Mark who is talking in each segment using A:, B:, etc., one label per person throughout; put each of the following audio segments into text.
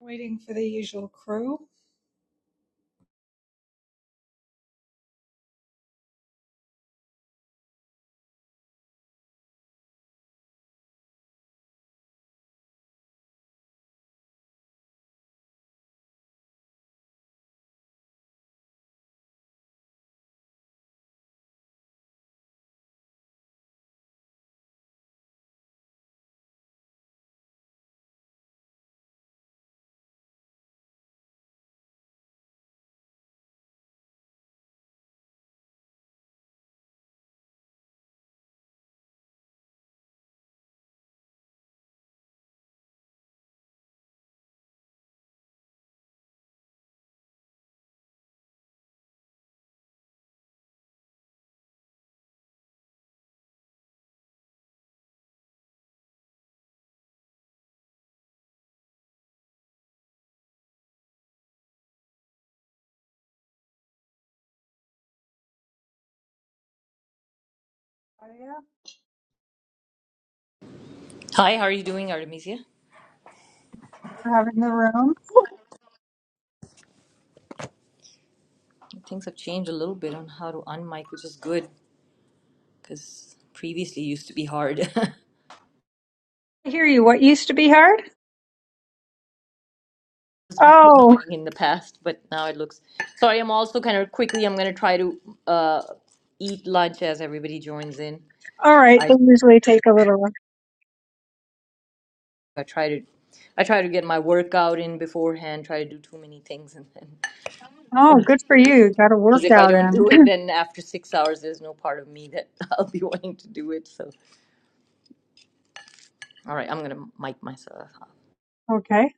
A: Waiting for the usual crew. Oh, yeah.
B: Hi, how are you doing, Artemisia?
A: We're having the room.
B: Things have changed a little bit on how to unmic, which is good because previously it used to be hard. it
A: I hear you. What used to be hard?
B: was really
A: Oh,
B: annoying in the past, but now it looks. Sorry, I'm also kind of quickly. I'm gonna try to uh, eat lunch as everybody joins in.
A: all right.
B: I,
A: They usually take a little.
B: I try to I try to get my workout in beforehand. Try to do too many things, and then
A: Oh, good for you. Got a
B: because if I
A: workout
B: don't
A: in.
B: do it, then after six hours, there's no part of me that I'll be wanting to do it. So, all right, I'm gonna mic myself.
A: okay.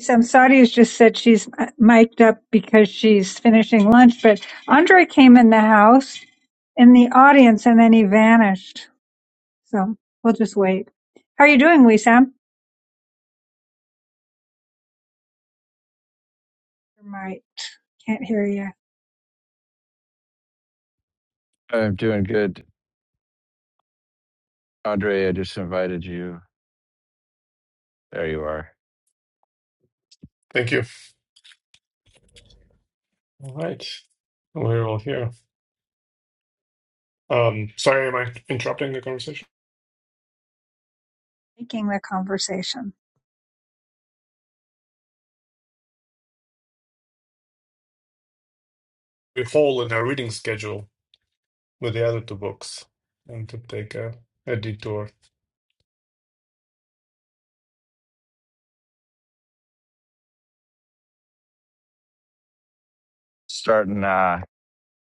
A: Samsadi has just said she's uh, mic'd up because she's finishing lunch, but Andre came in the house in the audience and then he vanished. So we'll just wait. How are you doing, Wissam? Your mic. Can't hear you.
C: I'm doing good. Andre, I just invited you. There you are.
D: Thank you. All right. Well, We're all here. Um, sorry, am I interrupting the conversation?
A: Making the conversation.
D: We fall in our reading schedule with the other two books and to take a, a detour.
C: Starting uh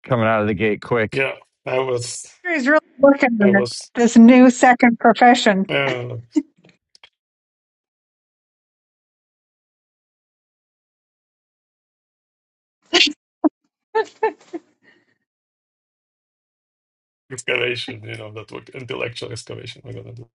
C: coming out of the gate quick.
D: Yeah, I was,
A: Andre's really looking
D: I
A: at
D: was,
A: this new second profession.
D: uh, excavation, you know, that work, intellectual excavation we're gonna do.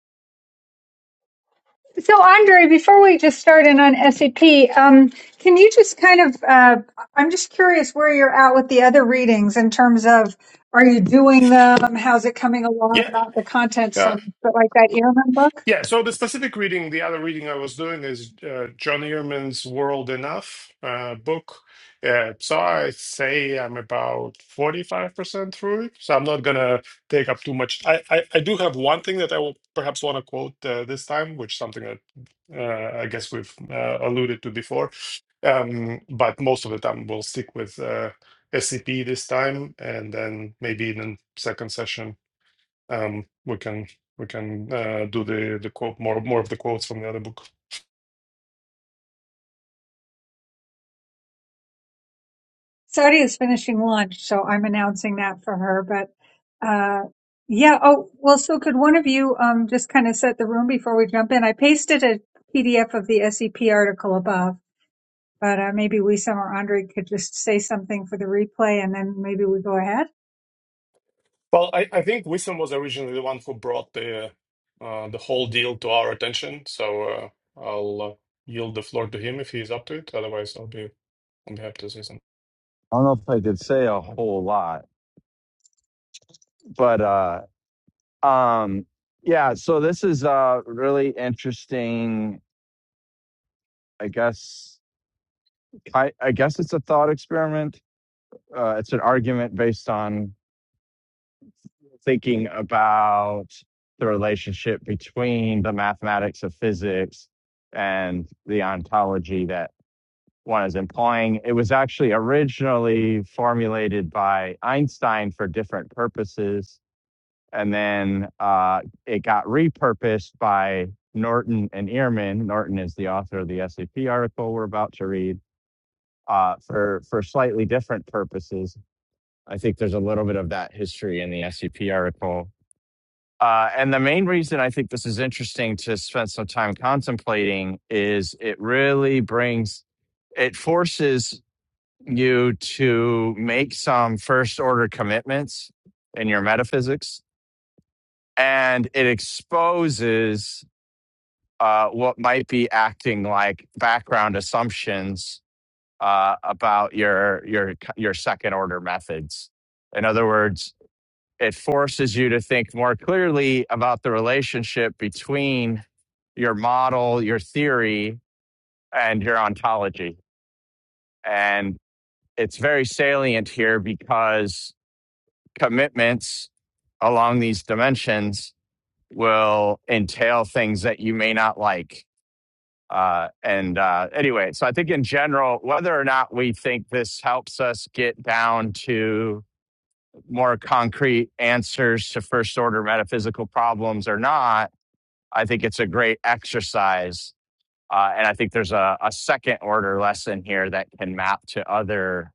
A: So, Andre, before we just start in on SAP, um, can you just kind of, uh, I'm just curious where you're at with the other readings in terms of are you doing them? How's it coming along?
D: Yeah,
A: Not the content,
D: yeah.
A: some, but like that Ehrman book.
D: Yeah, so the specific reading, the other reading I was doing is uh, John Ehrman's World Enough uh, book. Uh, so I say I'm about 45% through it. So I'm not going to take up too much. I, I, I do have one thing that I will perhaps want to quote uh, this time, which is something that uh, I guess we've uh, alluded to before. Um, but most of the time, we'll stick with uh, SCP this time, and then maybe in the second session um, we can we can uh, do the the quote more more of the quotes from the other book.
A: Saudi is finishing lunch, so I'm announcing that for her. But uh, yeah, oh, well, so could one of you um, just kind of set the room before we jump in? I pasted a PDF of the SEP article above. but uh, maybe Wissam or Andre could just say something for the replay and then maybe we go ahead.
D: Well, I, I think Wisdom was originally the one who brought the uh, the whole deal to our attention. So uh, I'll uh, yield the floor to him if he's up to it. Otherwise, I'll be I'll be happy to say something.
C: I don't know if I could say a whole lot, but uh um yeah, so this is uh really interesting, I guess I I guess it's a thought experiment. Uh it's an argument based on thinking about the relationship between the mathematics of physics and the ontology that. one is implying. It was actually originally formulated by Einstein for different purposes, and then uh, it got repurposed by Norton and Ehrman. Norton is the author of the SAP article we're about to read uh, for for slightly different purposes. I think there's a little bit of that history in the SAP article. Uh, and the main reason I think this is interesting to spend some time contemplating is it really brings it forces you to make some first order commitments in your metaphysics, and it exposes uh, what might be acting like background assumptions uh, about your your your second order methods. In other words, it forces you to think more clearly about the relationship between your model, your theory, and your ontology, and it's very salient here because commitments along these dimensions will entail things that you may not like. Uh, and uh, anyway, so I think in general, whether or not we think this helps us get down to more concrete answers to first order metaphysical problems or not, I think it's a great exercise. Uh, and I think there's a, a second order lesson here that can map to other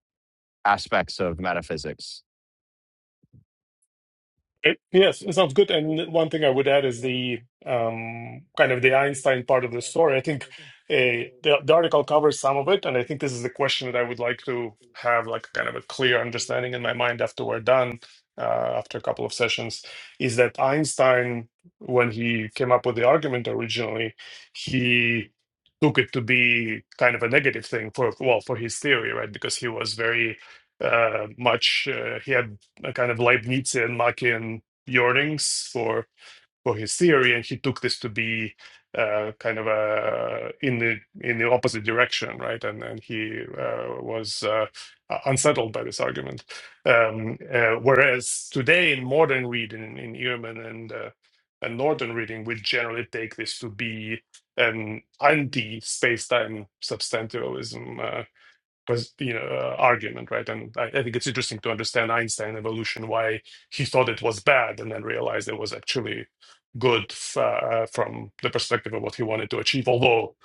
C: aspects of metaphysics.
D: It, yes, it sounds good. And one thing I would add is the um, kind of the Einstein part of the story. I think uh, the, the article covers some of it, and I think this is the question that I would like to have, like kind of a clear understanding in my mind after we're done, uh, after a couple of sessions, is that Einstein, when he came up with the argument originally, he took it to be kind of a negative thing for well for his theory, right? Because he was very uh, much. Uh, he had a kind of Leibnizian Machian yearnings for for his theory, and he took this to be uh, kind of a in the in the opposite direction, right? And and he uh, was uh, unsettled by this argument. Um, uh, whereas today in modern reading, in Ehrman and uh, and northern reading, we generally take this to be an anti-space-time substantialism uh, pres- you know, uh, argument, right? And I, I think it's interesting to understand Einstein evolution, why he thought it was bad and then realized it was actually good f- uh, from the perspective of what he wanted to achieve. Although,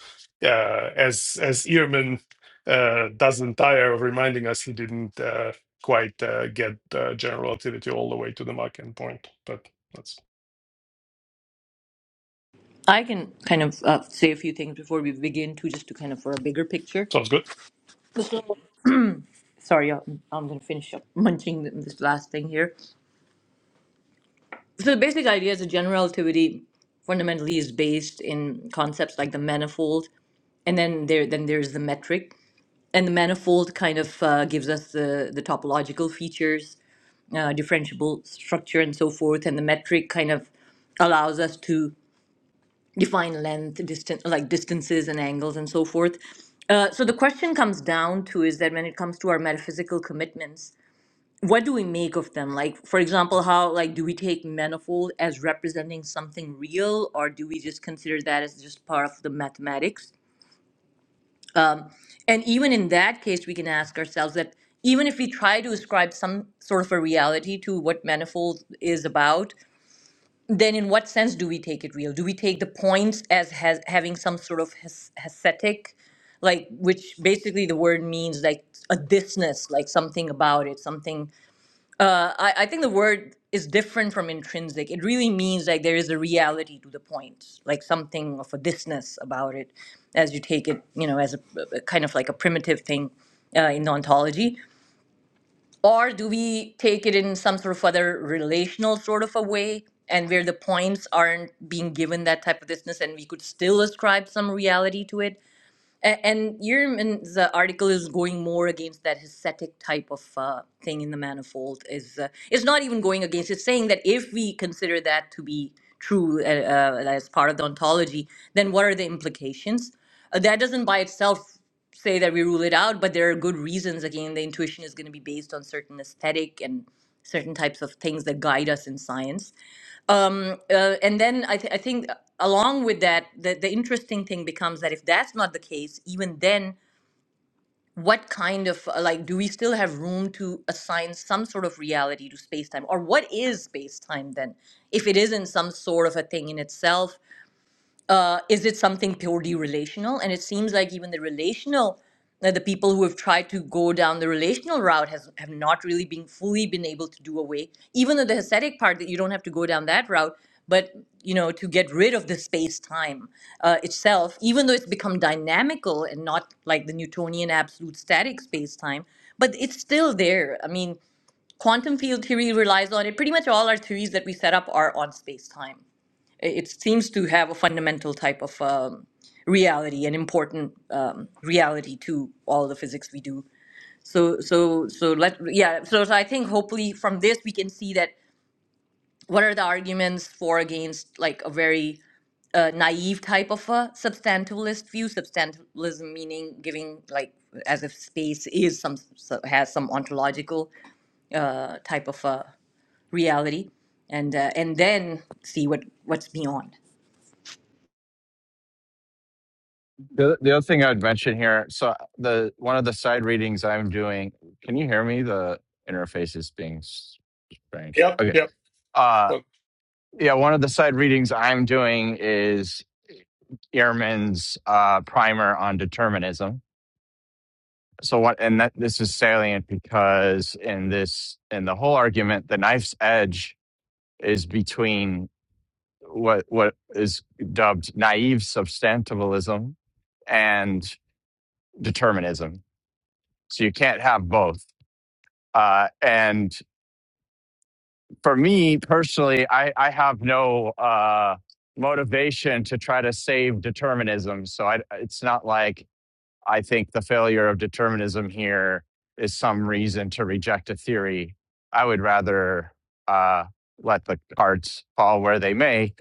D: uh, as as Ehrman uh, doesn't tire of reminding us, he didn't uh, quite uh, get uh, general relativity all the way to the Mach end point. But that's
B: I can kind of uh, say a few things before we begin, too, just to kind of for a bigger picture.
D: sounds good.
B: So, sorry, I'm, I'm going to finish up munching this last thing here. So, the basic idea is that general relativity fundamentally is based in concepts like the manifold, and then there then there's the metric, and the manifold kind of uh, gives us the the topological features, uh, differentiable structure, and so forth, and the metric kind of allows us to define length, distance, like distances and angles and so forth. Uh, so the question comes down to is that when it comes to our metaphysical commitments, what do we make of them? Like, for example, how like do we take manifold as representing something real, or do we just consider that as just part of the mathematics? And even in that case, we can ask ourselves that even if we try to ascribe some sort of a reality to what manifold is about, then in what sense do we take it real? Do we take the points as has, having some sort of hes- ascetic, like which basically the word means like a thisness, like something about it, something. Uh, I, I think the word is different from intrinsic. It really means like there is a reality to the points, like something of a thisness about it, as you take it, you know, as a, a kind of like a primitive thing uh, in the ontology or do we take it in some sort of other relational sort of a way and where the points aren't being given that type of distance and we could still ascribe some reality to it a- And Yerman's uh, article is going more against that ascetic type of uh, thing in the manifold. Is uh, it's not even going against. It's saying that if we consider that to be true uh, uh, as part of the ontology, then what are the implications? Uh, that doesn't by itself say that we rule it out, but there are good reasons. Again, the intuition is going to be based on certain aesthetic and certain types of things that guide us in science. Um, uh, and then I, th- I think along with that, the, the interesting thing becomes that if that's not the case, even then, what kind of uh, like do we still have room to assign some sort of reality to space time, or what is space time then, if it isn't some sort of a thing in itself? uh, is it something purely relational? And it seems like even the relational, uh, the people who have tried to go down the relational route has have not really been fully been able to do away. Even though the Hasidic part that you don't have to go down that route, but you know to get rid of the space time uh, itself, even though it's become dynamical and not like the Newtonian absolute static space time, but it's still there. I mean, quantum field theory relies on it. Pretty much all our theories that we set up are on space time it it seems to have a fundamental type of um, reality, an important um, reality to all the physics we do. So, so, so let yeah. So, so I think hopefully from this we can see that what are the arguments for against like a very a naive type of a substantialist view. Substantialism meaning giving like as if space is some so- has some ontological uh, type of a reality, and uh, and then see what what's beyond.
C: The, the other thing I'd mention here, so the one of the side readings I'm doing, can you hear me? The interface is being strange.
D: Yep,
C: Okay.
D: yep.
C: Uh,
D: But
C: yeah, one of the side readings I'm doing is Ehrman's uh, primer on determinism. So what, and that this is salient because in this, in the whole argument, the knife's edge is between what what is dubbed naive substantivalism and determinism So you can't have both. Uh, and for me personally, I, I have no uh, motivation to try to save determinism. So I, it's not like I think the failure of determinism here is some reason to reject a theory. I would rather uh, let the cards fall where they may.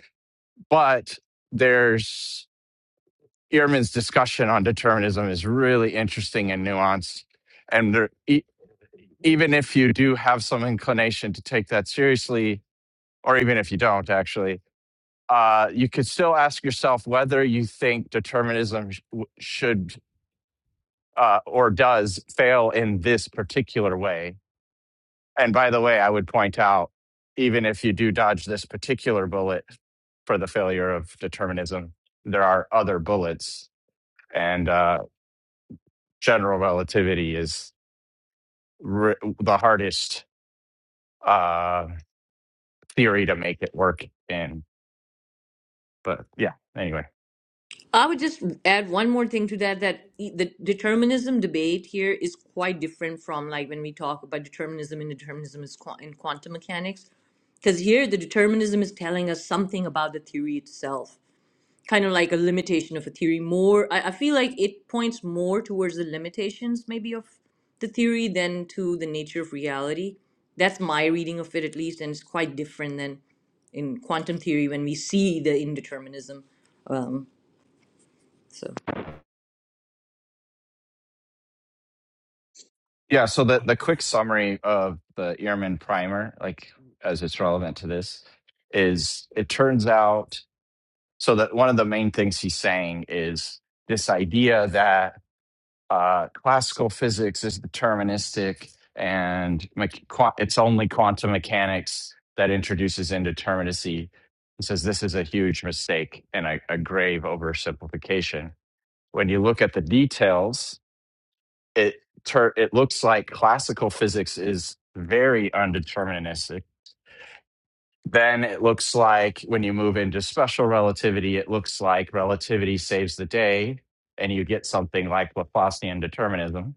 C: But there's Ehrman's discussion on determinism is really interesting and nuanced. And there, e, even if you do have some inclination to take that seriously, or even if you don't, actually, uh, you could still ask yourself whether you think determinism sh- w- should uh, or does fail in this particular way. And by the way, I would point out, even if you do dodge this particular bullet for the failure of determinism, there are other bullets, and uh, general relativity is re- the hardest uh, theory to make it work in But yeah, anyway.
B: I would just add one more thing to that that e- the determinism debate here is quite different from like when we talk about determinism and determinism is qua- in quantum mechanics because here the determinism is telling us something about the theory itself kind of like a limitation of a theory more I, I feel like it points more towards the limitations maybe of the theory than to the nature of reality that's my reading of it at least and it's quite different than in quantum theory when we see the indeterminism um, so
C: Yeah, so the, the quick summary of the Ehrman primer, like as it's relevant to this, is it turns out so that one of the main things he's saying is this idea that uh, classical physics is deterministic and mech- qua- it's only quantum mechanics that introduces indeterminacy. He says this is a huge mistake and a, a grave oversimplification. When you look at the details, it tur- it looks like classical physics is very undeterministic. Then it looks like when you move into special relativity, it looks like relativity saves the day, and you get something like Laplacian determinism.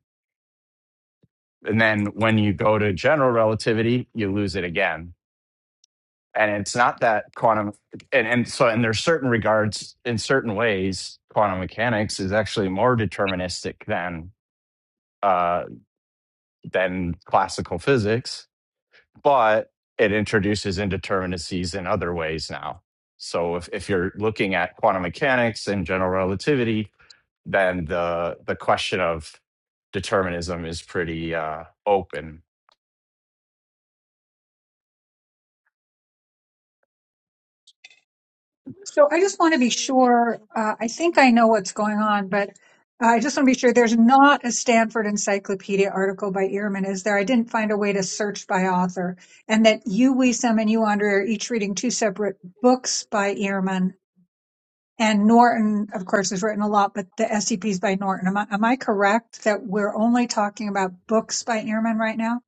C: And then when you go to general relativity, you lose it again. And it's not that quantum, and, and so, in there's certain regards, in certain ways, quantum mechanics is actually more deterministic than uh, than classical physics but it introduces indeterminacies in other ways now. So if, if you're looking at quantum mechanics and general relativity, then the the question of determinism is pretty uh, open.
A: So I just want to be sure, uh, I think I know what's going on, but I just want to be sure there's not a Stanford Encyclopedia article by Ehrman, is there? I didn't find a way to search by author. And that you, Wissam, and you, Andre, are each reading two separate books by Ehrman. And Norton, of course, has written a lot, but the SCPs by Norton. Am I, am I correct that we're only talking about books by Ehrman right now?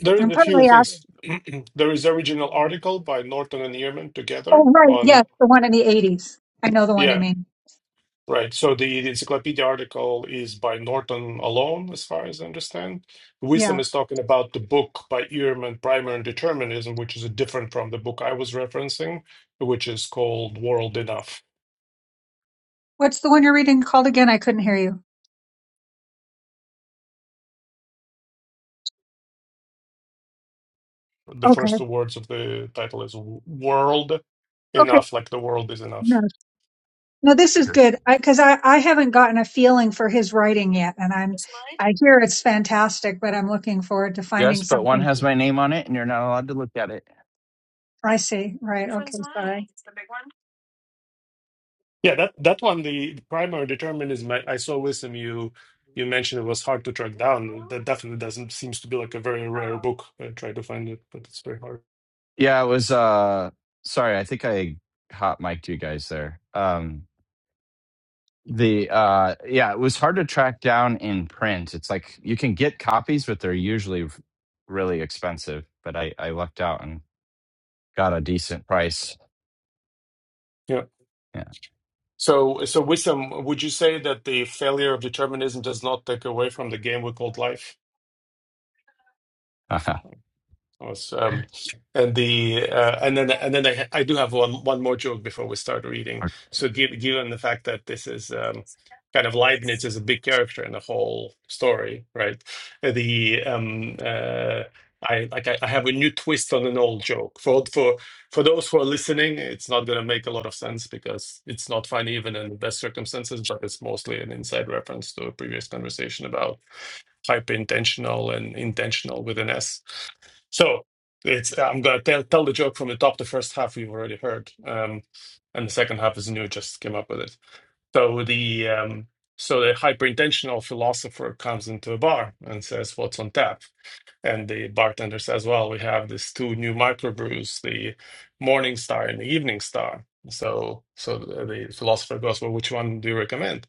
D: there is
A: And
D: a few
A: partly
D: things. there is original article by Norton and Ehrman
A: Oh,
D: together
A: right.
D: on
A: Yes, the one in the 80s. I know the one
D: yeah
A: you mean.
D: Right. So the, the encyclopedia article is by Norton alone, as far as I understand. Wisdom
A: Yeah.
D: is talking about the book by Ehrman, Primer and Determinism, which is different from the book I was referencing, which is called World Enough.
A: What's the one you're reading called again? I couldn't hear you.
D: The
A: Okay.
D: first two words of the title is World
A: Okay.
D: Enough, like the world is
A: No,
D: enough.
A: no this is good I because I, I haven't gotten a feeling for his writing yet. And I'm, I hear it's fantastic, but I'm looking forward to finding
C: Yes, but one
A: something.
C: has my name on it, and you're not allowed to look at it.
A: I see. Right. Okay. Sorry.
D: Yeah, that, that one, the Primer and Determinism, I, I saw Wisdom, you you mentioned it was hard to track down. That definitely doesn't seems to be like a very rare book. I tried to find it, but it's very hard.
C: Yeah, it was. Uh, sorry, I think I hot mic'd you guys there. Um, the uh, yeah, it was hard to track down in print. It's like you can get copies, but they're usually really expensive. But I I lucked out and got a decent price.
D: Yeah.
C: Yeah.
D: So, so Wissam, would you say that the failure of determinism does not take away from the game we called life? was, um, and the uh, and then and then I, I do have one one more joke before we start reading. So given, given the fact that this is um, kind of Leibniz is a big character in the whole story, right? Uh, The um, uh, I like I, I have a new twist on an old joke. For for for those who are listening, it's not going to make a lot of sense because it's not funny even in the best circumstances. But it's mostly an inside reference to a previous conversation about hyper intentional and intentional with an S so it's I'm gonna tell tell the joke from the top. The first half we've already heard, um, and the second half is new. Just came up with it. So the um, so the hyperintentional philosopher comes into a bar and says, "What's on tap?" and the bartenders as well. We have these two new microbrews, the Morning Star and the Evening Star. So, so the the philosopher goes, well, which one do you recommend?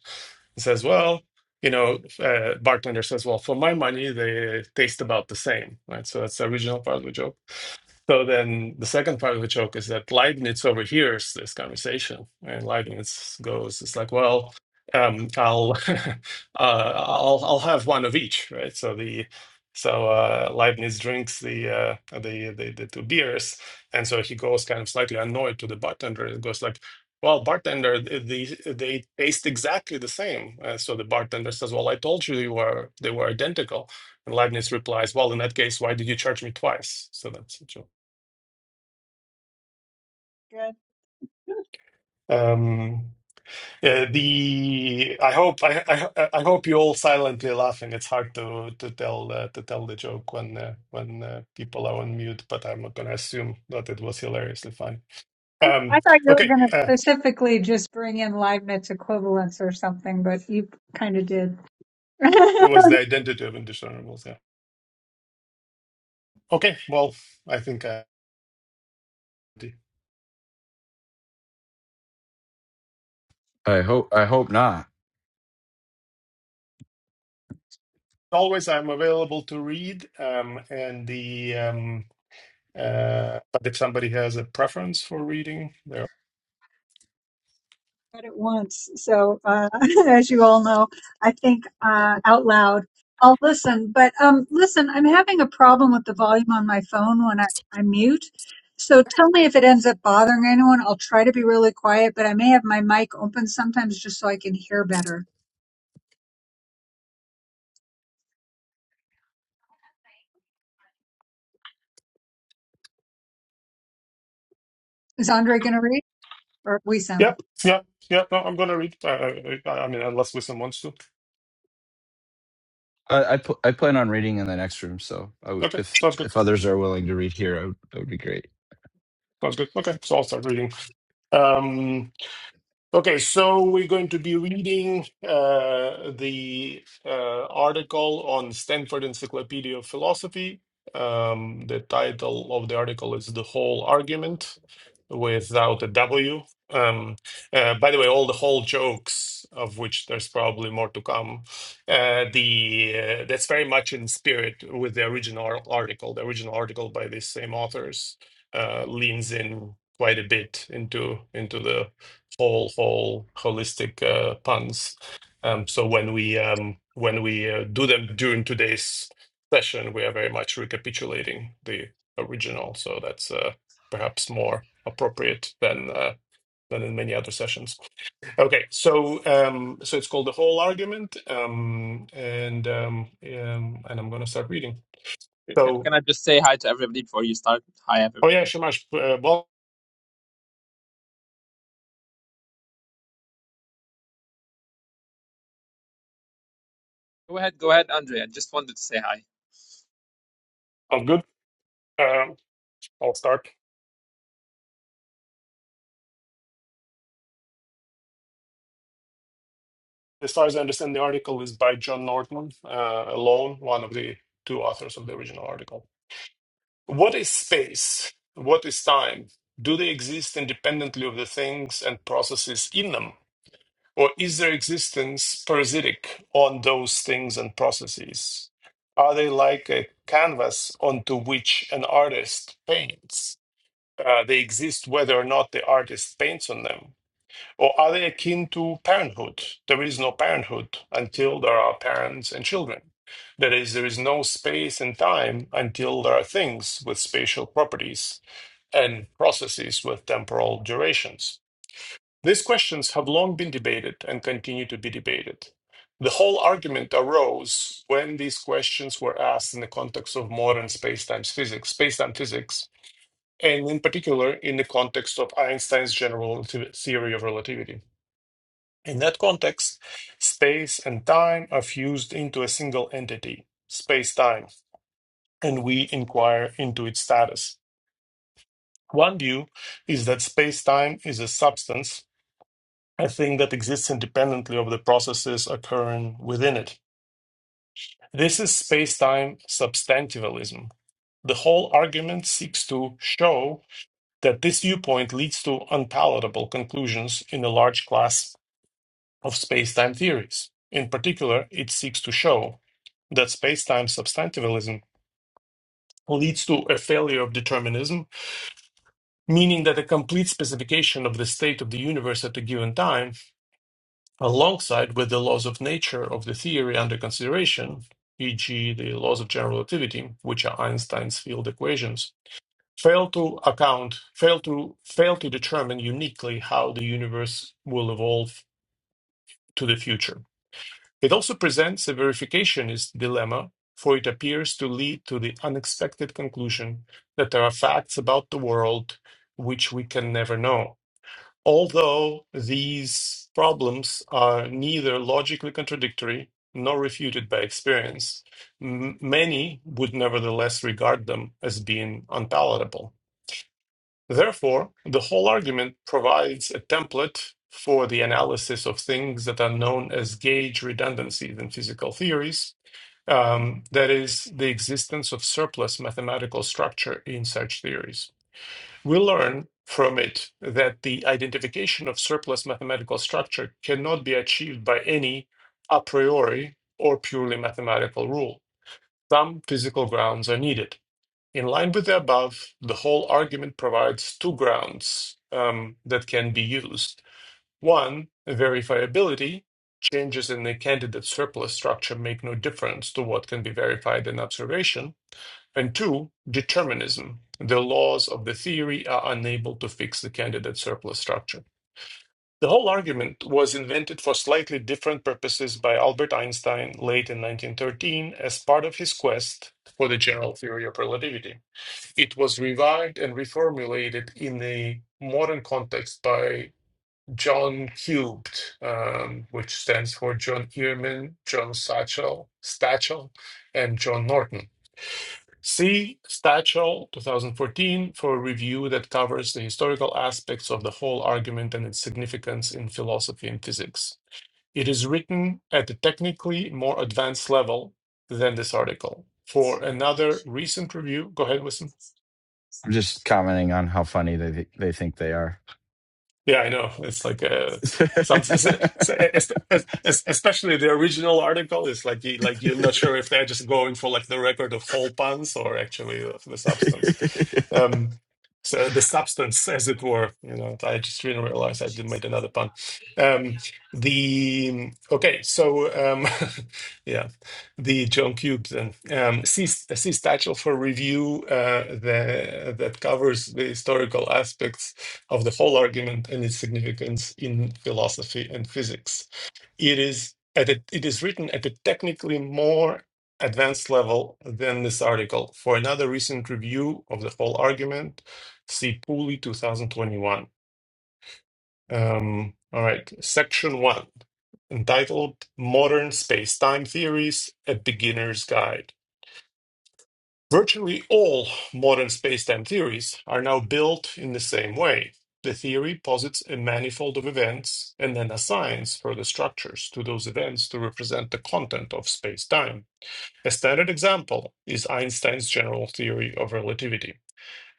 D: He says, well, you know, uh, bartender says, well, for my money, they taste about the same, right? So that's the original part of the joke. So then the second part of the joke is that Leibniz overhears this conversation, and Leibniz goes, "It's like, well, um, I'll, uh, I'll, I'll have one of each, right?" So the so uh, Leibniz drinks the, uh, the the the two beers, and so he goes kind of slightly annoyed to the bartender. and goes like, "Well, bartender, th- they taste exactly the same." Uh, so the bartender says, "Well, I told you they were they were identical." And Leibniz replies, "Well, in that case, why did you charge me twice?" So that's the joke.
A: Good.
D: Um, uh, the I hope I, I I hope you all silently laughing. It's hard to to tell uh, to tell the joke when uh, when uh, people are on mute, but I'm not gonna assume that it was hilariously funny.
A: I, I
D: Um,
A: thought you were
D: okay,
A: going
D: uh,
A: to specifically just bring in Leibniz equivalence or something, but you kind of did.
D: it was the identity of indiscernibles. Yeah. Okay, well, I think uh,
C: I hope I hope not.
D: always I'm available to read, um, and the um, uh, but if somebody has a preference for reading, there.
A: read it once. So, uh, as you all know, I think uh, out loud. I'll listen, but um, listen, I'm having a problem with the volume on my phone when I, I mute. So tell me if it ends up bothering anyone. I'll try to be really quiet, but I may have my mic open sometimes just so I can hear better. Is Andre going to read or we
D: Yeah,
A: some?
D: yeah, yeah. No, I'm gonna read. Uh, I, I mean, unless Wisdom wants to.
C: I I, pl- I plan on reading in the next room, so I would,
D: Okay,
C: if
D: sounds good.
C: if others are willing to read here, I would, that would be great.
D: Sounds good. Okay, so I'll start reading. Um, Okay, so we're going to be reading uh, the uh, article on Stanford Encyclopedia of Philosophy. Um, the title of the article is The Whole Argument without a W. Um, uh, by the way, all the whole jokes, of which there's probably more to come, uh, the uh, that's very much in spirit with the original ar- article. The original article by these same authors uh, leans in quite a bit into into the whole whole holistic uh, puns. Um, so when we um, when we uh, do them during today's session, we are very much recapitulating the original. So that's uh, perhaps more appropriate than uh, than in many other sessions. Okay, so um, so it's called the whole argument, um, and um, um, and I'm going to start reading.
E: Can,
D: So
E: can I just say hi to everybody before you start? Hi,
D: oh
E: everybody.
D: yeah, Shamash, uh, well,
E: Go ahead, go ahead, Andre. I just wanted to say hi.
D: sounds good. Um I'll start. As far as I understand, the article is by John Norton uh, alone, one of the two authors of the original article. What is space? What is time? Do they exist independently of the things and processes in them? Or is their existence parasitic on those things and processes? Are they like a canvas onto which an artist paints? Uh, they exist whether or not the artist paints on them or are they akin to parenthood? There is no parenthood until there are parents and children. That is, there is no space and time until there are things with spatial properties and processes with temporal durations. These questions have long been debated and continue to be debated. The whole argument arose when these questions were asked in the context of modern space-time physics, space-time physics, and in particular in the context of Einstein's general theory of relativity. In that context, space and time are fused into a single entity, space time, and we inquire into its status. One view is that space time is a substance, a thing that exists independently of the processes occurring within it. This is space time substantivalism. The whole argument seeks to show that this viewpoint leads to unpalatable conclusions in a large class of spacetime theories. In particular, it seeks to show that spacetime substantivalism leads to a failure of determinism, meaning that a complete specification of the state of the universe at a given time, alongside with the laws of nature of the theory under consideration, e.g., the laws of general relativity, which are Einstein's field equations, fail to account, fail to fail to determine uniquely how the universe will evolve to the future. It also presents a verificationist dilemma, for it appears to lead to the unexpected conclusion that there are facts about the world which we can never know. Although these problems are neither logically contradictory nor refuted by experience, m- many would nevertheless regard them as being unpalatable. Therefore, the whole argument provides a template for the analysis of things that are known as gauge redundancies in physical theories, um, that is, the existence of surplus mathematical structure in such theories. We learn from it that the identification of surplus mathematical structure cannot be achieved by any a priori or purely mathematical rule. Some physical grounds are needed. In line with the above, the whole argument provides two grounds um, that can be used. One, verifiability. Changes in the candidate surplus structure make no difference to what can be verified in observation. And two, determinism. The laws of the theory are unable to fix the candidate surplus structure. The whole argument was invented for slightly different purposes by Albert Einstein late in 1913 as part of his quest for the general theory of relativity. It was revived and reformulated in the modern context by John Cubed, um, which stands for John Ehrman, John Satchel, Stachel, and John Norton. See Stachel 2014 for a review that covers the historical aspects of the whole argument and its significance in philosophy and physics. It is written at a technically more advanced level than this article. For another recent review, go ahead, Wisdom.
C: I'm just commenting on how funny they thi- they think they are.
D: Yeah, I know. It's like a some s- s- es- es- es- especially the original article is like you like you're not sure if they're just going for like the record of whole puns or actually of the substance. Um, so the substance, as it were, you know. I just didn't realize I did made another pun. Um, the okay, so um, yeah, the John Cube then um, C C title for review uh, the, that covers the historical aspects of the whole argument and its significance in philosophy and physics. It is at a, it is written at a technically more advanced level than this article. For another recent review of the whole argument, see Pooley 2021. Um, all right, section one, entitled "Modern Space-Time Theories: A Beginner's Guide." Virtually all modern spacetime theories are now built in the same way. The theory posits a manifold of events and then assigns further structures to those events to represent the content of spacetime. A standard example is Einstein's general theory of relativity.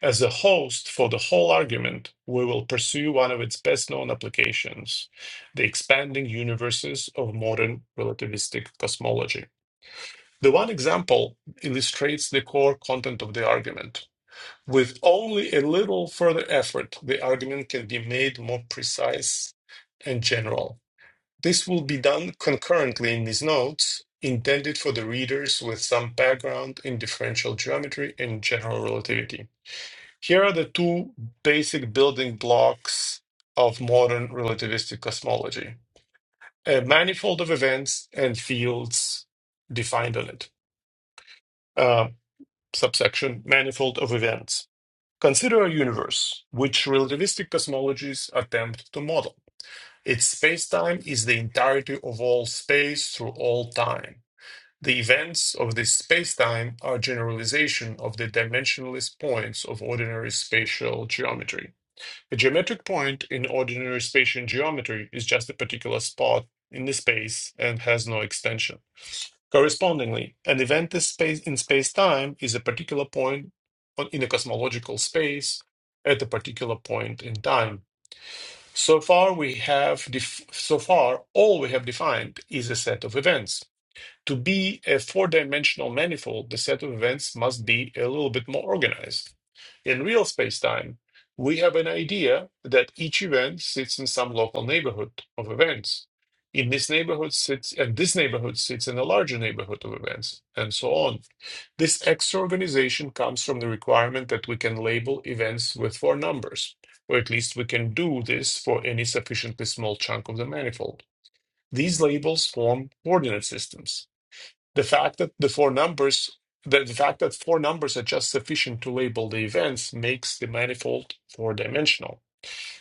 D: As a host for the whole argument, we will pursue one of its best known applications the expanding universes of modern relativistic cosmology. The one example illustrates the core content of the argument. With only a little further effort, the argument can be made more precise and general. This will be done concurrently in these notes, intended for the readers with some background in differential geometry and general relativity. Here are the two basic building blocks of modern relativistic cosmology a manifold of events and fields defined on it. Uh, subsection manifold of events. Consider a universe which relativistic cosmologies attempt to model. Its spacetime is the entirety of all space through all time. The events of this spacetime are generalization of the dimensionless points of ordinary spatial geometry. A geometric point in ordinary spatial geometry is just a particular spot in the space and has no extension. Correspondingly, an event is space in space-time is a particular point on- in a cosmological space at a particular point in time. So far, we have def- so far all we have defined is a set of events. To be a four-dimensional manifold, the set of events must be a little bit more organized. In real spacetime, we have an idea that each event sits in some local neighborhood of events. In this neighborhood sits, and this neighborhood sits in a larger neighborhood of events, and so on. This extra organization comes from the requirement that we can label events with four numbers, or at least we can do this for any sufficiently small chunk of the manifold. These labels form coordinate systems the fact that the four numbers, the, the fact that four numbers are just sufficient to label the events makes the manifold four-dimensional.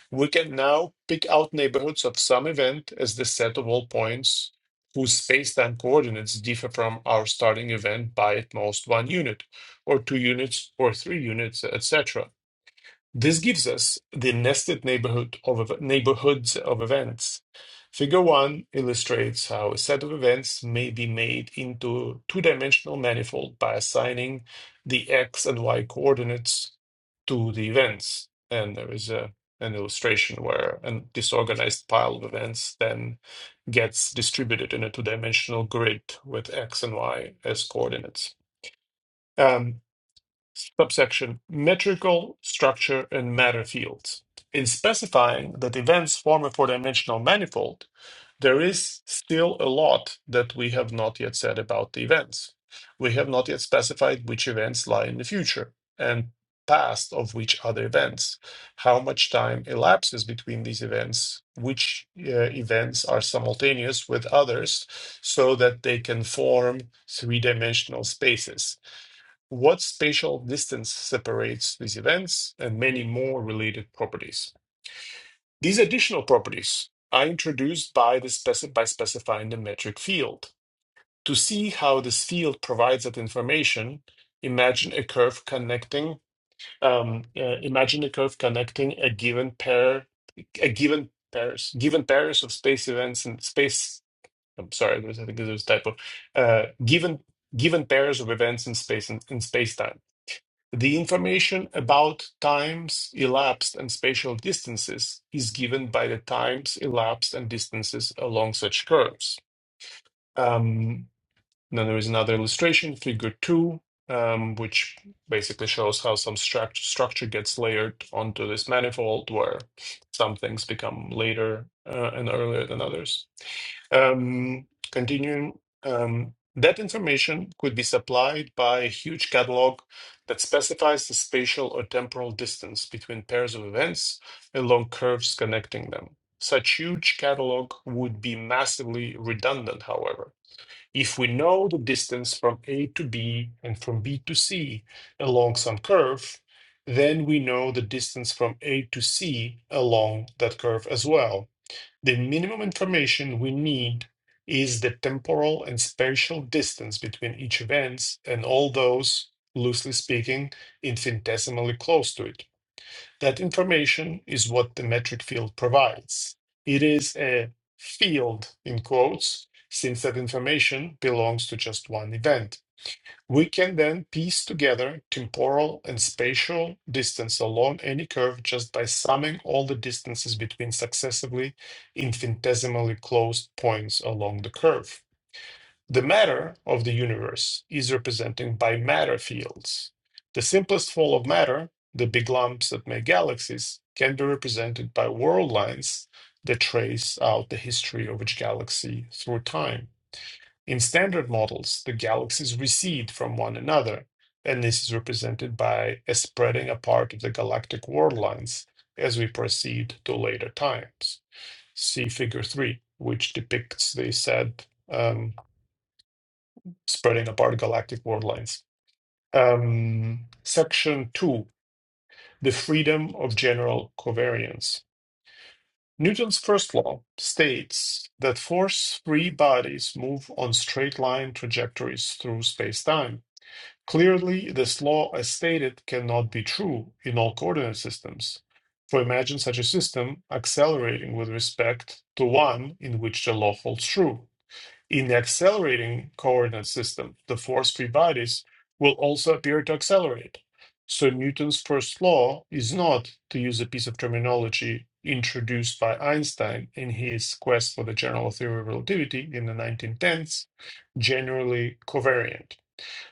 D: We can now pick out neighborhoods of some event as the set of all points whose space-time coordinates differ from our starting event by at most one unit, or two units, or three units, etc. This gives us the nested neighborhood of ev- neighborhoods of events. Figure 1 illustrates how a set of events may be made into a two-dimensional manifold by assigning the x and y coordinates to the events. And there is a, an illustration where a disorganized pile of events then gets distributed in a two-dimensional grid with x and y as coordinates. Um, Subsection Metrical Structure and Matter Fields. In specifying that events form a four dimensional manifold, there is still a lot that we have not yet said about the events. We have not yet specified which events lie in the future and past of which other events, how much time elapses between these events, which uh, events are simultaneous with others, so that they can form three dimensional spaces what spatial distance separates these events, and many more related properties. These additional properties are introduced by, the speci- by specifying the metric field. To see how this field provides that information, imagine a curve connecting um, uh, imagine a curve connecting a given pair a given pairs given pairs of space events and space I'm sorry, there's- I think there's a typo. Uh, given given pairs of events in space and in space time. The information about times elapsed and spatial distances is given by the times elapsed and distances along such curves. Um, then there is another illustration, figure two, um, which basically shows how some struct- structure gets layered onto this manifold where some things become later uh, and earlier than others. Um, continuing, um, that information could be supplied by a huge catalog that specifies the spatial or temporal distance between pairs of events along curves connecting them. Such huge catalog would be massively redundant, however. If we know the distance from A to B and from B to C along some curve, then we know the distance from A to C along that curve as well the minimum information we need is the temporal and spatial distance between each event and all those, loosely speaking, infinitesimally close to it. That information is what the metric field provides. It is a field, in quotes, since that information belongs to just one event. We can then piece together temporal and spatial distance along any curve just by summing all the distances between successively infinitesimally closed points along the curve. The matter of the universe is represented by matter fields. The simplest form of matter, the big lumps that make galaxies, can be represented by world lines that trace out the history of each galaxy through time. In standard models, the galaxies recede from one another, and this is represented by a spreading apart of the galactic worldlines as we proceed to later times. See Figure 3, which depicts the said um, spreading apart galactic worldlines. Um, section 2 The Freedom of General Covariance. Newton's first law states that force free bodies move on straight line trajectories through space time Clearly, this law, as stated, cannot be true in all coordinate systems. For imagine such a system accelerating with respect to one in which the law holds true. In the accelerating coordinate system, the force-free bodies will also appear to accelerate. So Newton's first law is not, to use a piece of terminology introduced by Einstein in his quest for the general theory of relativity in the 1910s, generally covariant.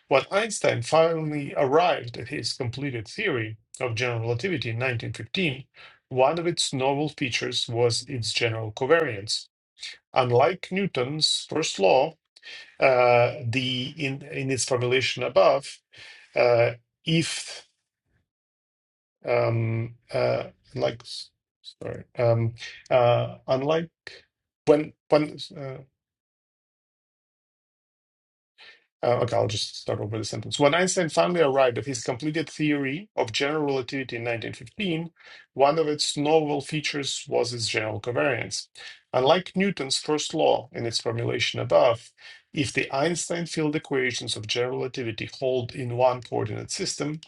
D: When Einstein finally arrived at his completed theory of general relativity in 1915, one of its novel features was its general covariance. Unlike Newton's first law, uh, the in, in its formulation above, uh, if um, uh, like sorry, um, uh, unlike when when uh, Uh, okay, I'll just start over the sentence. When Einstein finally arrived at his completed theory of general relativity in 1915, one of its novel features was its general covariance. Unlike Newton's first law in its formulation above, if the Einstein field equations of general relativity hold in one coordinate system,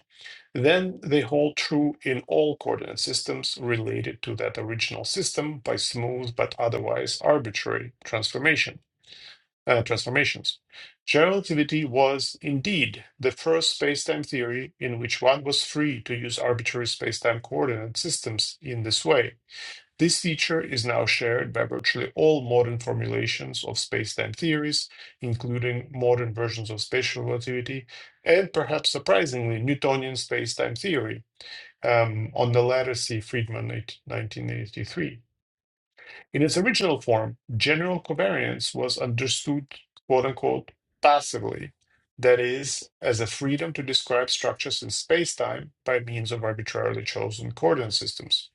D: then they hold true in all coordinate systems related to that original system by smooth but otherwise arbitrary transformation uh, transformations. General relativity was indeed the first spacetime theory in which one was free to use arbitrary spacetime coordinate systems in this way. This feature is now shared by virtually all modern formulations of spacetime theories, including modern versions of spatial relativity and perhaps surprisingly Newtonian spacetime theory. Um, on the latter, see Friedman, 1983. In its original form, general covariance was understood, quote unquote, passively, that is, as a freedom to describe structures in spacetime by means of arbitrarily chosen coordinate systems.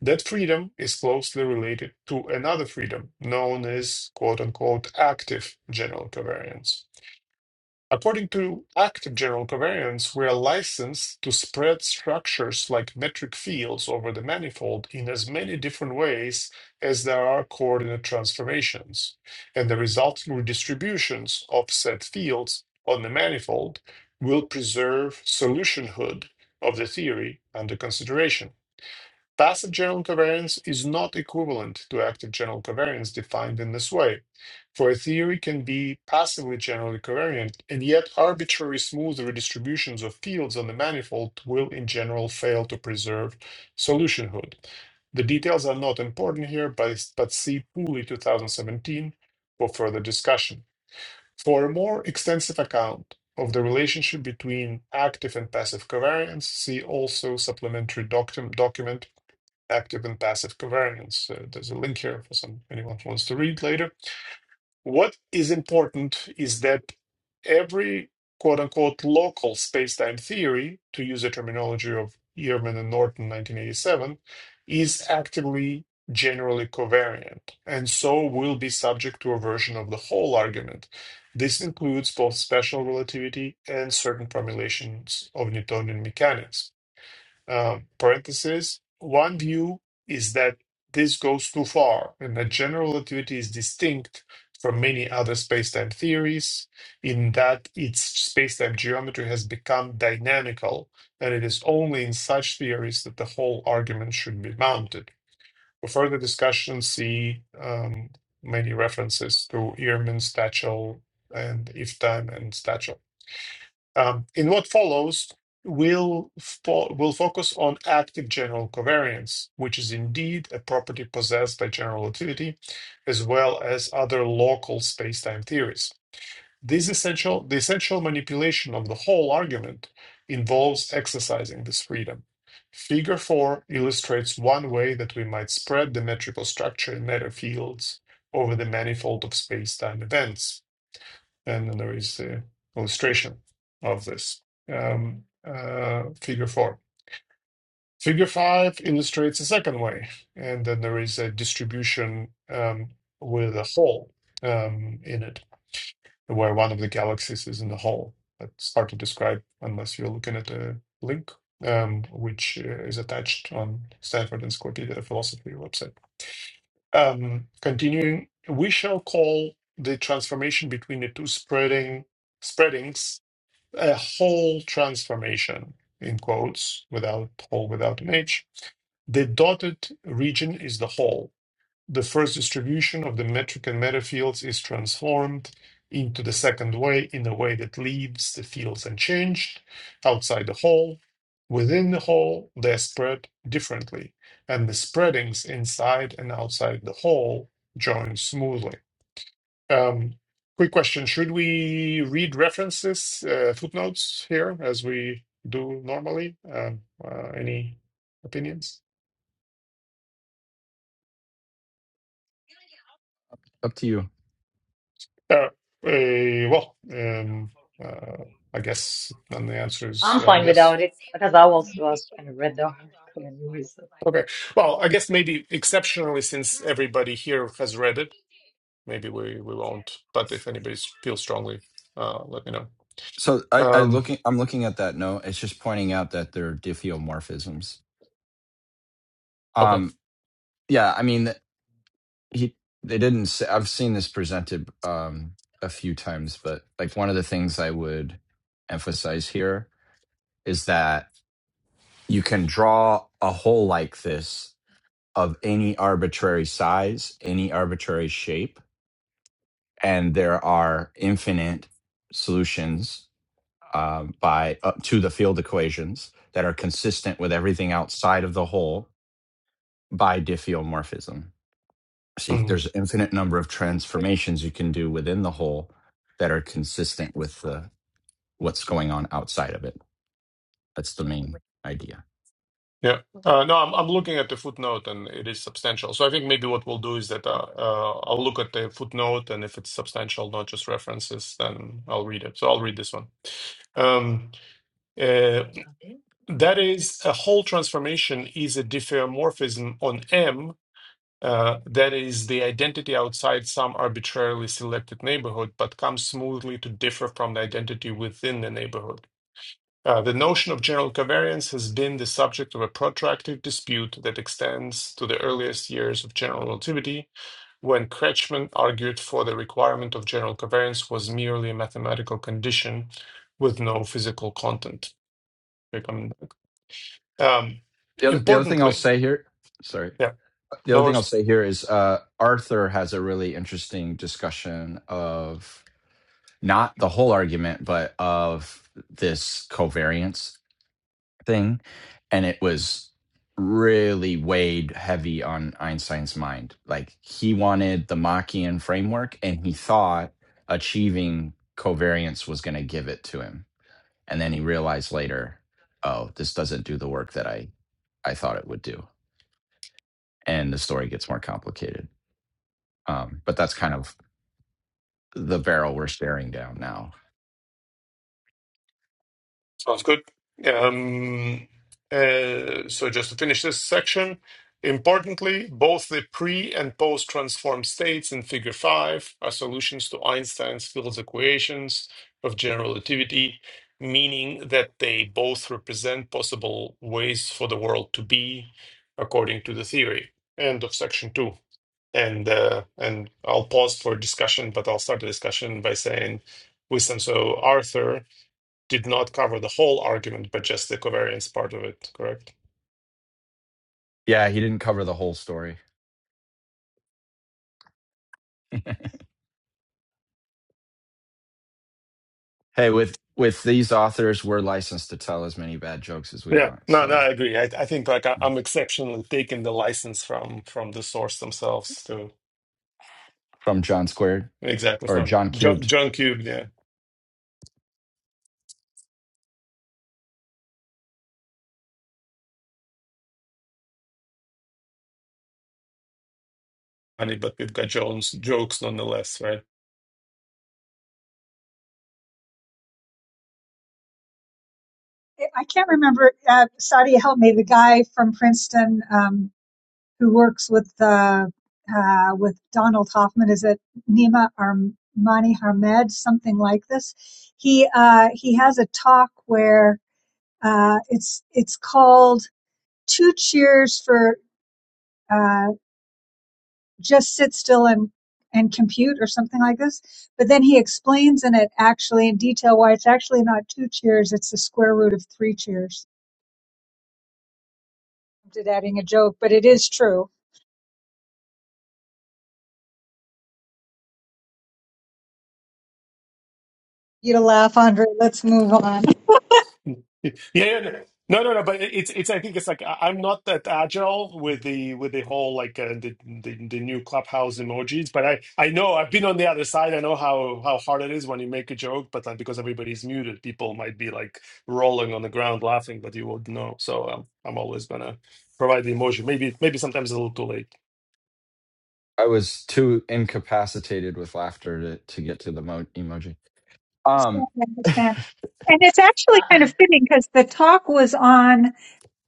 D: That freedom is closely related to another freedom known as, quote unquote, active general covariance. According to active general covariance, we are licensed to spread structures like metric fields over the manifold in as many different ways as there are coordinate transformations, and the resulting redistributions of set fields on the manifold will preserve solutionhood of the theory under consideration. Passive general covariance is not equivalent to active general covariance defined in this way, for a theory can be passively generally covariant, and yet arbitrary smooth redistributions of fields on the manifold will in general fail to preserve solutionhood. The details are not important here, but, but see Pooley 2017 for further discussion. For a more extensive account of the relationship between active and passive covariance, see also supplementary docu- document active and passive covariance. Uh, there's a link here for some anyone who wants to read later. What is important is that every quote unquote local spacetime theory, to use the terminology of Ehrman and Norton 1987, is actively generally covariant and so will be subject to a version of the whole argument. This includes both special relativity and certain formulations of Newtonian mechanics um, parenthesis. One view is that this goes too far and that general relativity is distinct from many other spacetime theories in that its spacetime geometry has become dynamical and it is only in such theories that the whole argument should be mounted. For further discussion, see um, many references to Ehrman, Stachel, and Iftan and Stachel. Um, in what follows, we'll, fo- we'll focus on active general covariance, which is indeed a property possessed by general relativity, as well as other local spacetime theories. This essential, the essential manipulation of the whole argument involves exercising this freedom. Figure 4 illustrates one way that we might spread the metrical structure in matter fields over the manifold of spacetime events. And then there is the illustration of this um, uh, figure four. Figure five illustrates a second way, and then there is a distribution um, with a hole um, in it, where one of the galaxies is in the hole. That's hard to describe unless you're looking at a link, um, which uh, is attached on Stanford Encyclopedia of Philosophy website. Um, continuing, we shall call the transformation between the two spreading spreadings a whole transformation in quotes without whole without an h the dotted region is the whole the first distribution of the metric and meta fields is transformed into the second way in a way that leaves the fields unchanged outside the whole within the whole they spread differently and the spreadings inside and outside the whole join smoothly um, quick question. Should we read references, uh, footnotes here as we do normally? Um, uh, any opinions?
C: Up to you.
D: Uh, uh, well, um, uh, I guess then the answer is
B: I'm
D: uh,
B: fine
D: yes.
B: without it because I also uh, kind of read the article anyway. So
D: Okay. Well, I guess maybe exceptionally, since everybody here has read it, maybe we, we won't. But if anybody feels strongly, uh, let me know.
C: So I I
D: Um,
C: looking I'm looking at that note. It's just pointing out that they're diffeomorphisms.
D: okay.
C: Um yeah, I mean he they didn't say, I've seen this presented um a few times, but like one of the things I would emphasize here is that you can draw a hole like this of any arbitrary size, any arbitrary shape, and there are infinite solutions um, by uh, to the field equations that are consistent with everything outside of the hole by diffeomorphism. So you,
D: Mm-hmm.
C: there's an infinite number of transformations you can do within the hole that are consistent with the, what's going on outside of it. That's the main idea.
D: Yeah. Uh, no, I'm I'm looking at the footnote and it is substantial. So I think maybe what we'll do is that uh, uh, I'll look at the footnote and if it's substantial, not just references, then I'll read it. So I'll read this one. Um, uh, that is, a whole transformation is a diffeomorphism on M. Uh, that is the identity outside some arbitrarily selected neighborhood, but comes smoothly to differ from the identity within the neighborhood. Uh, the notion of general covariance has been the subject of a protracted dispute that extends to the earliest years of general relativity, when Kretschmann argued for the requirement of general covariance was merely a mathematical condition with no physical content. Here come- Um,
C: The other, the other thing I'll
D: importantly,
C: say here, sorry,
D: yeah,
C: the other
D: no
C: thing I'll
D: worries.
C: say here is uh, Arthur has a really interesting discussion of not the whole argument, but of this covariance thing, and it was really weighed heavy on Einstein's mind. Like he wanted the Machian framework, and he thought achieving covariance was going to give it to him, and then he realized later, oh, this doesn't do the work that I I thought it would do, and the story gets more complicated. Um, but that's kind of the barrel we're staring down now.
D: Sounds good. Um, uh, so just to finish this section, importantly, both the pre and post transform states in figure 5 are solutions to Einstein's field equations of general relativity, meaning that they both represent possible ways for the world to be according to the theory. End of section 2. And uh, and I'll pause for discussion, but I'll start the discussion by saying, with so Arthur, did not cover the whole argument, but just the covariance part of it, correct?
C: Yeah, he didn't cover the whole story. hey, with with these authors, we're licensed to tell as many bad jokes as we
D: Yeah,
C: want.
D: no, no,
C: So
D: I agree. I, I think like I,
C: yeah.
D: I'm exceptionally taking the license from from the source themselves to
C: from John Squared
D: exactly
C: or
D: from
C: John
D: John,
C: Cubed,
D: John Cube, yeah, funny, but we've got Jones jokes nonetheless, right?
A: I can't remember. Uh, Sadia helped me. The guy from Princeton. Um, who works with uh, uh, with Donald Hoffman. Is it Nima Armani Hamed? Something like this. He uh, he has a talk where uh, it's it's called Two Cheers for uh, Just Sit Still and and compute or something like this. But then he explains in it actually in detail why it's actually not two cheers; it's the square root of three cheers. I Did adding a joke, but it is true. You to laugh, Andre. Let's move on.
D: Yeah, yeah, no, no, no. no, But it's it's. I think it's like I- I'm not that agile with the with the whole like uh, the, the the new clubhouse emojis. But I I know I've been on the other side. I know how how hard it is when you make a joke, but like because everybody's muted, people might be like rolling on the ground laughing, but you wouldn't know. So um, I'm always gonna provide the emoji. Maybe maybe sometimes a little too late.
C: I was too incapacitated with laughter to, to get to the mo- emoji.
A: understand,
C: Um,
A: I understand. And it's actually
B: uh,
A: kind of fitting because the talk was on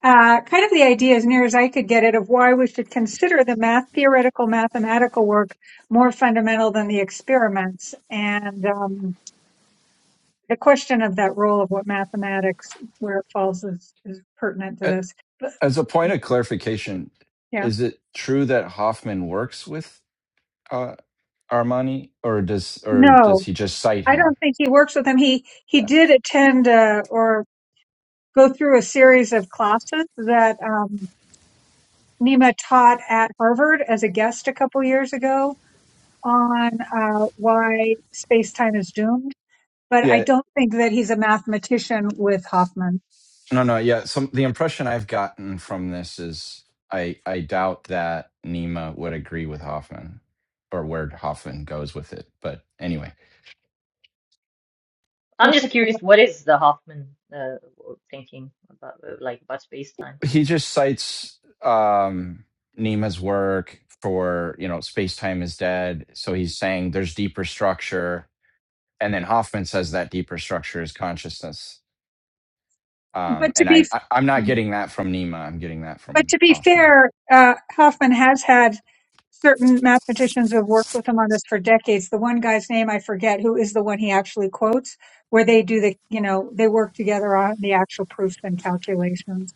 A: uh, kind of the idea, as near as I could get it, of why we should consider the math theoretical mathematical work more fundamental than the experiments, and um, the question of that role of what mathematics where it falls is, is pertinent to
C: a-
A: this. But
C: as a point of clarification,
A: yeah,
C: is it true that Hoffman works with uh, Armani, or does or
A: no,
C: does he just cite
A: I
C: him?
A: don't think he works with them. He he
C: Yeah,
A: did attend uh, or go through a series of classes that. Um, Nima taught at Harvard as a guest a couple years ago on uh, why space time is doomed. But I
C: yeah.
A: don't think that he's a mathematician with Hoffman.
C: No, no, yeah. Some the impression I've gotten from this is I I doubt that Nima would agree with Hoffman or where Hoffman goes with it. But anyway,
B: I'm
A: We'll
B: just
A: put that
B: curious,
A: up.
B: what is the Hoffman uh, thinking about, uh, like about space time?
C: he just cites um Nima's work for, you know, space time is dead. So he's saying there's deeper structure. And then Hoffman says that deeper structure is consciousness. Um,
A: But to
C: and
A: be
C: I'm I- I'm not getting that from Nima. I'm getting that
A: But
C: from
A: to be
C: Hoffman.
A: fair, uh, Hoffman has had certain mathematicians who have worked with him on this for decades. The one guy's name I forget, who is the one he actually quotes, where they do the, you know, they work together on the actual proofs and calculations.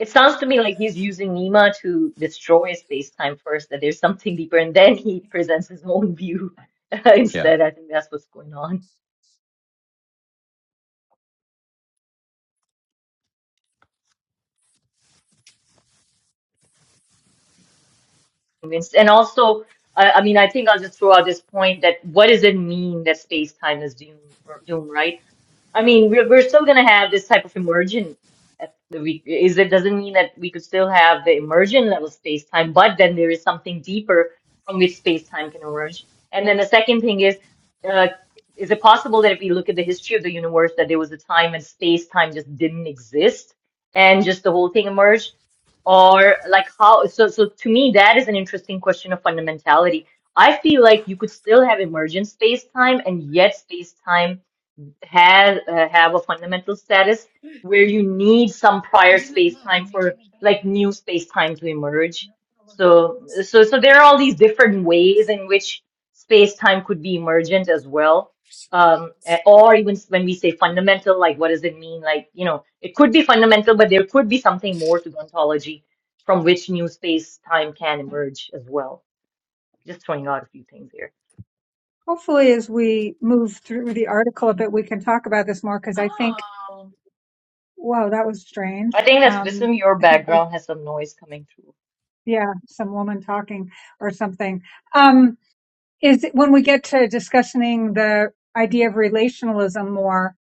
B: It sounds to me like he's using Nima to destroy space time first, that there's something deeper, and then he presents his own view
C: Yeah.
B: instead. I think that's what's going on. Convinced- And also, I, I mean, I think I'll just throw out this point that what does it mean that space time is doomed, or doomed, right? I mean, we're we're still gonna have this type of immersion. At the we is it doesn't mean that we could still have the immersion level space time, but then there is something deeper from which space time can emerge. And then the second thing is, uh, is it possible that if we look at the history of the universe, that there was a time when space time just didn't exist and just the whole thing emerged? Or like how? So so to me, that is an interesting question of fundamentality. I feel like you could still have emergent space time and yet space time has uh, have a fundamental status where you need some prior space time for like new space time to emerge. So so so there are all these different ways in which space time could be emergent as well. Um, eh, or even when we say fundamental, like what does it mean? Like, you know, it could be fundamental, but there could be something more to the ontology from which new space time can emerge as well. Just throwing out a few things here.
A: Hopefully, as we move through the article a bit, we can talk about this more because I think, wow, that was
B: I
A: strange.
B: think that's
A: Um,
B: Wisdom, your
A: I think,
B: background has some noise coming through.
A: yeah, some woman talking or something. Um, is when we get to discussing the idea of relationalism more,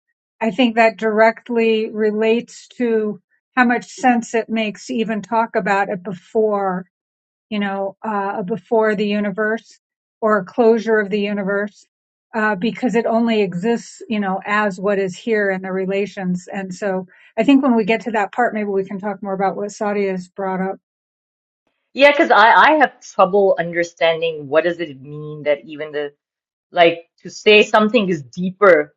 A: I think that directly relates to how much sense it makes to even talk about it before, you know, uh, before the universe or closure of the universe, uh, because it only exists, you know, as what is here in the relations. And so I think when we get to that part, maybe we can talk more about what Sadia has brought up.
B: Yeah, because I, I have trouble understanding what does it mean that even the like to say something is deeper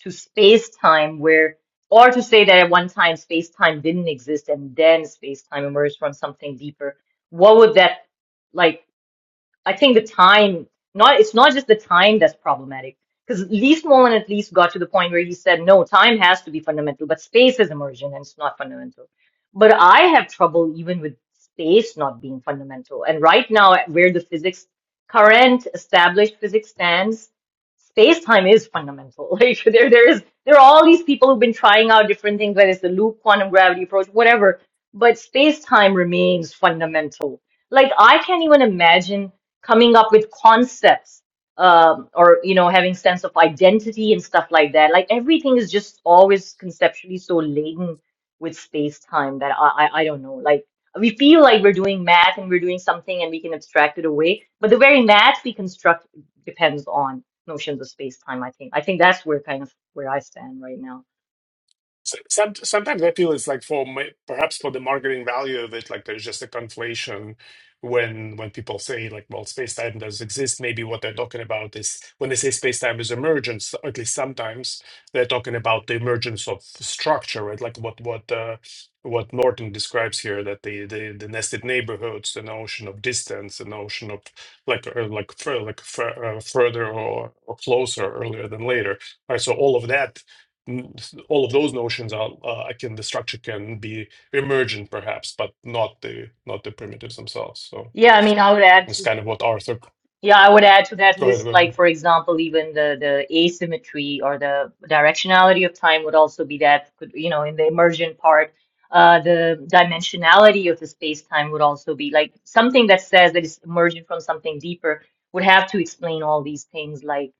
B: to space-time where or to say that at one time space-time didn't exist and then space-time emerged from something deeper. What would that like? I think the time, not it's not just the time that's problematic. Because Least Molan at least got to the point where he said, no, time has to be fundamental, but space is emergent and it's not fundamental. But I have trouble even with space not being fundamental. And right now, where the physics, current established physics stands, space time is fundamental. Like there, there is, there are all these people who've been trying out different things, whether it's the loop quantum gravity approach, whatever. But space time remains fundamental. Like I can't even imagine coming up with concepts um, or you know having sense of identity and stuff like that like everything is just always conceptually so laden with space time that I, I i don't know like we feel like we're doing math and we're doing something and we can abstract it away but the very math we construct depends on notions of space time i think i think that's where kind of where i stand right now
D: So, some, sometimes I feel it's like for ma- perhaps for the marketing value of it, like there's just a conflation when when people say like, well, space time does exist. Maybe what they're talking about is when they say space time is emergence, or at least sometimes they're talking about the emergence of structure, right? Like what what uh, what Norton describes here, that the, the the nested neighborhoods, the notion of distance, the notion of like uh, like fur, like fur, uh, further or, or closer earlier than later right so all of that n- s- all of those notions are uh, can. the structure can be emergent perhaps but not the not the primitives themselves so
B: yeah i mean i would add
D: it's
B: to
D: kind of what arthur
B: Yeah, I would add to that
D: go ahead go
B: list, like
D: ahead
B: for example, even the the asymmetry or the directionality of time would also be that could, you know, in the emergent part, uh, the dimensionality of the space-time would also be like something that says that it's emergent from something deeper would have to explain all these things, like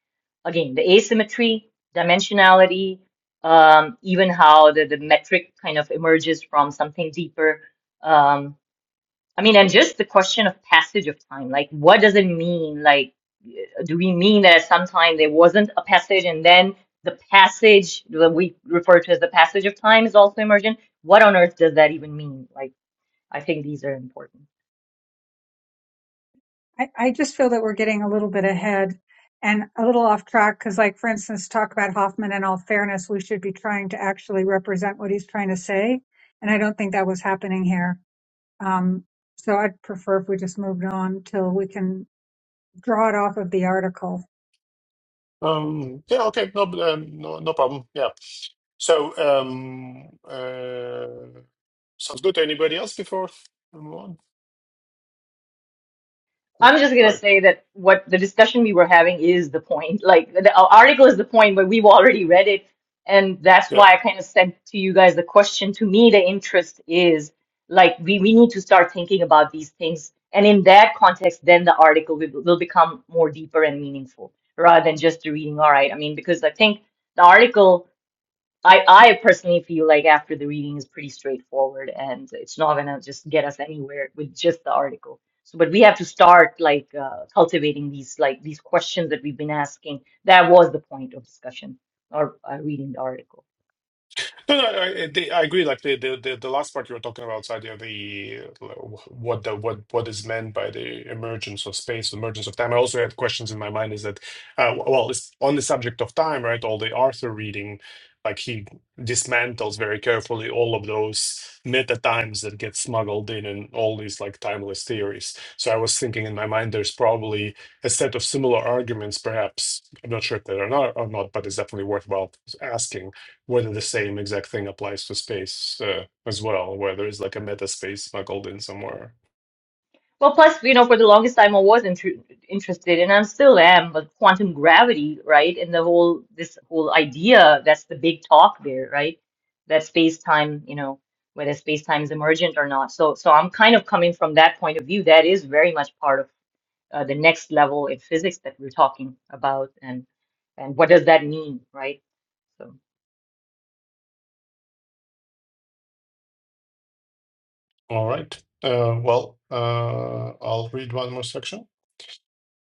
B: again, the asymmetry, dimensionality, um, even how the the metric kind of emerges from something deeper. Um, I mean, and just the question of passage of time, like what does it mean? Like, do we mean that at some time there wasn't a passage and then the passage that we refer to as the passage of time is also emergent? What on earth does that even mean? Like, I think these are important.
A: I, I just feel that we're getting a little bit ahead and a little off track because, like, for instance, talk about Hoffman in all fairness, we should be trying to actually represent what he's trying to say. And I don't think that was happening here. Um, so I'd prefer if we just moved on till we can draw it off of the article.
D: um yeah okay no um, no, no problem yeah so um uh sounds good to anybody else before we move on
B: I'm just
D: all
B: gonna
D: right
B: say that what the discussion we were having is the point. Like the article is the point, but we've already read it, and that's
D: yeah
B: why I kind of sent to you guys the question. To me, the interest is like we we need to start thinking about these things, and in that context, then the article will, will become more deeper and meaningful rather than just reading. All right, I mean, because I think the article. I, I personally feel like after the reading is pretty straightforward and it's not gonna just get us anywhere with just the article. So, but we have to start like uh, cultivating these like these questions that we've been asking. That was the point of discussion or uh, reading the article.
D: No, no, I, I they- I agree. Like the, the the the last part you were talking about, idea the what the what what is meant by the emergence of space, emergence of time. I also had questions in my mind. Is that uh, well, it's on the subject of time, right? All the Arthur reading, like he dismantles very carefully all of those meta times that get smuggled in and all these like timeless theories. So I was thinking in my mind, there's probably a set of similar arguments, perhaps. I'm not sure if they are not or not, but it's definitely worthwhile asking whether the same exact thing applies to space uh, as well, where there is like a meta space smuggled in somewhere.
B: Well, plus, you know, for the longest time, I was inter interested, and I still am, but quantum gravity, right? And the whole this whole idea that's the big talk there, right? That space-time, you know, whether space-time is emergent or not. So, so I'm kind of coming from that point of view. That is very much part of uh, the next level in physics that we're talking about, and and what does that mean, right? So,
D: All right. Uh, well, uh, I'll read one more section.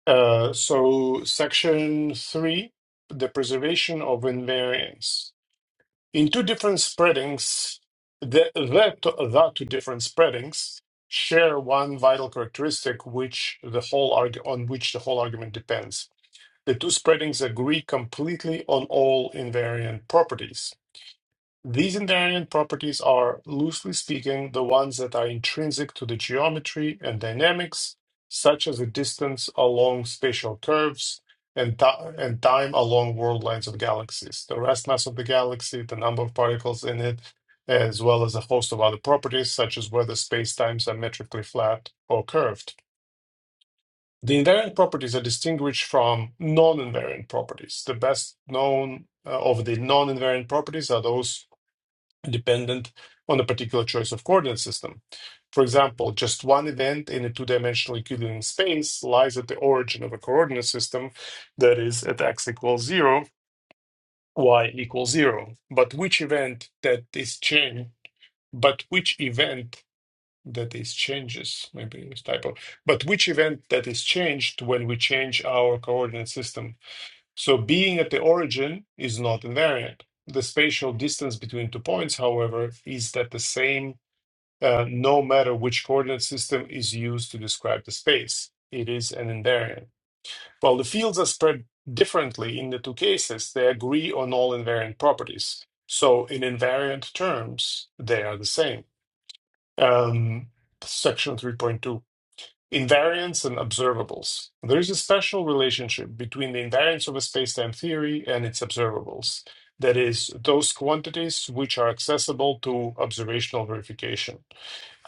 D: Uh, so, section three the preservation of invariance. In two different spreadings, the, the, the two different spreadings share one vital characteristic which the whole arg- on which the whole argument depends. The two spreadings agree completely on all invariant properties These invariant properties are, loosely speaking, the ones that are intrinsic to the geometry and dynamics, such as the distance along spatial curves and, ti- and time along world lines of galaxies, the rest mass of the galaxy, the number of particles in it, as well as a host of other properties, such as whether spacetimes are metrically flat or curved. The invariant properties are distinguished from non invariant properties. The best known uh, of the non invariant properties are those dependent on a particular choice of coordinate system. For example, just one event in a two dimensional Euclidean space lies at the origin of a coordinate system that is at x equals 0, y equals 0. But which event that is changed, but which event that is changes, maybe it was typo, but which event that is changed when we change our coordinate system. So being at the origin is not invariant. The spatial distance between two points, however, is at the same uh, no matter which coordinate system is used to describe the space. It is an invariant. While the fields are spread differently in the two cases, they agree on all invariant properties. So, in invariant terms, they are the same. Um, section 3.2 Invariants and observables. There is a special relationship between the invariants of a spacetime theory and its observables, that is, those quantities which are accessible to observational verification.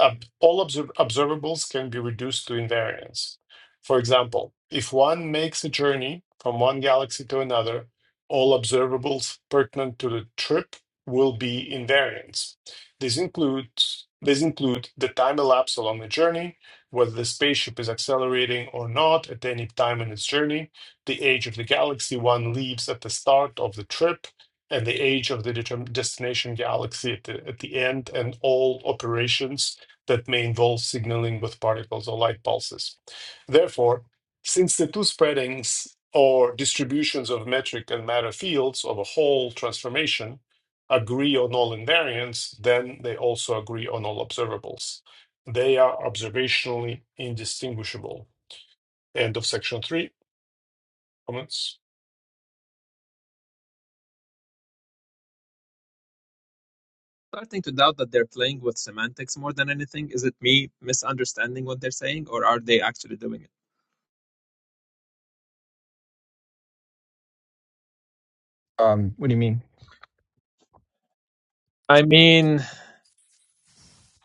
D: Ob- all obser- observables can be reduced to invariants. For example, if one makes a journey from one galaxy to another, all observables pertinent to the trip will be invariants. These includes these include the time elapsed along the journey, whether the spaceship is accelerating or not at any time in its journey, the age of the galaxy one leaves at the start of the trip, and the age of the determ- destination galaxy at the, at the end, and all operations that may involve signaling with particles or light pulses. Therefore, since the two spreadings or distributions of metric and matter fields of a whole transformation agree on all invariants, then they also agree on all observables. They are observationally indistinguishable. End of section three. Comments?
E: Starting to doubt that they're playing with semantics more than anything. Is it me misunderstanding what they're saying, or are they actually doing it?
C: Um, what do you mean?
E: I mean,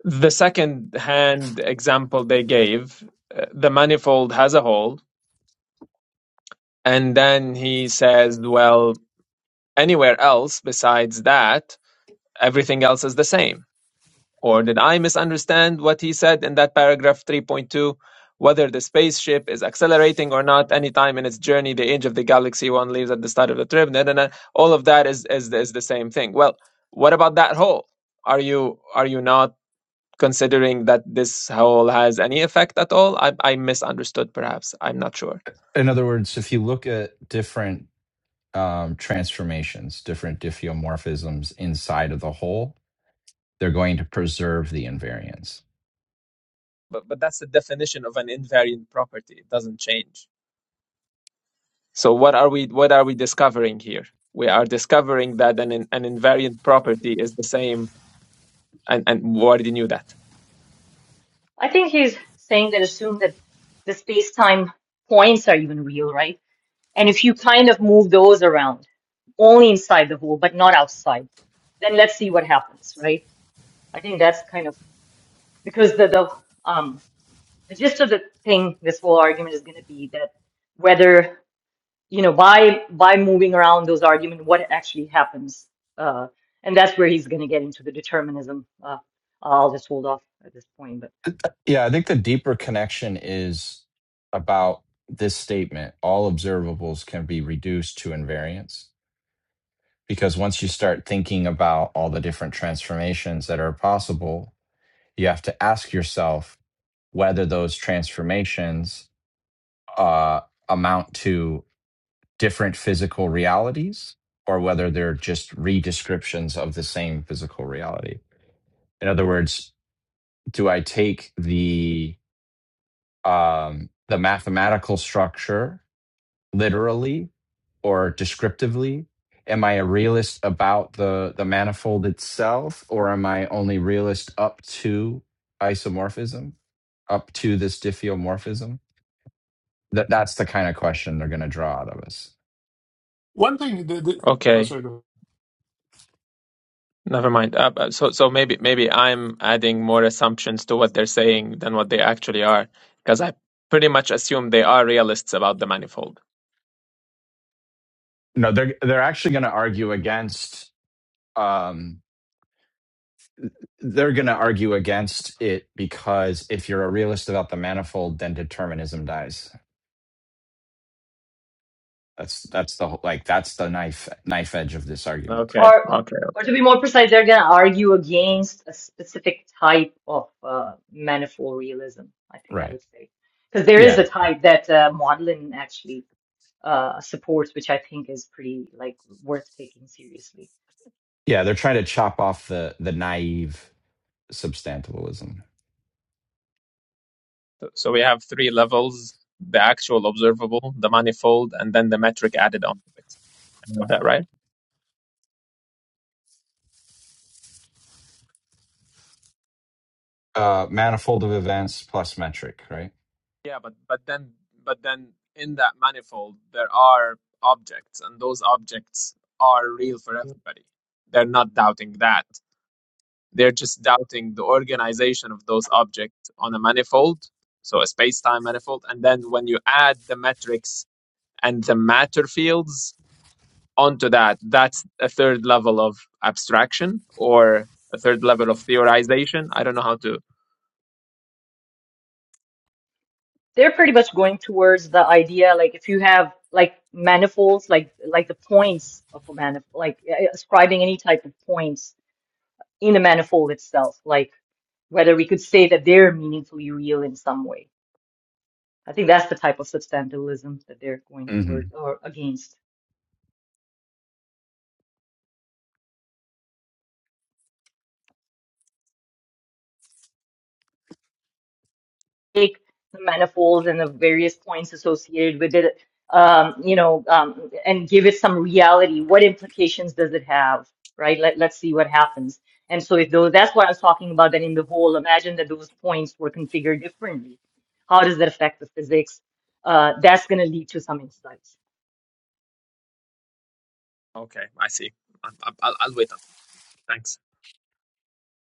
E: the second hand example they gave, uh, the manifold has a hole. And then he says, well, anywhere else besides that, everything else is the same. Or did I misunderstand what he said in that paragraph 3.2? Whether the spaceship is accelerating or not, any time in its journey, the age of the galaxy one leaves at the start of the trip, da, da, da. all of that is, is is the same thing. Well, what about that whole? Are you are you not considering that this whole has any effect at all? I, I misunderstood, perhaps. I'm not sure.
C: in other words, if you look at different um, transformations, different diffeomorphisms inside of the whole, they're going to preserve the invariance.
E: but but that's the definition of an invariant property it doesn't change so what are we what are we discovering here we are discovering that an in- an invariant property is the same and and we already knew that
B: I think he's saying that assume that the space-time points are even real, right? And if you kind of move those around, only inside the hole, but not outside, then let's see what happens, right? I think that's kind of because the, the um the gist of the thing, this whole argument is going to be that whether you know by by moving around those argument, what actually happens, uh, and that's where he's going to get into the determinism. Uh, I'll just hold off at this point, but.
C: Yeah, I think the deeper connection is about this statement all observables can be reduced to invariance. Because once you start thinking about all the different transformations that are possible, you have to ask yourself whether those transformations uh, amount to different physical realities or whether they're just redescriptions of the same physical reality. In other words, do I take the um, the mathematical structure literally or descriptively? Am I a realist about the the manifold itself, or am I only realist up to isomorphism, up to this diffeomorphism? That that's the kind of question they're going to draw out of us.
D: One thing, the, the, oh,
E: okay
D: sorry, go ahead.
E: Never mind. Uh, but so so maybe maybe I'm adding more assumptions to what they're saying than what they actually are, because I pretty much assume they are realists about the manifold.
C: No, they're they're actually going to argue against um, they're going to argue against it because if you're a realist about the manifold, then determinism dies. That's that's the whole, like that's the knife knife edge of this argument.
E: Okay,
B: or
E: okay.
B: or to be more precise, they're going to argue against a specific type of uh, manifold realism. I think I
C: Right.
B: would say because there is a
C: Yeah. Right.
B: type that uh, Maudlin actually uh, supports, which I think is pretty like worth taking seriously.
C: Yeah. They're trying to chop off the the naive substantivalism.
E: So so we have three levels: the actual observable, the manifold, and then the metric added on to it. I have that right?
C: Uh, manifold of events plus metric. Right.
E: Yeah, but but then but then in that manifold there are objects, and those objects are real for everybody. They're not doubting that. They're just doubting the organization of those objects on a manifold, so a space-time manifold, and then when you add the metrics and the matter fields onto that, that's a third level of abstraction or a third level of theorization. I don't know how to.
B: They're pretty much going towards the idea like if you have like manifolds, like like the points of a manifold, like uh, ascribing any type of points in a manifold itself, like whether we could say that they're meaningfully real in some way I think that's the type of substantialism that they're going
C: hmm
B: towards or against. Take the manifolds and the various points associated with it, um, you know, um, and give it some reality. What implications does it have, right? Let, let's see what happens. And so, if those, that's what I was talking about, that in the whole, imagine that those points were configured differently. How does that affect the physics? Uh, that's going to lead to some insights.
E: Okay, I see. I, I, I'll, I'll wait. on. Thanks.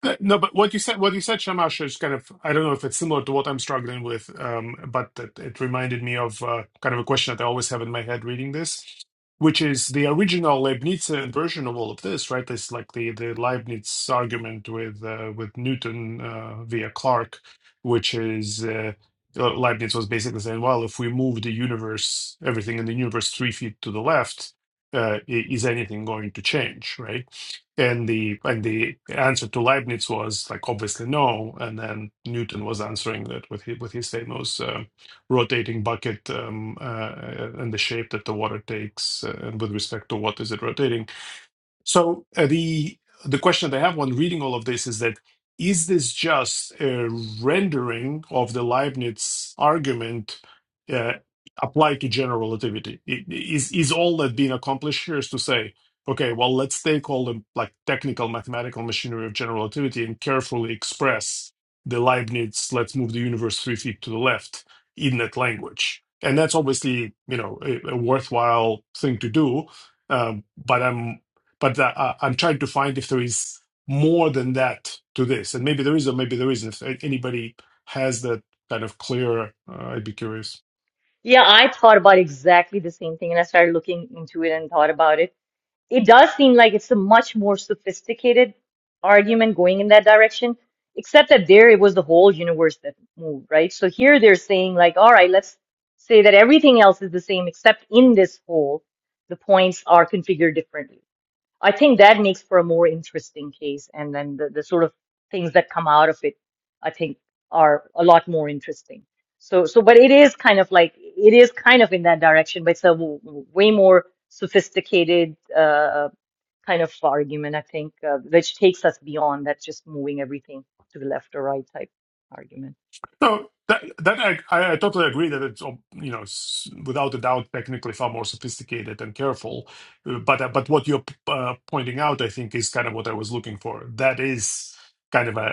D: Uh, No, but what you said, what you said, Shamash, is kind of, I don't know if it's similar to what I'm struggling with, um, but it, it reminded me of uh, kind of a question that I always have in my head reading this, which is the original Leibnizian version of all of this, right? It's like the, the Leibniz argument with uh, with Newton uh, via Clark, which is uh, Le- Leibniz was basically saying, well, if we move the universe, everything in the universe three feet to the left, uh, i- is anything going to change, right? And the and the answer to Leibniz was like obviously no, and then Newton was answering that with his, with his famous um rotating bucket um, uh, and the shape that the water takes, uh, and with respect to what is it rotating so uh, the the question that I have when reading all of this is that is this just a rendering of the Leibniz argument uh, applied to general relativity? I- Is is all that being accomplished here is to say, okay, well, let's take all the like technical mathematical machinery of general relativity and carefully express the Leibniz, let's move the universe three feet to the left in that language. And that's obviously, you know, a, a worthwhile thing to do um, but I'm but uh, uh, I'm trying to find if there is more than that to this, and maybe there is, or maybe there isn't. If anybody has that kind of clear, uh, I'd be curious.
B: Yeah, I thought about exactly the same thing and I started looking into it and thought about it. it does seem like it's a much more sophisticated argument going in that direction, except that there it was the whole universe that moved, right? So here they're saying, like, all right, let's say that everything else is the same, except in this whole, the points are configured differently. I think that makes for a more interesting case, and then the, the sort of things that come out of it, I think, are a lot more interesting. So, so, but it is kind of like it is kind of in that direction, but it's a w- w- way more sophisticated uh, kind of argument, I think, uh, which takes us beyond that just moving everything to the left or right type argument.
D: No, that, that I, I I totally agree that it's um, you know s- without a doubt technically far more sophisticated and careful, Uh, but uh, but what you're p- uh, pointing out I think is kind of what I was looking for. That is kind of a,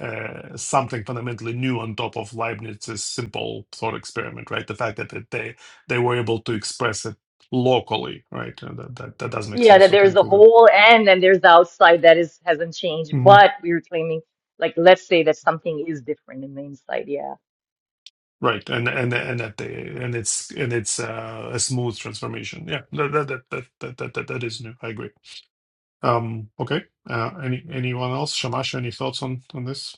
D: a, uh something fundamentally new on top of Leibniz's simple thought experiment, right? The fact that that they they were able to express it locally, right? And that that, that does make
B: Yeah,
D: sense.
B: that
D: So
B: there's
D: thank
B: the
D: you.
B: whole and then there's the outside that is hasn't changed, but we're claiming like let's say that something is different in the inside. Yeah.
D: Right, and and and that they and it's and it's uh, a smooth transformation. Yeah, that that that that that that, that that is new. I agree. Um, okay. Uh, any anyone else? Shamash, any thoughts on on this?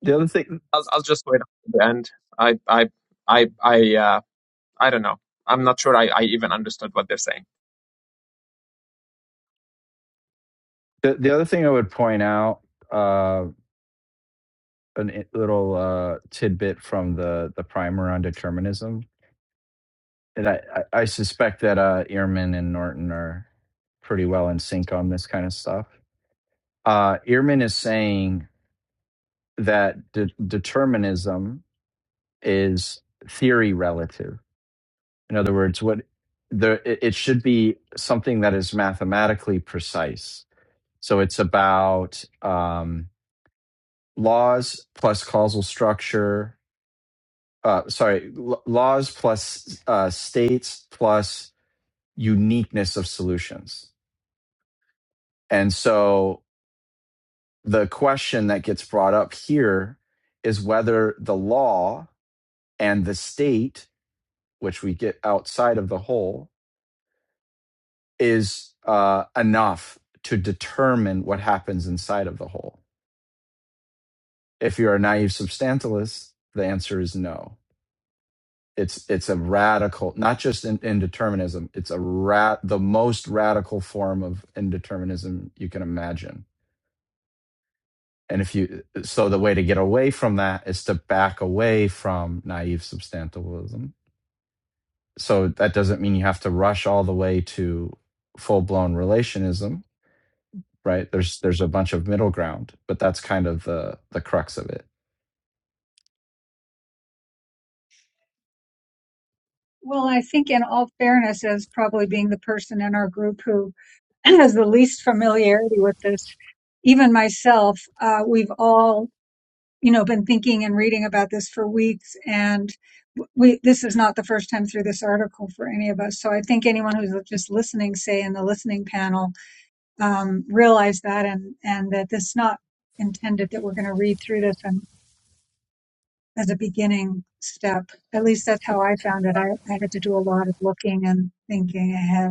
C: The other thing,
E: I'll I'll just wait until the end. I I I I uh I don't know. I'm not sure I, I even understood what they're saying.
C: the, the other thing I would point out, uh, a little uh, tidbit from the the primer on determinism And I, I I suspect that uh, Ehrman and Norton are pretty well in sync on this kind of stuff. Uh, Ehrman is saying that de- determinism is theory relative. In other words, what the it it should be something that is mathematically precise. So it's about um, laws plus causal structure. Uh, sorry, l- laws plus uh, states plus uniqueness of solutions And so the question that gets brought up here is whether the law and the state, which we get outside of the whole, is uh, enough to determine what happens inside of the whole. If you're a naive substantialist, the answer is no. It's it's a radical, not just in, indeterminism. It's a rat, the most radical form of indeterminism you can imagine And if you, so the way to get away from that is to back away from naive substantialism. So that doesn't mean you have to rush all the way to full blown relationism, right? There's there's a bunch of middle ground, but that's kind of the the crux of it.
A: Well, I think in all fairness, as probably being the person in our group who has the least familiarity with this, even myself, uh, we've all you know, been thinking and reading about this for weeks. And we, this is not the first time through this article for any of us. So I think anyone who's just listening, say in the listening panel, um, realize that and, and that this is not intended that we're going to read through this and as a beginning step. At least that's how I found it. I, I had to do a lot of looking and thinking ahead.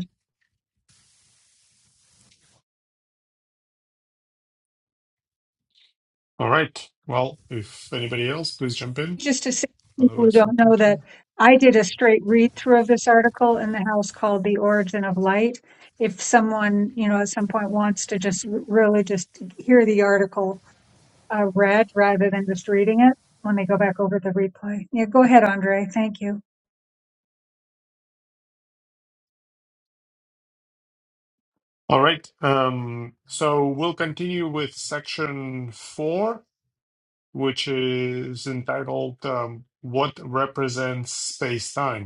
D: All right. Well, if anybody else, please jump in.
A: just to say to people who
D: Otherwise, I'll
A: don't know
D: continue.
A: that I did a straight read through of this article in the house called The Origin of Light. If someone, you know, at some point wants to just r- really just hear the article uh, read rather than just reading it when they go back over the replay. Yeah, go ahead, Andre. Thank you.
D: All right. Um, so we'll continue with section four, which is entitled um, "What Represents Space-Time."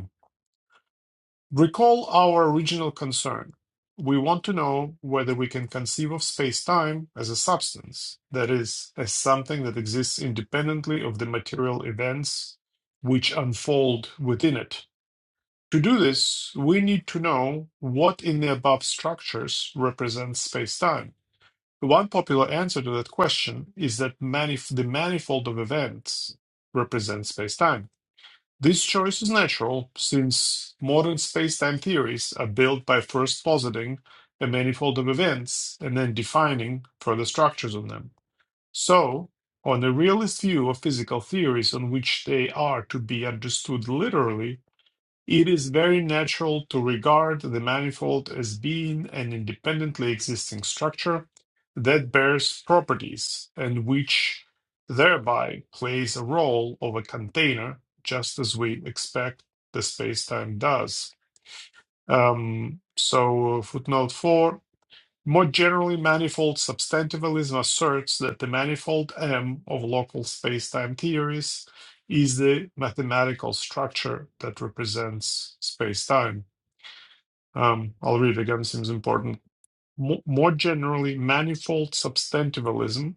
D: Recall our original concern. We want to know whether we can conceive of space-time as a substance, that is, as something that exists independently of the material events which unfold within it. To do this, we need to know what in the above structures represents space-time. One popular answer to that question is that manif- the manifold of events represents space-time. This choice is natural, since modern spacetime theories are built by first positing a manifold of events and then defining further structures of them. So, on a realist view of physical theories on which they are to be understood literally, it is very natural to regard the manifold as being an independently existing structure that bears properties and which thereby plays a role of a container, just as we expect the space-time does. Um, so, footnote 4 more generally, manifold substantivalism asserts that the manifold M of local spacetime theories is the mathematical structure that represents spacetime. Um, I'll read it again, seems important. More generally, manifold substantivalism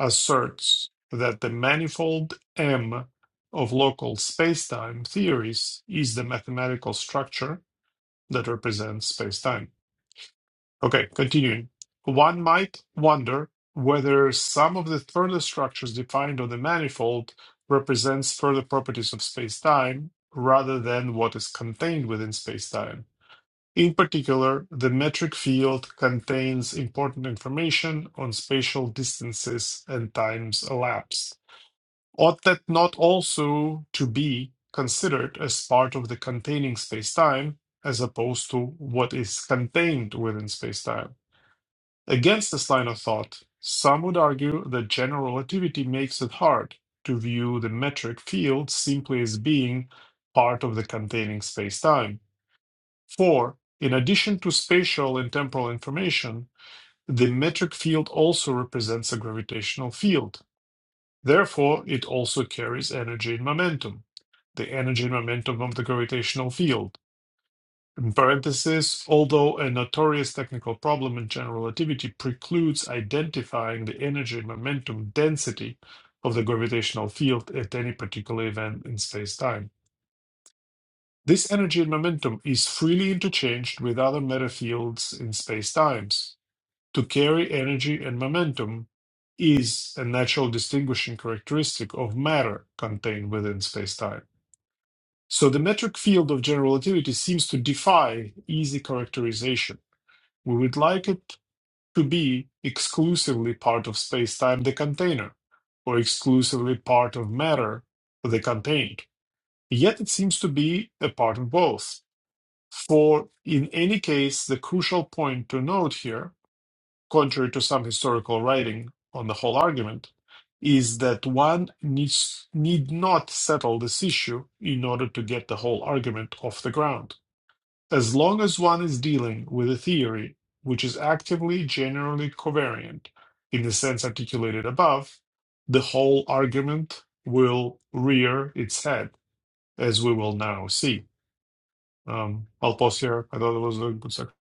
D: asserts that the manifold M of local spacetime theories is the mathematical structure that represents spacetime. Okay, continuing. One might wonder whether some of the further structures defined on the manifold represents further properties of spacetime rather than what is contained within spacetime. In particular, the metric field contains important information on spatial distances and times elapsed. Ought that not also to be considered as part of the containing spacetime as opposed to what is contained within spacetime? Against this line of thought, some would argue that general relativity makes it hard to view the metric field simply as being part of the containing spacetime. For, in addition to spatial and temporal information, the metric field also represents a gravitational field. Therefore, it also carries energy and momentum, the energy and momentum of the gravitational field in parentheses, although a notorious technical problem in general relativity precludes identifying the energy momentum density of the gravitational field at any particular event in space-time. This energy and momentum is freely interchanged with other matter fields in space-times. To carry energy and momentum is a natural distinguishing characteristic of matter contained within space-time. So the metric field of general relativity seems to defy easy characterization we would like it to be exclusively part of spacetime, the container, or exclusively part of matter, the contained. Yet it seems to be a part of both. For in any case, the crucial point to note here, contrary to some historical writing on the whole argument, is that one needs, need not settle this issue in order to get the whole argument off the ground. As long as one is dealing with a theory which is actively generally covariant in the sense articulated above, the whole argument will rear its head, as we will now see. Um, I'll pause here. I thought it was a good section.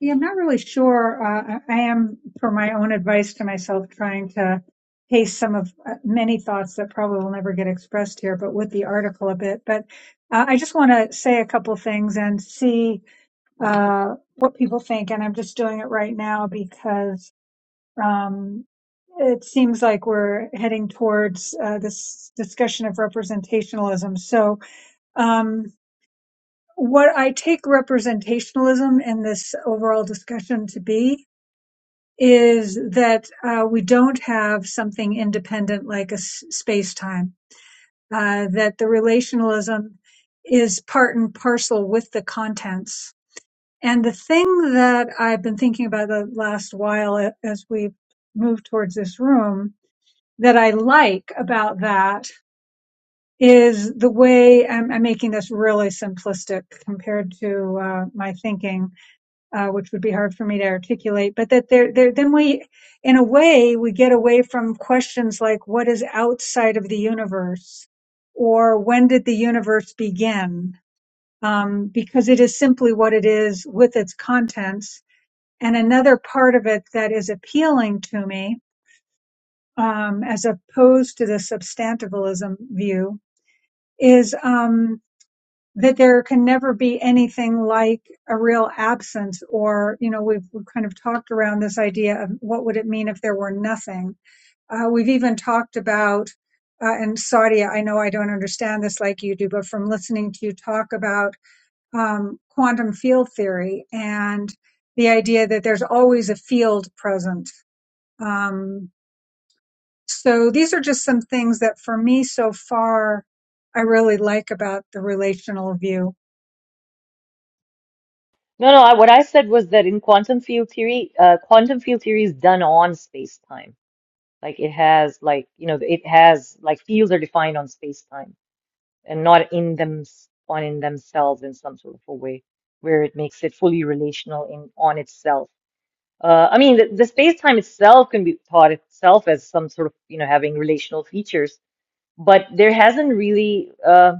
A: Yeah, I'm not really sure. Uh, I I am, for my own advice to myself, trying to pace some of uh, many thoughts that probably will never get expressed here, but with the article a bit. But uh, I just want to say a couple things and see uh, what people think. And I'm just doing it right now because um, it seems like we're heading towards uh, this discussion of representationalism. So, um, what I take representationalism in this overall discussion to be is that uh, we don't have something independent like a s- space-time, uh, that the relationalism is part and parcel with the contents. And the thing that I've been thinking about the last while a- as we've moved towards this room that I like about that is the way I'm, I'm making this really simplistic compared to uh, my thinking uh, which would be hard for me to articulate, but that there, there, then we, in a way, we get away from questions like what is outside of the universe or when did the universe begin? Um, because it is simply what it is with its contents. And another part of it that is appealing to me, um, as opposed to the substantivalism view is, um, that there can never be anything like a real absence or you know we've, we've kind of talked around this idea of what would it mean if there were nothing uh, we've even talked about uh, and Saudia, I know I don't understand this like you do, but from listening to you talk about um, quantum field theory and the idea that there's always a field present. Um, so these are just some things that for me so far, I really like about the relational view.
B: No, no, I, what I said was that in quantum field theory, uh, quantum field theory is done on space-time. Like it has, like, you know, it has, like, fields are defined on space-time and not in them, on in themselves in some sort of a way where it makes it fully relational in on itself. Uh, I mean, the, the space-time itself can be thought itself as some sort of, you know, having relational features, but there hasn't really, uh,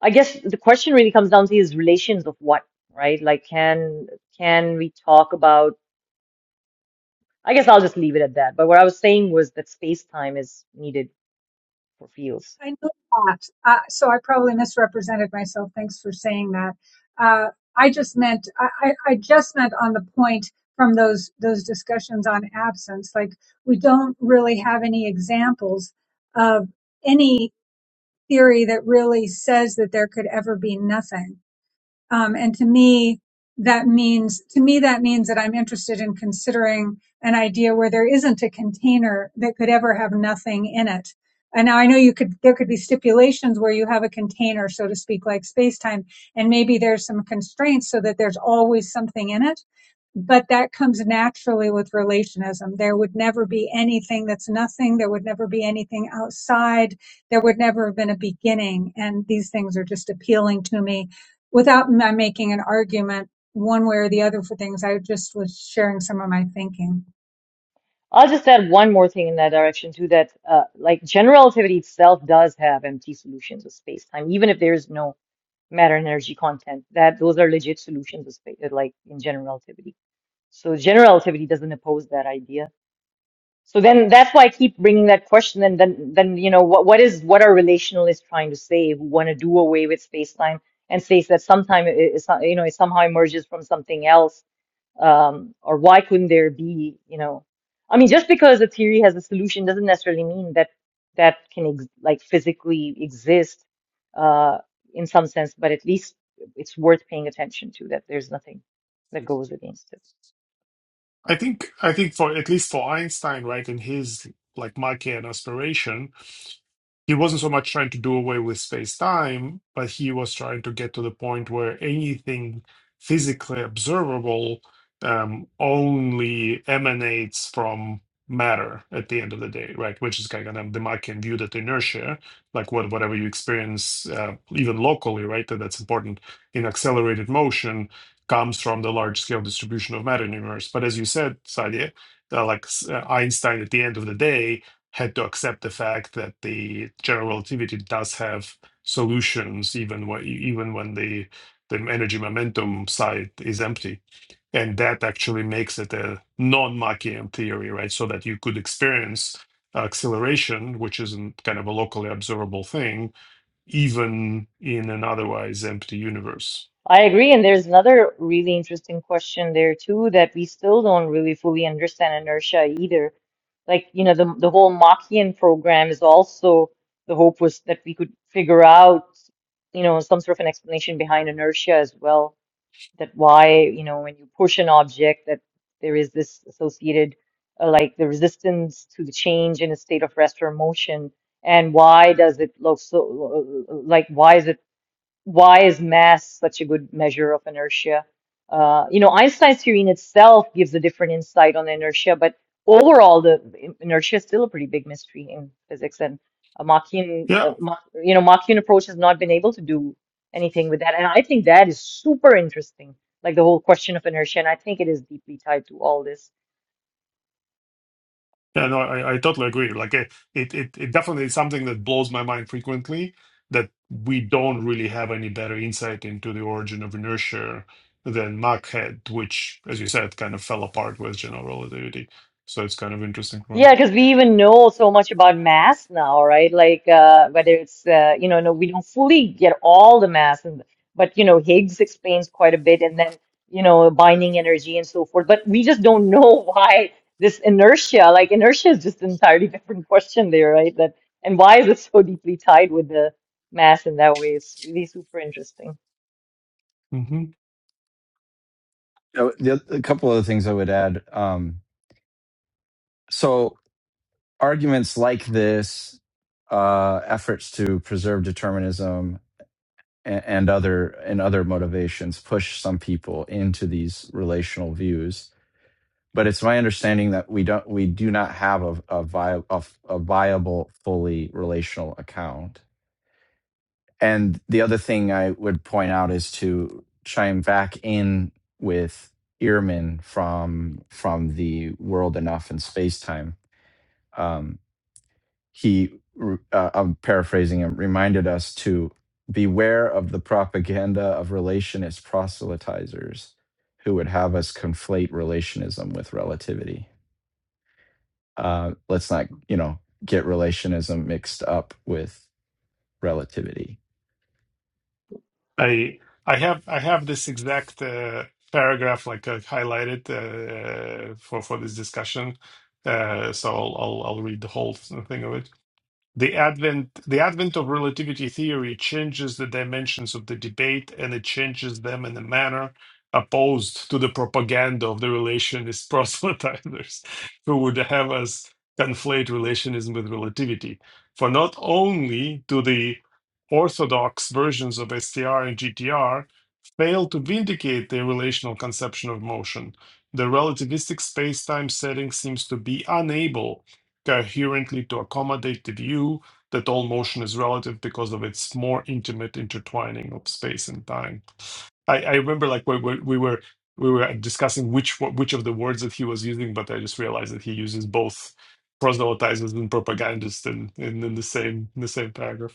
B: I guess the question really comes down to is relations of what, right? Like, can can we talk about? I guess I'll just leave it at that. But what I was saying was that space time is needed for fields.
A: I know that. Uh, so I probably misrepresented myself. Thanks for saying that. Uh, I just meant I, I I just meant on the point from those those discussions on absence. Like we don't really have any examples of any theory that really says that there could ever be nothing. Um, and to me, that means, to me, that means that I'm interested in considering an idea where there isn't a container that could ever have nothing in it. And now I know you could, there could be stipulations where you have a container, so to speak, like space time, and maybe there's some constraints so that there's always something in it. But that comes naturally with relationism. There would never be anything that's nothing. There would never be anything outside. There would never have been a beginning. And these things are just appealing to me without my making an argument one way or the other for things. I just was sharing some of my thinking.
B: I'll just add one more thing in that direction too. That uh, like general relativity itself does have empty solutions of space time, even if there is no matter and energy content. That those are legit solutions of space, like in general relativity. So general relativity doesn't oppose that idea So then that's why I keep bringing that question. And then, then, you know, what, what is, what are relationalists trying to say who want to do away with space time and say that sometime it, it's not, you know, it somehow emerges from something else? Um, or why couldn't there be, you know, I mean, just because a theory has a solution doesn't necessarily mean that that can ex like physically exist, uh, in some sense, but at least it's worth paying attention to that there's nothing that goes against it.
D: I think I think for at least for Einstein, right, in his like Machian aspiration, he wasn't so much trying to do away with space time, but he was trying to get to the point where anything physically observable um, only emanates from matter at the end of the day, right? Which is kind of the Machian view that inertia, like what whatever you experience, uh, even locally, right? That that's important in accelerated motion comes from the large scale distribution of matter in the universe. But as you said, Sadia, uh, like uh, Einstein at the end of the day had to accept the fact that the general relativity does have solutions even when even when the the energy momentum side is empty and that actually makes it a non-machian theory right so that you could experience acceleration which isn't kind of a locally observable thing even in an otherwise empty universe
B: I agree. And there's another really interesting question there too that we still don't really fully understand inertia either. Like, you know, the the whole Machian program is also the hope was that we could figure out, you know, some sort of an explanation behind inertia as well, that why, you know, when you push an object that there is this associated uh, like the resistance to the change in a state of rest or motion, and why does it look so uh, like why is it why is mass such a good measure of inertia? Uh, you know, Einstein's theory in itself gives a different insight on inertia, but overall, the in- inertia is still a pretty big mystery in physics. And a Machian,
D: yeah
B: uh, Mach, you know, Machian approach has not been able to do anything with that. And I think that is super interesting, like the whole question of inertia. And I think it is deeply tied to all this.
D: Yeah, no, I, I totally agree. Like it, it, it it definitely is something that blows my mind frequently that we don't really have any better insight into the origin of inertia than Mach had, which, as you said, kind of fell apart with general relativity. So it's kind of interesting.
B: Yeah, because we even know so much about mass now, right? Like uh, whether it's uh, you know, no, we don't fully get all the mass, and but you know, Higgs explains quite a bit, and then you know, binding energy and so forth. But we just don't know why this inertia, like inertia, is just an entirely different question there, right? That and why is it so deeply tied with the mass in that way? It's really super interesting.
D: Mm-hmm.
C: Oh, the a couple of things I would add. Um, so arguments like this, uh, efforts to preserve determinism and, and other and other motivations push some people into these relational views but it's my understanding that we don't we do not have a a, vi- a, f- a viable fully relational account and the other thing i would point out is to chime back in with ehrman from from the world enough in spacetime. um, he r- uh, i'm paraphrasing him reminded us to beware of the propaganda of relationist proselytizers who would have us conflate relationism with relativity Uh, let's not, you know, get relationism mixed up with relativity.
D: I I have I have this exact uh, paragraph like uh, highlighted uh, for for this discussion. Uh, so I'll, I'll I'll read the whole thing of it. The advent, the advent of relativity theory changes the dimensions of the debate and it changes them in a manner opposed to the propaganda of the relationist proselytizers who would have us conflate relationism with relativity. For not only do the orthodox versions of STR and GTR fail to vindicate their relational conception of motion, the relativistic space time setting seems to be unable coherently to accommodate the view that all motion is relative because of its more intimate intertwining of space and time. I, I remember like we, we, we were we were discussing which which of the words that he was using, but I just realized that he uses both proselytizers and propagandists in, in, in the same in the same paragraph.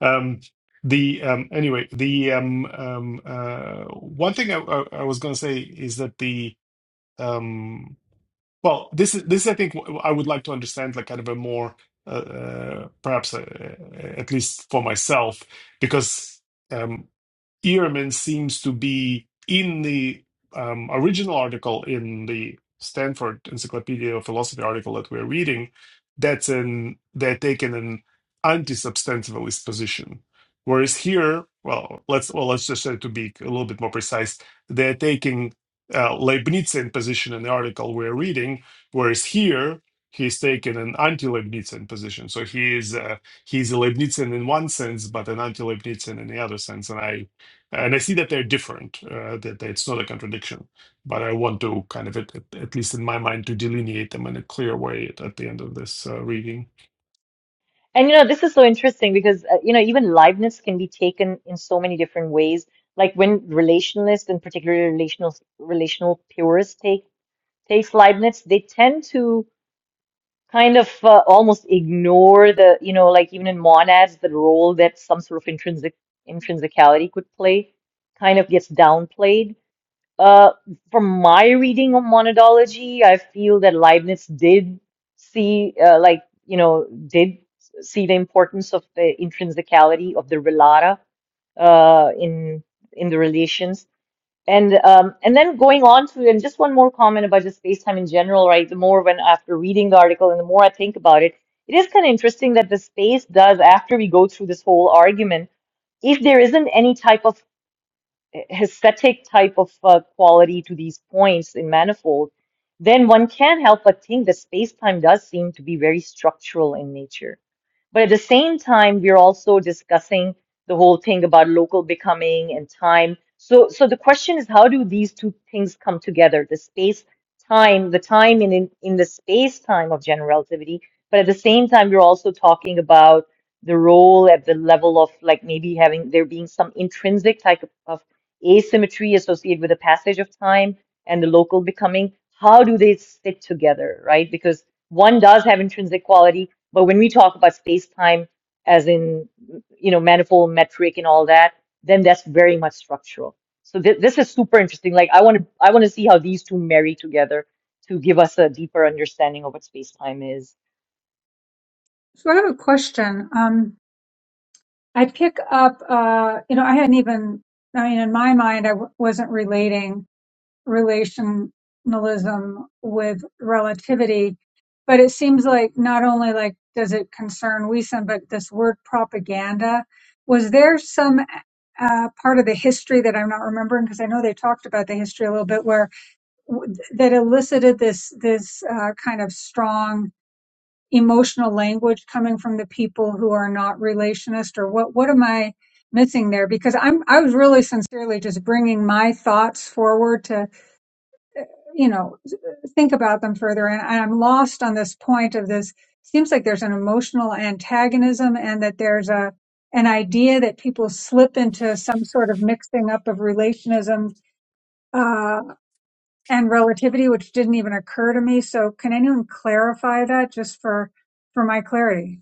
D: Um, the um, anyway the um, um, uh, one thing I, I, I was going to say is that the um, well, this is this I think w- I would like to understand like kind of a more uh, uh, perhaps uh, uh, at least for myself because. um, Ehrman seems to be in the um, original article in the Stanford Encyclopedia of Philosophy article that we're reading. That's an they're taking an anti-substantivalist position, whereas here, well, let's well let's just say to be a little bit more precise, they're taking uh, Leibnizian position in the article we're reading, whereas here he's taken an anti-Leibnizian position. So he is uh, he's a Leibnizian in one sense, but an anti-Leibnizian in the other sense, and I and I see that they're different, uh, that, that it's not a contradiction, but I want to kind of, at, at least in my mind, to delineate them in a clear way at, at the end of this uh, reading.
B: And you know, this is so interesting because uh, you know, even liveness can be taken in so many different ways. Like when relationalists and particularly relational relational purists take takes Leibniz, they tend to kind of uh, almost ignore the, you know, like even in monads, the role that some sort of intrinsic intrinsicality could play kind of gets downplayed. Uh, from my reading of monadology, I feel that Leibniz did see, uh, like, you know, did see the importance of the intrinsicality of the relata uh, in in the relations. And um, and then going on to, and just one more comment about just space-time in general, right? The more when after reading the article and the more I think about it, it is kind of interesting that the space does, after we go through this whole argument, if there isn't any type of aesthetic type of uh, quality to these points in manifold, then one can't help but think that space-time does seem to be very structural in nature. But at the same time, we're also discussing the whole thing about local becoming and time. So, so the question is, how do these two things come together? The space time, the time in, in, in the space time of general relativity, but at the same time, we're also talking about the role at the level of like maybe having there being some intrinsic type of, of asymmetry associated with the passage of time and the local becoming how do they fit together right because one does have intrinsic quality but when we talk about space time as in you know manifold metric and all that then that's very much structural so th- this is super interesting like i want to i want to see how these two marry together to give us a deeper understanding of what space time is
A: So I have a question. Um, I pick up, uh, you know, I hadn't even, I mean, in my mind, I w- wasn't relating relationalism with relativity, but it seems like not only like does it concern Wiesen, but this word propaganda, was there some uh, part of the history that I'm not remembering? Because I know they talked about the history a little bit where w- that elicited this this uh, kind of strong emotional language coming from the people who are not relationist or what what am i missing there because i'm i was really sincerely just bringing my thoughts forward to you know think about them further and i'm lost on this point of this seems like there's an emotional antagonism and that there's a an idea that people slip into some sort of mixing up of relationism uh, and relativity, which didn't even occur to me. So can anyone clarify that just for, for my clarity?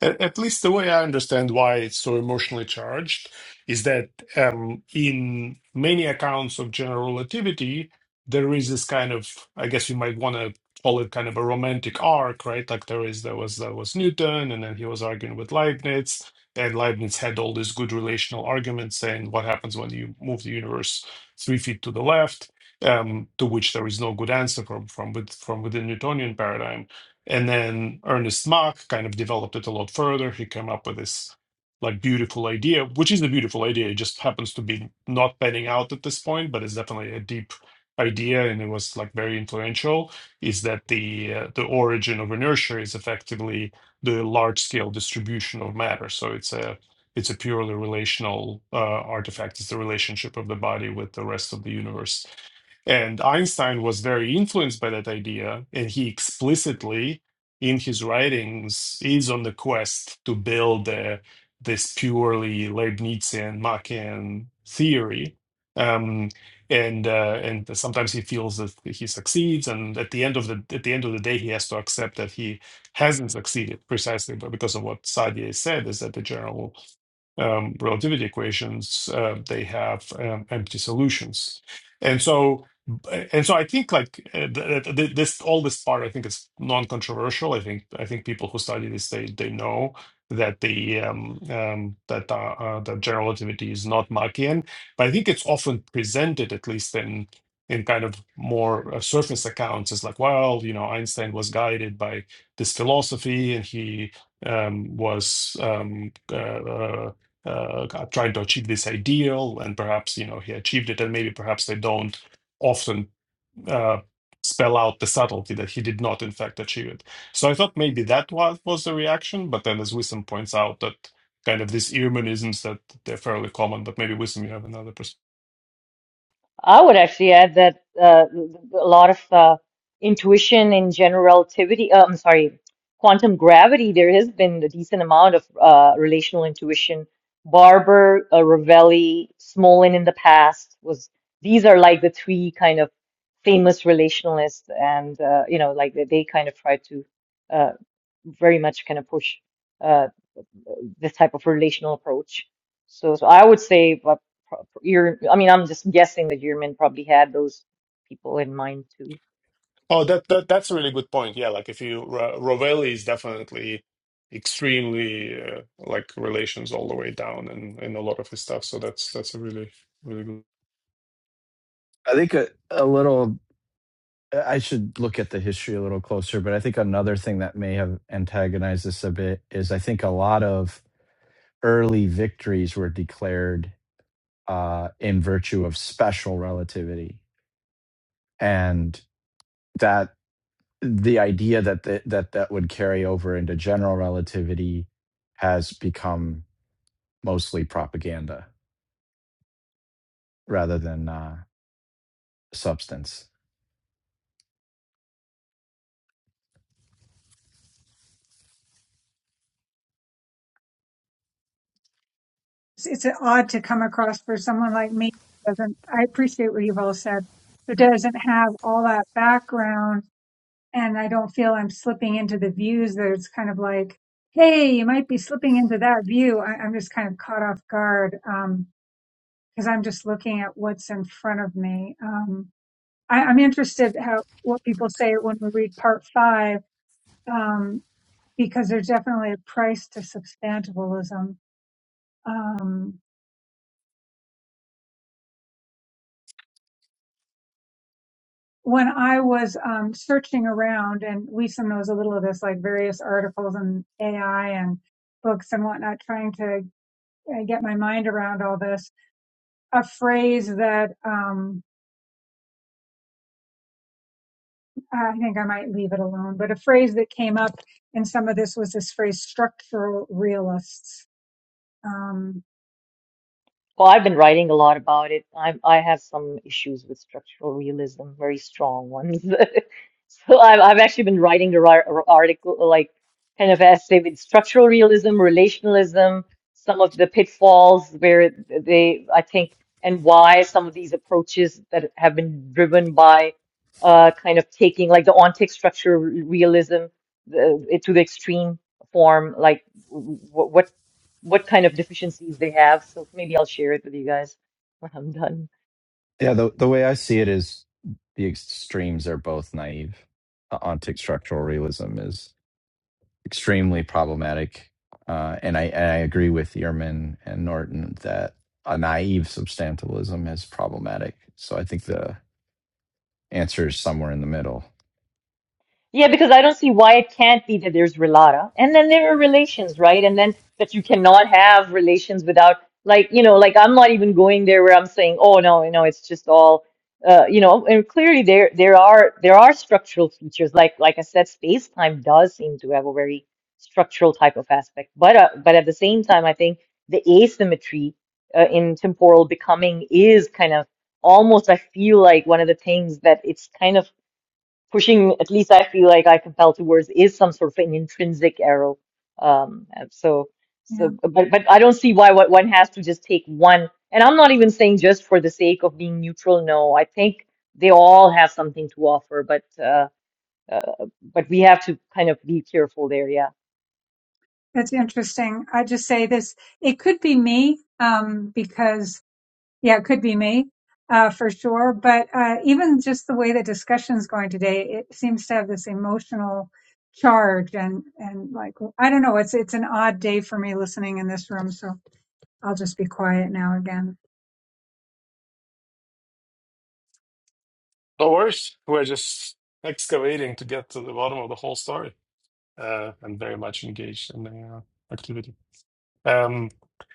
D: At, at least the way I understand why it's so emotionally charged is that um, in many accounts of general relativity, there is this kind of, I guess you might want to call it kind of a romantic arc, right? Like there is there was there was Newton, and then he was arguing with Leibniz, and Leibniz had all these good relational arguments saying what happens when you move the universe three feet to the left, um, to which there is no good answer from from with, from within Newtonian paradigm. And then Ernest Mach kind of developed it a lot further. He came up with this like beautiful idea, which is a beautiful idea. It just happens to be not panning out at this point, but it's definitely a deep idea, and it was like very influential. Is that the uh, the origin of inertia is effectively the large scale distribution of matter. So it's a it's a purely relational uh, artifact. It's the relationship of the body with the rest of the universe. And Einstein was very influenced by that idea, and he explicitly, in his writings, is on the quest to build uh, this purely Leibnizian Machian theory. Um, and uh, and sometimes he feels that he succeeds, and at the end of the at the end of the day, he has to accept that he hasn't succeeded precisely, but because of what Sadia said, is that the general um, relativity equations, uh, they have um, empty solutions, and so and so I think like uh, th- th- this all this part I think is non-controversial. I think I think people who study this they they know that the um, um, that uh, uh, that general relativity is not Machian, but I think it's often presented at least in in kind of more uh, surface accounts as like well you know Einstein was guided by this philosophy and he um, was um, uh, uh, uh, trying to achieve this ideal, and perhaps you know he achieved it, and maybe perhaps they don't often uh, spell out the subtlety that he did not in fact achieve it. So I thought maybe that was was the reaction, but then as Wisdom points out that kind of these earmanisms that they're fairly common, but maybe Wisdom you have another perspective.
B: I would actually add that uh, a lot of uh, intuition in general relativity, uh, I'm sorry, quantum gravity, there has been a decent amount of uh, relational intuition. Barber, uh, Ravelli, Smolin in the past was, these are like the three kind of famous relationalists and, uh, you know, like they, they kind of try to uh, very much kind of push. uh, this type of relational approach. So, so I would say, but your, I mean, I'm just guessing that Yearman probably had those people in mind too.
D: Oh, that, that that's a really good point. Yeah, like if you Ra- Rovelli is definitely extremely uh, like relations all the way down and in a lot of his stuff. So that's that's a really really good.
C: I think a, a little, I should look at the history a little closer, but I think another thing that may have antagonized this a bit is I think a lot of early victories were declared uh, in virtue of special relativity. And that the idea that the, that that would carry over into general relativity has become mostly propaganda rather than uh, substance.
A: It's, it's odd to come across for someone like me. who Doesn't, I appreciate what you've all said, but doesn't have all that background. And I don't feel I'm slipping into the views that it's kind of like, Hey, you might be slipping into that view. I, I'm just kind of caught off guard. Um, cause I'm just looking at what's in front of me. Um, I, I'm interested how, what people say when we read part five Um, because there's definitely a price to substantivalism. Um, when I was um, searching around, and Lisa knows a little of this, like various articles and AI and books and whatnot, trying to uh, get my mind around all this, a phrase that um, I think I might leave it alone, but a phrase that came up in some of this was this phrase structural realists. Um,
B: Well, I've been writing a lot about it. I'm I have some issues with structural realism, very strong ones. So I've I've actually been writing a ri- a article like kind of essay with structural realism, relationalism, some of the pitfalls where they I think and why some of these approaches that have been driven by uh kind of taking like the ontic structural realism the, to the extreme form, like w- w- what what kind of deficiencies they have. So maybe I'll share it with you guys when I'm done.
C: Yeah, the the way I see it is the extremes are both naive. Uh, ontic structural realism is extremely problematic, uh, and I and I agree with Ehrman and Norton that a naive substantialism is problematic. So I think the answer is somewhere in the middle.
B: Yeah, because I don't see why it can't be that there's relata. And then there are relations, right? And then that you cannot have relations without, like, you know, like I'm not even going there where I'm saying, oh no, you know, it's just all, uh, you know, and clearly there there are there are structural features. Like like I said, space time does seem to have a very structural type of aspect. But uh, but at the same time, I think the asymmetry uh, in temporal becoming is kind of almost I feel like one of the things that it's kind of pushing, at least I feel like I compel towards, is some sort of an intrinsic arrow. Um, and so,
A: yeah,
B: so, but, but I don't see why what one has to just take one. And I'm not even saying just for the sake of being neutral. No, I think they all have something to offer, but, uh, uh, but we have to kind of be careful there. Yeah.
A: that's interesting. I just say this, it could be me um, because Yeah, it could be me uh, for sure. But uh, even just the way the discussion's going today, it seems to have this emotional charge and and like I don't know. It's it's an odd day for me listening in this room, so I'll just be quiet now again.
D: Doors we're just excavating to get to the bottom of the whole story uh, and very much engaged in the uh, activity. Um,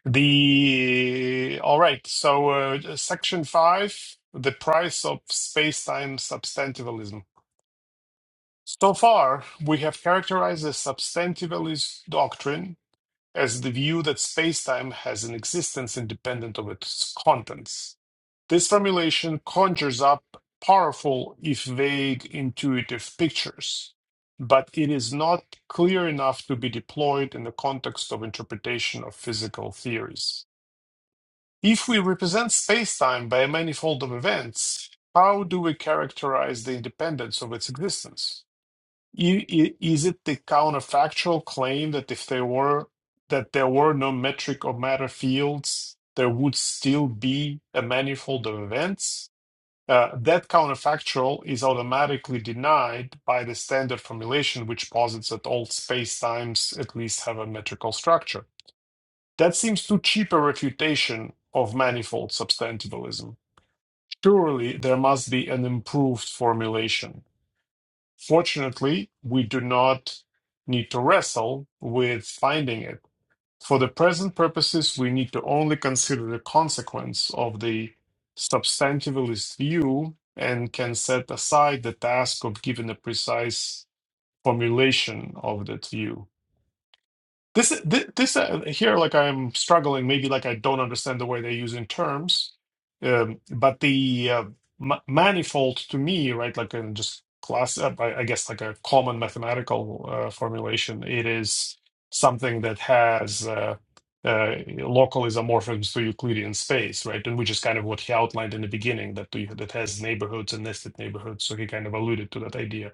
D: the all right, so uh, section five, the price of space-time substantivalism. So far, we have characterized the substantivalist doctrine as the view that space-time has an existence independent of its contents this formulation conjures up powerful, if vague, intuitive pictures, but it is not clear enough to be deployed in the context of interpretation of physical theories. If we represent spacetime by a manifold of events, how do we characterize the independence of its existence? I- i- Is it the counterfactual claim that if there were that there were no metric or matter fields, there would still be a manifold of events? Uh, that counterfactual is automatically denied by the standard formulation, which posits that all spacetimes at least have a metrical structure. That seems too cheap a refutation of manifold substantivalism. Surely there must be an improved formulation. Fortunately, we do not need to wrestle with finding it for the present purposes, we need to only consider the consequence of the substantivalist view and can set aside the task of giving a precise formulation of that view. This this, this uh, here, like I'm struggling. Maybe like I don't understand the way they're using terms, um, but the uh, ma manifold to me, right? Like in just class, uh, I, I guess like a common mathematical uh, formulation. It is something that has uh, uh, local isomorphisms to Euclidean space, right? And which is kind of what he outlined in the beginning that that has neighborhoods and nested neighborhoods. So he kind of alluded to that idea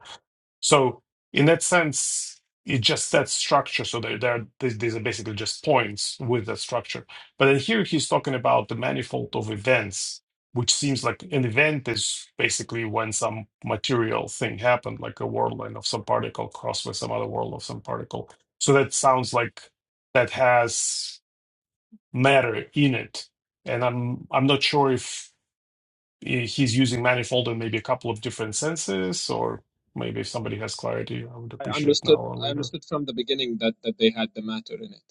D: so in that sense, it just that structure. So there, there are, these, these are basically just points with that structure. But then here he's talking about the manifold of events, which seems like an event is basically when some material thing happened, like a whirlwind of some particle crossed with some other whirl of some particle. So that sounds like that has matter in it. And I'm I'm not sure if eh, he's using manifold and maybe a couple of different senses, or maybe if somebody has clarity, I would
E: I
D: appreciate now
E: understood
D: or
E: I
D: later.
E: understood from the beginning that, that they had the matter in it.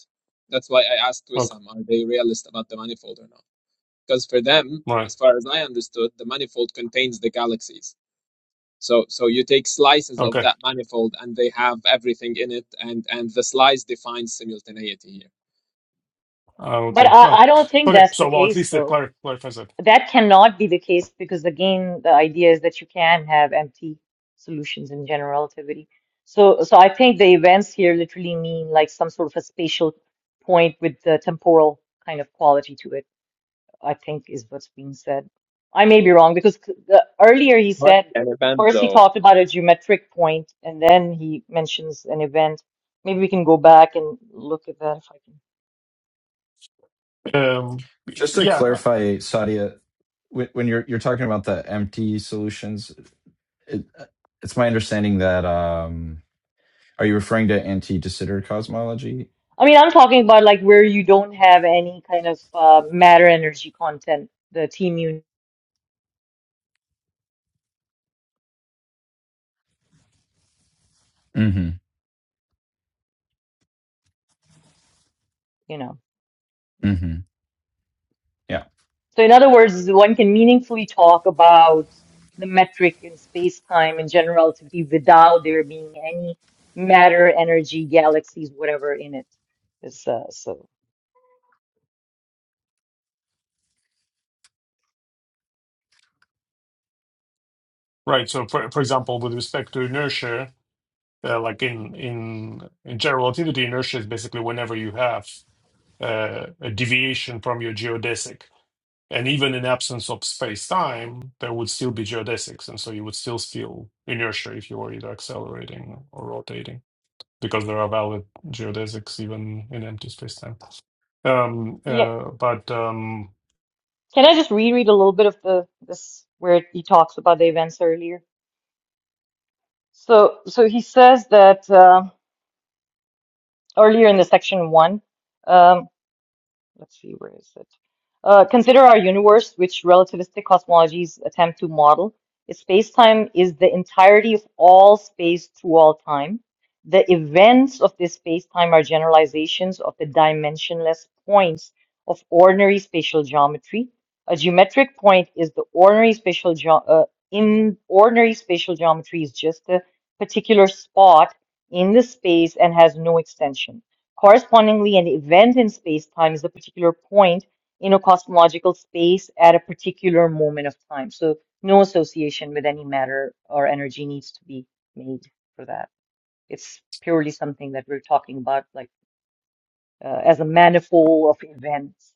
E: That's why I asked
D: Okay,
E: Wissam, are they realist about the manifold or not? Because for them,
D: all right.
E: as far as I understood, the manifold contains the galaxies. So so you take slices of
D: Okay.
E: that manifold and they have everything in it and, and the slice defines simultaneity here.
D: Uh,
B: But
D: okay. Well,
B: I, I don't think
D: okay.
B: that's the
D: So, well, at
B: case
D: least that
B: though.
D: clar- clarifies that.
B: That cannot be the case because, again, the idea is that you can have empty solutions in general relativity. So, so I think the events here literally mean like some sort of a spatial point with the temporal kind of quality to it, I think is what's being said. I may be wrong because c- the, earlier he
E: What
B: said,
E: an event
B: first he
E: though.
B: talked about a geometric point and then he mentions an event. Maybe we can go back and look at that if I can.
D: Um,
C: Just to
D: yeah.
C: clarify, Sadia, when you're you're talking about the empty solutions, it, it's my understanding that um, are you referring to anti-de Sitter cosmology?
B: I mean, I'm talking about like where you don't have any kind of uh, matter energy content, the team you,
C: hmm
B: you know.
C: hmm Yeah.
B: So, in other words, one can meaningfully talk about the metric in space time and general relativity without there being any matter, energy, galaxies, whatever in it. Is uh, so
D: Right. So, for, for example, with respect to inertia, uh, like in, in, in general relativity, inertia is basically whenever you have uh, a deviation from your geodesic. And even in absence of space-time, there would still be geodesics, and so you would still feel inertia if you were either accelerating or rotating, because there are valid geodesics even in empty space-time. Um,
B: yeah.
D: uh, but um,
B: Can I just reread a little bit of the this where he talks about the events earlier? So, so he says that uh, earlier in the section one. Um, Let's see, where is it? Uh, consider our universe, which relativistic cosmologies attempt to model. space-time is the entirety of all space through all time, the events of this space-time are generalizations of the dimensionless points of ordinary spatial geometry. A geometric point is the ordinary spatial geo uh, in ordinary spatial geometry is just a particular spot in the space and has no extension. Correspondingly, an event in space-time is a particular point in a cosmological space at a particular moment of time. So no association with any matter or energy needs to be made for that. It's purely something that we're talking about, like uh, as a manifold of events.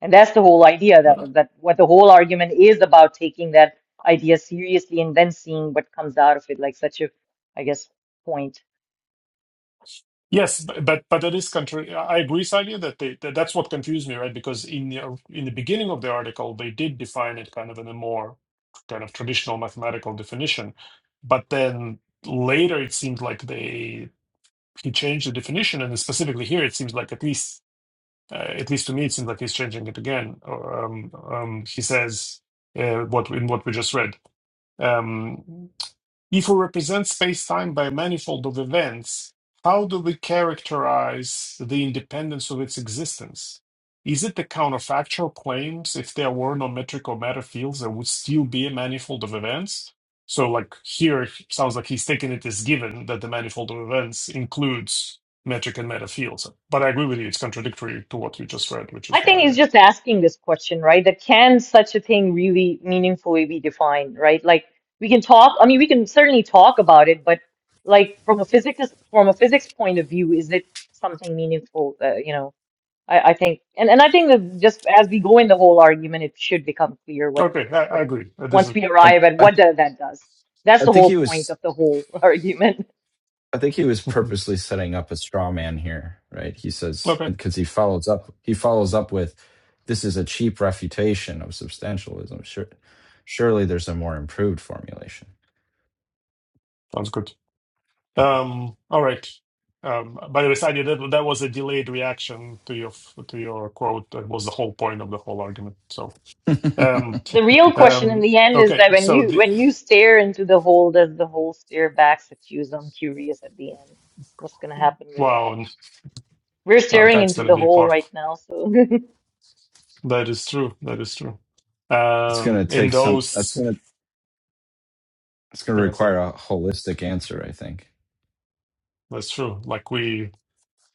B: And that's the whole idea that
D: uh,
B: that what the whole argument is about taking that idea seriously and then seeing what comes out of it, like such a, I guess, point.
D: yes, b- but but that is contrary. I agree, Sally, that, they, that that's what confused me, right? Because in the in the beginning of the article, they did define it kind of in a more kind of traditional mathematical definition, but then later it seemed like they he changed the definition, and specifically here, it seems like at least, uh, at least to me, it seems like he's changing it again. Um, um, he says uh, what in what we just read. Um, if we represent space-time by a manifold of events, how do we characterize the independence of its existence? Is it the counterfactual claims if there were no metrical matter fields, there would still be a manifold of events? So, like here, it sounds like he's taking it as given that the manifold of events includes metric and matter fields. But I agree with you; it's contradictory to what you just read, which
B: I
D: is
B: think it's
D: why.
B: just asking this question, right? That can such a thing really meaningfully be defined, right? Like we can talk, I mean, we can certainly talk about it, but like from a physics from a physics point of view, is it something meaningful? Uh, you know, I, I think, and and I think that just as we go in the whole argument, it should become clear
D: I...
B: what
D: Okay, I, I
B: what
D: agree. Uh, This is
B: once we
C: I,
B: arrive at
C: I
B: what that that does. That's
C: I
B: the
C: think
B: whole
C: he
B: point
C: was
B: of the whole argument.
C: I think he was purposely setting up a straw man here, right? He says
D: okay.
C: because he follows up he follows up with this is a cheap refutation of substantialism. Sure, surely there's a more improved formulation.
D: Sounds good.
C: Yeah.
D: Um, all right. Um, by the way, Sadia, that, that was a delayed reaction to your to your quote. That was the whole point of the whole argument. So, um,
B: The real question in
D: um,
B: the end is
D: okay.
B: that when
D: So
B: you
D: the
B: when you stare into the hole, does the hole stare back at you? So I'm curious at the end. What's gonna happen with
D: wow,
B: that?
D: n-
B: We're
D: now
B: staring
D: that's
B: into
D: going to
B: the
D: be
B: hole
D: part.
B: right now, so
D: That is true. That is true.
C: it's going
D: Um,
C: to
D: in
C: take some that's
D: those,
C: going to it's going to
D: yeah, so
C: require a holistic answer, I think.
D: that's true. Like we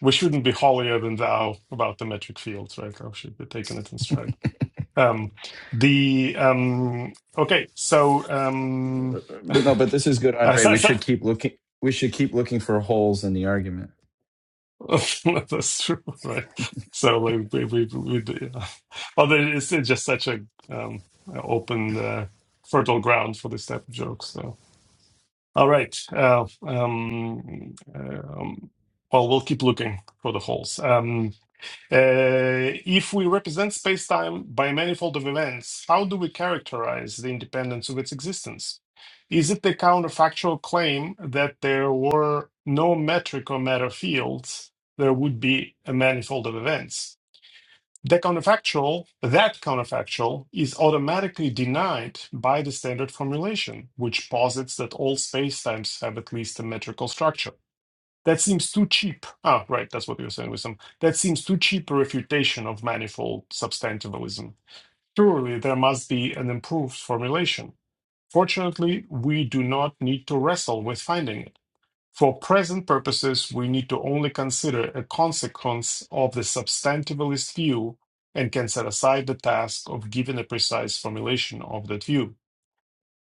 D: we shouldn't be holier than thou about the metric fields, right? We should be taking it in stride. Um, the um, okay. So um,
C: But no, but this is good, Andre. We
D: I,
C: should keep looking we should keep looking for holes in the argument.
D: That's true, right? So like we we, we do- yeah. although it's, it's just such a um open uh, fertile ground for this type of joke. So all right, uh, um, um, well we'll keep looking for the holes. Um, uh, if we represent space-time by a manifold of events, how do we characterize the independence of its existence? Is it the counterfactual claim that there were no metric or matter fields, there would be a manifold of events? The counterfactual, that counterfactual, is automatically denied by the standard formulation, which posits that all spacetimes have at least a metrical structure. That seems too cheap. Ah, right, that's what you were saying, Wisdom. That seems too cheap a refutation of manifold substantivalism. Surely there must be an improved formulation. Fortunately, we do not need to wrestle with finding it. For present purposes, we need to only consider a consequence of the substantivalist view and can set aside the task of giving a precise formulation of that view.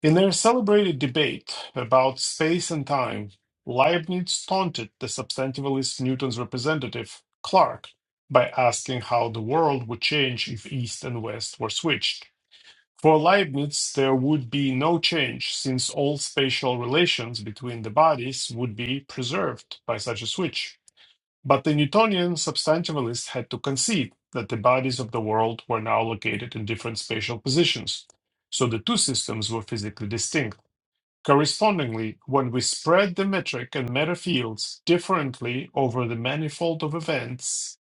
D: In their celebrated debate about space and time, Leibniz taunted the substantivalist Newton's representative, Clark, by asking how the world would change if East and West were switched. For Leibniz, there would be no change since all spatial relations between the bodies would be preserved by such a switch. But the Newtonian substantivalist had to concede that the bodies of the world were now located in different spatial positions, so the two systems were physically distinct. Correspondingly, when we spread the metric and meta fields differently over the manifold of events,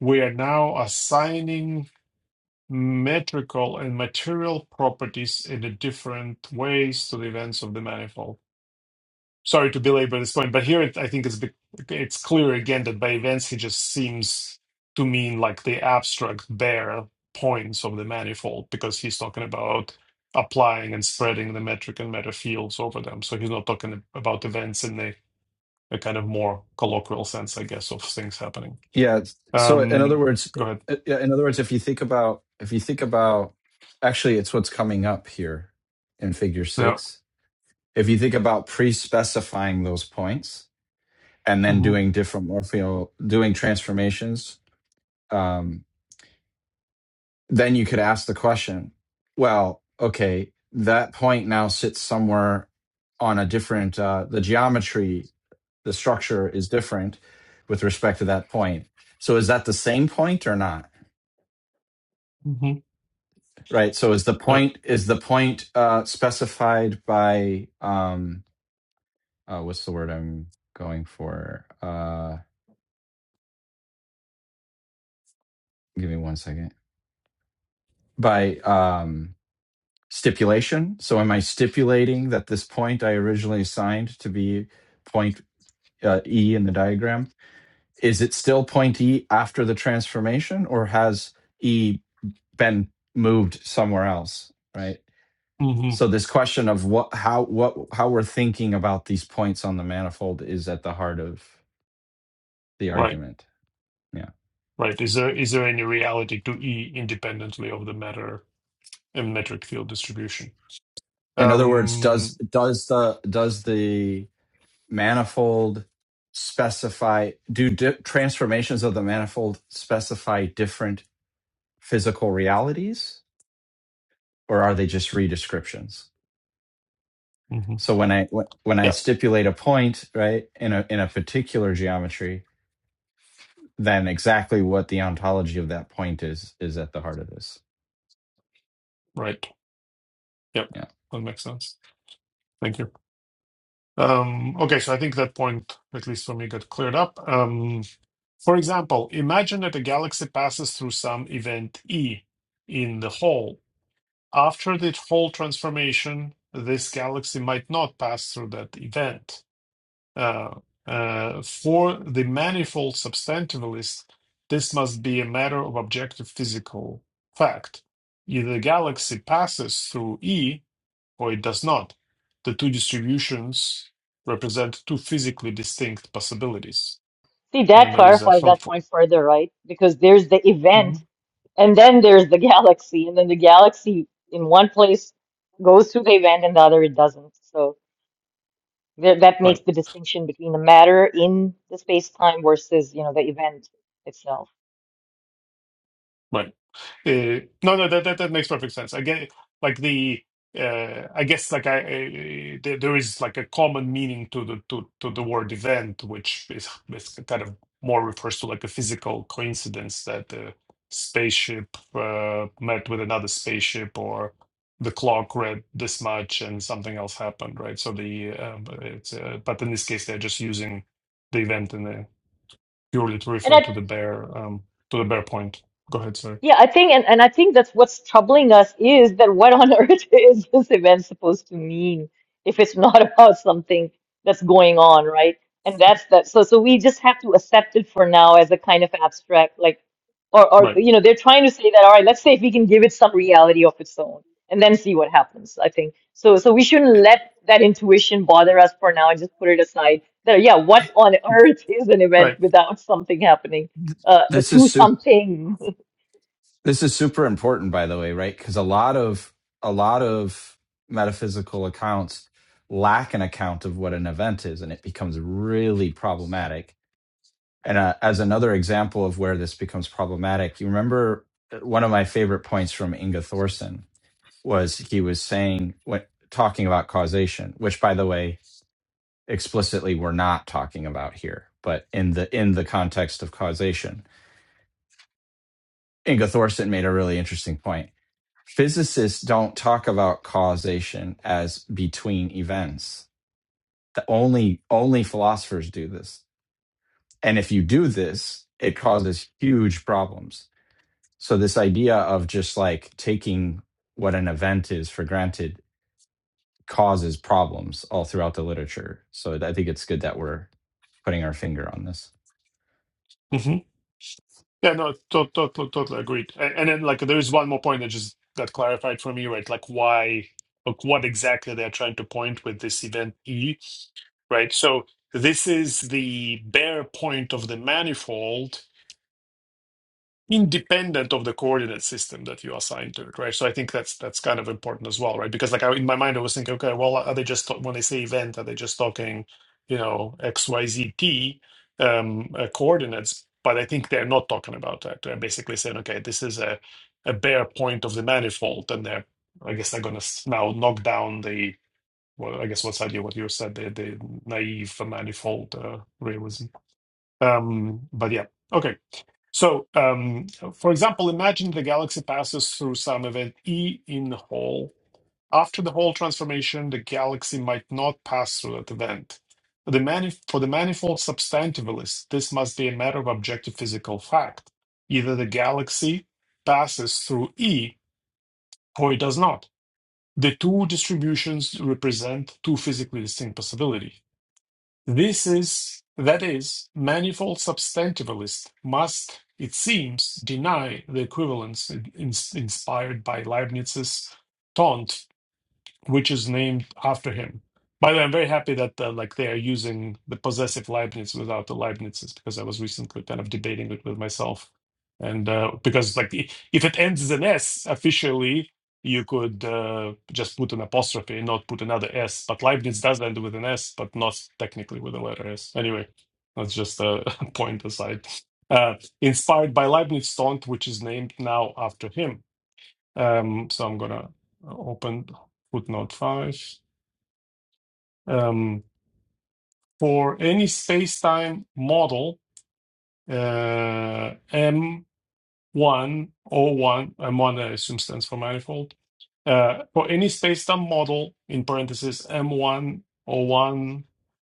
D: we are now assigning metrical and material properties in a different ways to the events of the manifold sorry to belabor this point, but here it, I think it's bec- it's clear again that by events he just seems to mean like the abstract bare points of the manifold because he's talking about applying and spreading the metric and meta fields over them. So he's not talking about events in the a kind of more colloquial sense, I guess, of things happening.
C: Yeah. it's- So in other
D: Um,
C: words,
D: go ahead.
C: uh, yeah, in other words, if you think about if you think about actually it's what's coming up here in figure
D: Yeah.
C: 6. If you think about pre-specifying those points and then
D: hmm
C: doing different morpheo doing transformations, um, then you could ask the question, well, okay, that point now sits somewhere on a different uh, the geometry, the structure is different with respect to that point. So is that the same point or not?
D: hmm
C: Right. So is the
D: Yeah.
C: point is the point uh, specified by um uh, what's the word I'm going for? Uh, give me one second. By um stipulation. So am I stipulating that this point I originally assigned to be point uh, E in the diagram is it still point E after the transformation, or has E been moved somewhere else? Right.
D: hmm
C: So this question of what how what how we're thinking about these points on the manifold is at the heart of the
D: Right.
C: argument. Yeah.
D: Right. Is there is there any reality to E independently of the matter and metric field distribution?
C: In other words, does
D: Um,
C: does the does the manifold specify do di- transformations of the manifold specify different physical realities or are they just redescriptions?
D: mhm.
C: So when I when when I
D: Yeah,
C: stipulate a point, right, in a in a particular geometry, then exactly what the ontology of that point is is at the heart of this.
D: right. Yep,
C: Yeah.
D: that makes sense. Thank you. Um, okay, so I think that point, at least for me, got cleared up. Um, for example, imagine that a galaxy passes through some event E in the hole. After the whole transformation, this galaxy might not pass through that event. Uh, uh, for the manifold substantivalist, this must be a matter of objective physical fact. Either the galaxy passes through E or it does not. The two distributions represent two physically distinct possibilities.
B: see
D: And then
B: that
D: there is a
B: clarifies that
D: helpful.
B: point further, right? Because there's the event
D: Mhm.
B: and then there's the galaxy, and then the galaxy in one place goes through the event and the other it doesn't. So there, that makes
D: Right,
B: the distinction between the matter in the space time versus, you know, the event itself.
D: right. Uh, no, no, that, that that makes perfect sense. I get like the uh, I guess like I, I there, there is like a common meaning to the to, to the word event, which is, is kind of more refers to like a physical coincidence that a spaceship uh, met with another spaceship or the clock read this much and something else happened, right? So the um, it's uh, but in this case they're just using the event in the purely to
B: And
D: refer
B: I.
D: to the bare um, to the bare point. Go ahead, sorry.
B: Yeah, I think, and, and I think that's what's troubling us is that what on earth is this event supposed to mean if it's not about something that's going on, right? And that's that. So, so we just have to accept it for now as a kind of abstract, like, or, or,
D: Right.
B: you know, they're trying to say that, all right, let's say if we can give it some reality of its own and then see what happens, I think. So, so we shouldn't let that intuition bother us for now and just put it aside. That, yeah, what on earth is an
D: Right.
B: event without something happening, uh,
C: this is
B: to
C: super
B: something?
C: this is super important by the way right because a lot of a lot of metaphysical accounts lack an account of what an event is and it becomes really problematic and uh, as another example of where this becomes problematic you remember uh, one of my favorite points from inga thorson was he was saying when talking about causation which by the way explicitly we're not talking about here but in the in the context of causation inga thorson made a really interesting point physicists don't talk about causation as between events. The only only philosophers do this. And if you do this, it causes huge problems. So this idea of just like taking what an event is for granted causes problems all throughout the literature. So I think it's good that we're putting our finger on this.
D: hmm Yeah, no, to- to- to- totally agreed. And, and then, like, there is one more point that just got clarified for me, right? Like, why, like, what exactly they're trying to point with this event E, right? So this is the bare point of the manifold independent of the coordinate system that you assign to it, right? So I think that's that's kind of important as well, right? Because like I, in my mind, I was thinking, okay, well, are they just when they say event, are they just talking, you know, X Y Z T um, uh, coordinates? But I think they're not talking about that. They're basically saying, okay, this is a a bare point of the manifold, and they're, I guess, they're going to now knock down the. Well, I guess what's idea what you said, the, the naive manifold uh, realism. Um, but yeah, okay. So, um, for example, imagine the galaxy passes through some event E in the whole. After the whole transformation, the galaxy might not pass through that event. For the, manif- for the manifold substantivalist, this must be a matter of objective physical fact. Either the galaxy passes through E or it does not. The two distributions represent two physically distinct possibilities. This is, that is, manifold substantivalist must, it seems, deny the equivalence in- in- inspired by Leibniz's taunt which is named after him. By the way, I'm very happy that uh, like they are using the possessive Leibniz without the Leibnizes because I was recently kind of debating it with myself, and uh, because like i- if it ends as an S officially, you could uh, just put an apostrophe and not put another S. But Leibniz does end with an S, but not technically with a letter S. Anyway, that's just a point aside. Uh, inspired by Leibniz' taunt, which is named now after him. Um, so I'm gonna uh, open footnote five. Um, for any space-time model, uh, m one o one m M1 I assume stands for manifold. Uh, for any space-time model, in parentheses, m one o one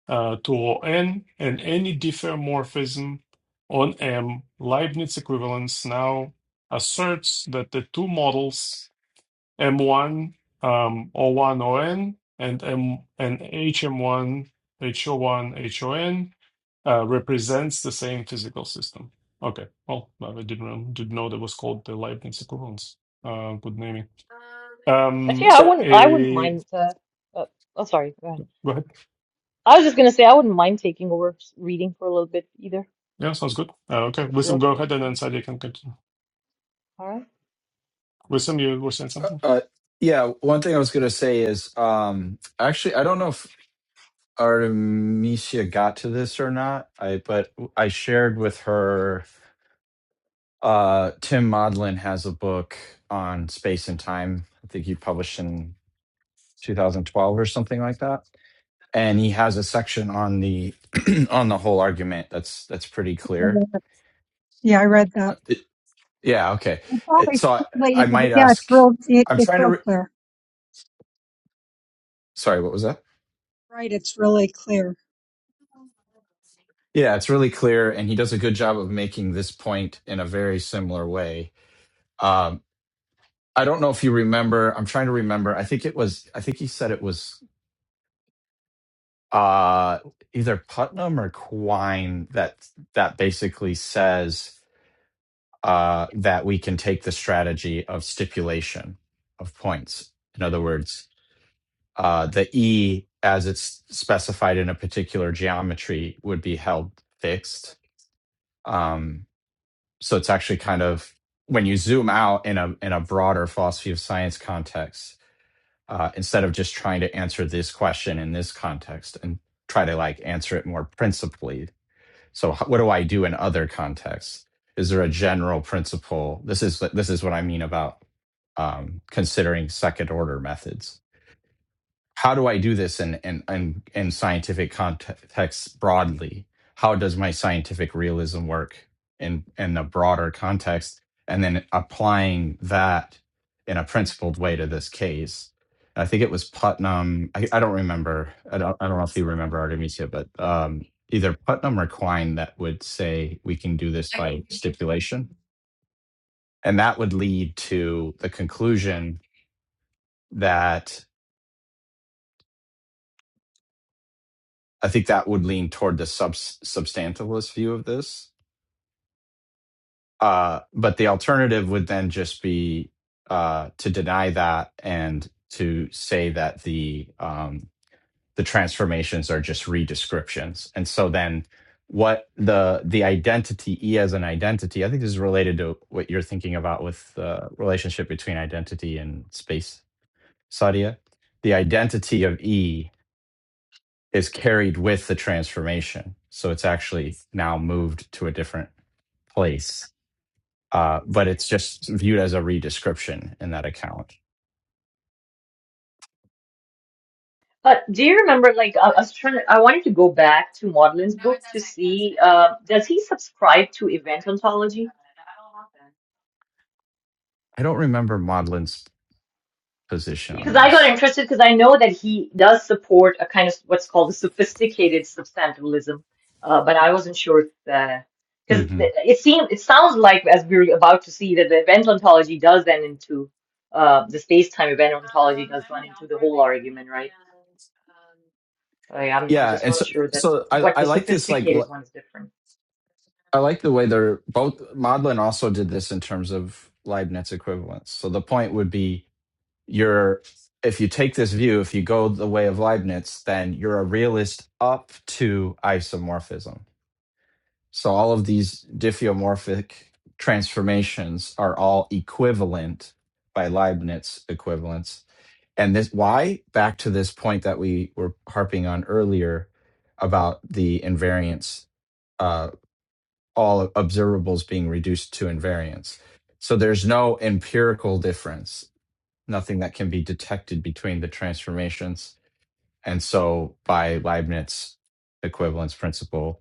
D: uh, to ON, and any diffeomorphism on M, Leibniz equivalence now asserts that the two models M1 um, o on and M and HM1 HO1 H O one H O N uh, represents the same physical system. Okay, well, I didn't know, didn't know that was called the Leibniz equivalence. Uh, good naming.
B: Actually,
D: Um,
B: I wouldn't. I wouldn't
D: a,
B: mind. Uh, uh, oh, sorry. Go ahead.
D: go ahead.
B: I was just gonna say I wouldn't mind taking over s- reading for a little bit either,
D: Yeah, sounds good. Uh, okay,
B: if you're
D: Wisdom, go
B: okay.
D: ahead and then
B: Yeah.
D: Sadia can continue.
B: All right.
D: Wisdom, you were saying
C: Uh,
D: something?
C: uh, yeah, one thing I was going to say is um, actually, I don't know if. Artemisia got to this or not. I but I shared with her. Uh, Tim Maudlin has a book on space and time. I think he published in 2012 or something like that. And he has a section on the on the whole argument. That's that's pretty clear.
A: Yeah, I read that.
C: It- yeah. Okay. It-
A: Always,
C: so I,
A: but
C: I
A: you know, but
C: might
A: yeah, it's
C: ask.
A: real. It's
C: I'm trying to.
A: real
C: Re-
A: clear.
C: Sorry. What was that?
A: Right, it's really clear.
C: Yeah, it's really clear, and he does a good job of making this point in a very similar way Um, I don't know if you remember. I'm trying to remember. I think it was. I think he said it was uh, either Putnam or Quine that that basically says uh, that we can take the strategy of stipulation of points. In other words, uh, the E as it's specified in a particular geometry would be held fixed. Um, so it's actually kind of when you zoom out in a in a broader philosophy of science context uh, instead of just trying to answer this question in this context and try to like answer it more principally. So h- what do I do in other contexts? Is there a general principle? This is this is what I mean about um, considering second order methods how do I do this in in in, in scientific context broadly? How does my scientific realism work in in a broader context? And then applying that in a principled way to this case. I think it was Putnam. I, I don't remember. I don't. I don't know if you remember Artemisia, but um, either Putnam or Quine that would say we can do this by stipulation, and that would lead to the conclusion that. I think that would lean toward the sub- substantialist view of this. Uh, but the alternative would then just be uh, to deny that and to say that the um, the transformations are just redescriptions. And so then, what the the identity e as an identity? I think this is related to what you're thinking about with the relationship between identity and space, Sadia. The identity of e is carried with the transformation. So it's actually now moved to a different place. Uh, but it's just viewed as a redescription in that account.
B: Uh, do you remember, like, I, I was trying to, I wanted to go back to Maudlin's book to see, uh, does he subscribe to event ontology?
C: I don't remember Maudlin's position on
B: Because I got
C: this.
B: interested because I know that he does support a kind of what's called a sophisticated substantivalism, uh, but I wasn't sure if because
C: hmm
B: it seems it sounds like as we we're about to see that the event ontology does then into uh, the space-time event ontology does run into the whole argument, right? I, I'm I'm
C: Yeah,
B: just
C: and
B: not
C: so
B: sure that
C: so I
B: what
C: I
B: the
C: like this like I
B: sophisticated one is different.
C: like the way they're both Maudlin also did this in terms of Leibniz equivalence. So the point would be you're if you take this view, if you go the way of Leibniz, then you're a realist up to isomorphism. So all of these diffeomorphic transformations are all equivalent by Leibniz equivalence. And this why? Back to this point that we were harping on earlier about the invariance, uh, all observables being reduced to invariance. So there's no empirical difference, nothing that can be detected between the transformations. And so by Leibniz equivalence principle,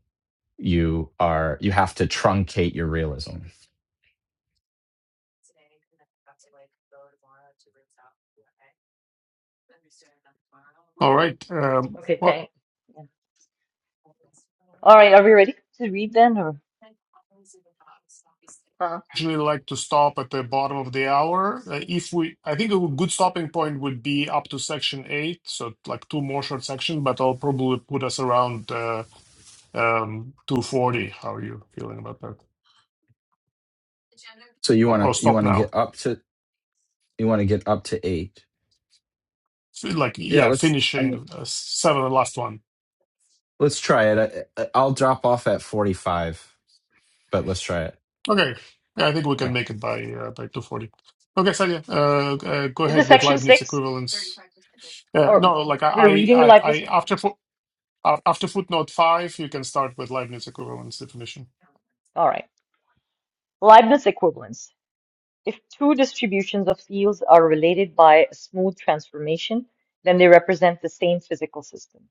C: you are you have to truncate your realism.
D: All right. Um,
B: Okay,
D: well,
B: thank. yeah. All right, are we ready to read then, or uh,
D: usually like to stop at the bottom of the hour. Uh, if we, I think a good stopping point would be up to section eight, so like two more short sections, but I'll probably put us around uh, um, 240. How are you feeling about that?
C: So you
D: Or, or
C: want to you
D: stop
C: want to get
D: now.
C: up to you want to get up to 8.
D: Feel Like,
C: Yeah,
D: yeah,
C: let's I mean,
D: finishing uh, seven, the last one.
C: let's try it. I, I- will drop off at 45, but let's try it.
D: Okay. Yeah, I think we can
C: Yeah.
D: make it by uh, by 240. Okay, Sadia, uh, uh, go
B: is
D: ahead
B: this
D: with
B: section
D: Leibniz
B: six,
D: equivalence. Uh,
B: or
D: no, like
B: we're
D: I, I,
B: reading the
D: I,
B: Leibniz
D: I after
B: equivalence?
D: fo- uh, after footnote five, you can start with Leibniz equivalence definition.
B: All right. Leibniz equivalence. If two distributions of fields are related by a smooth transformation, then they represent the same physical system.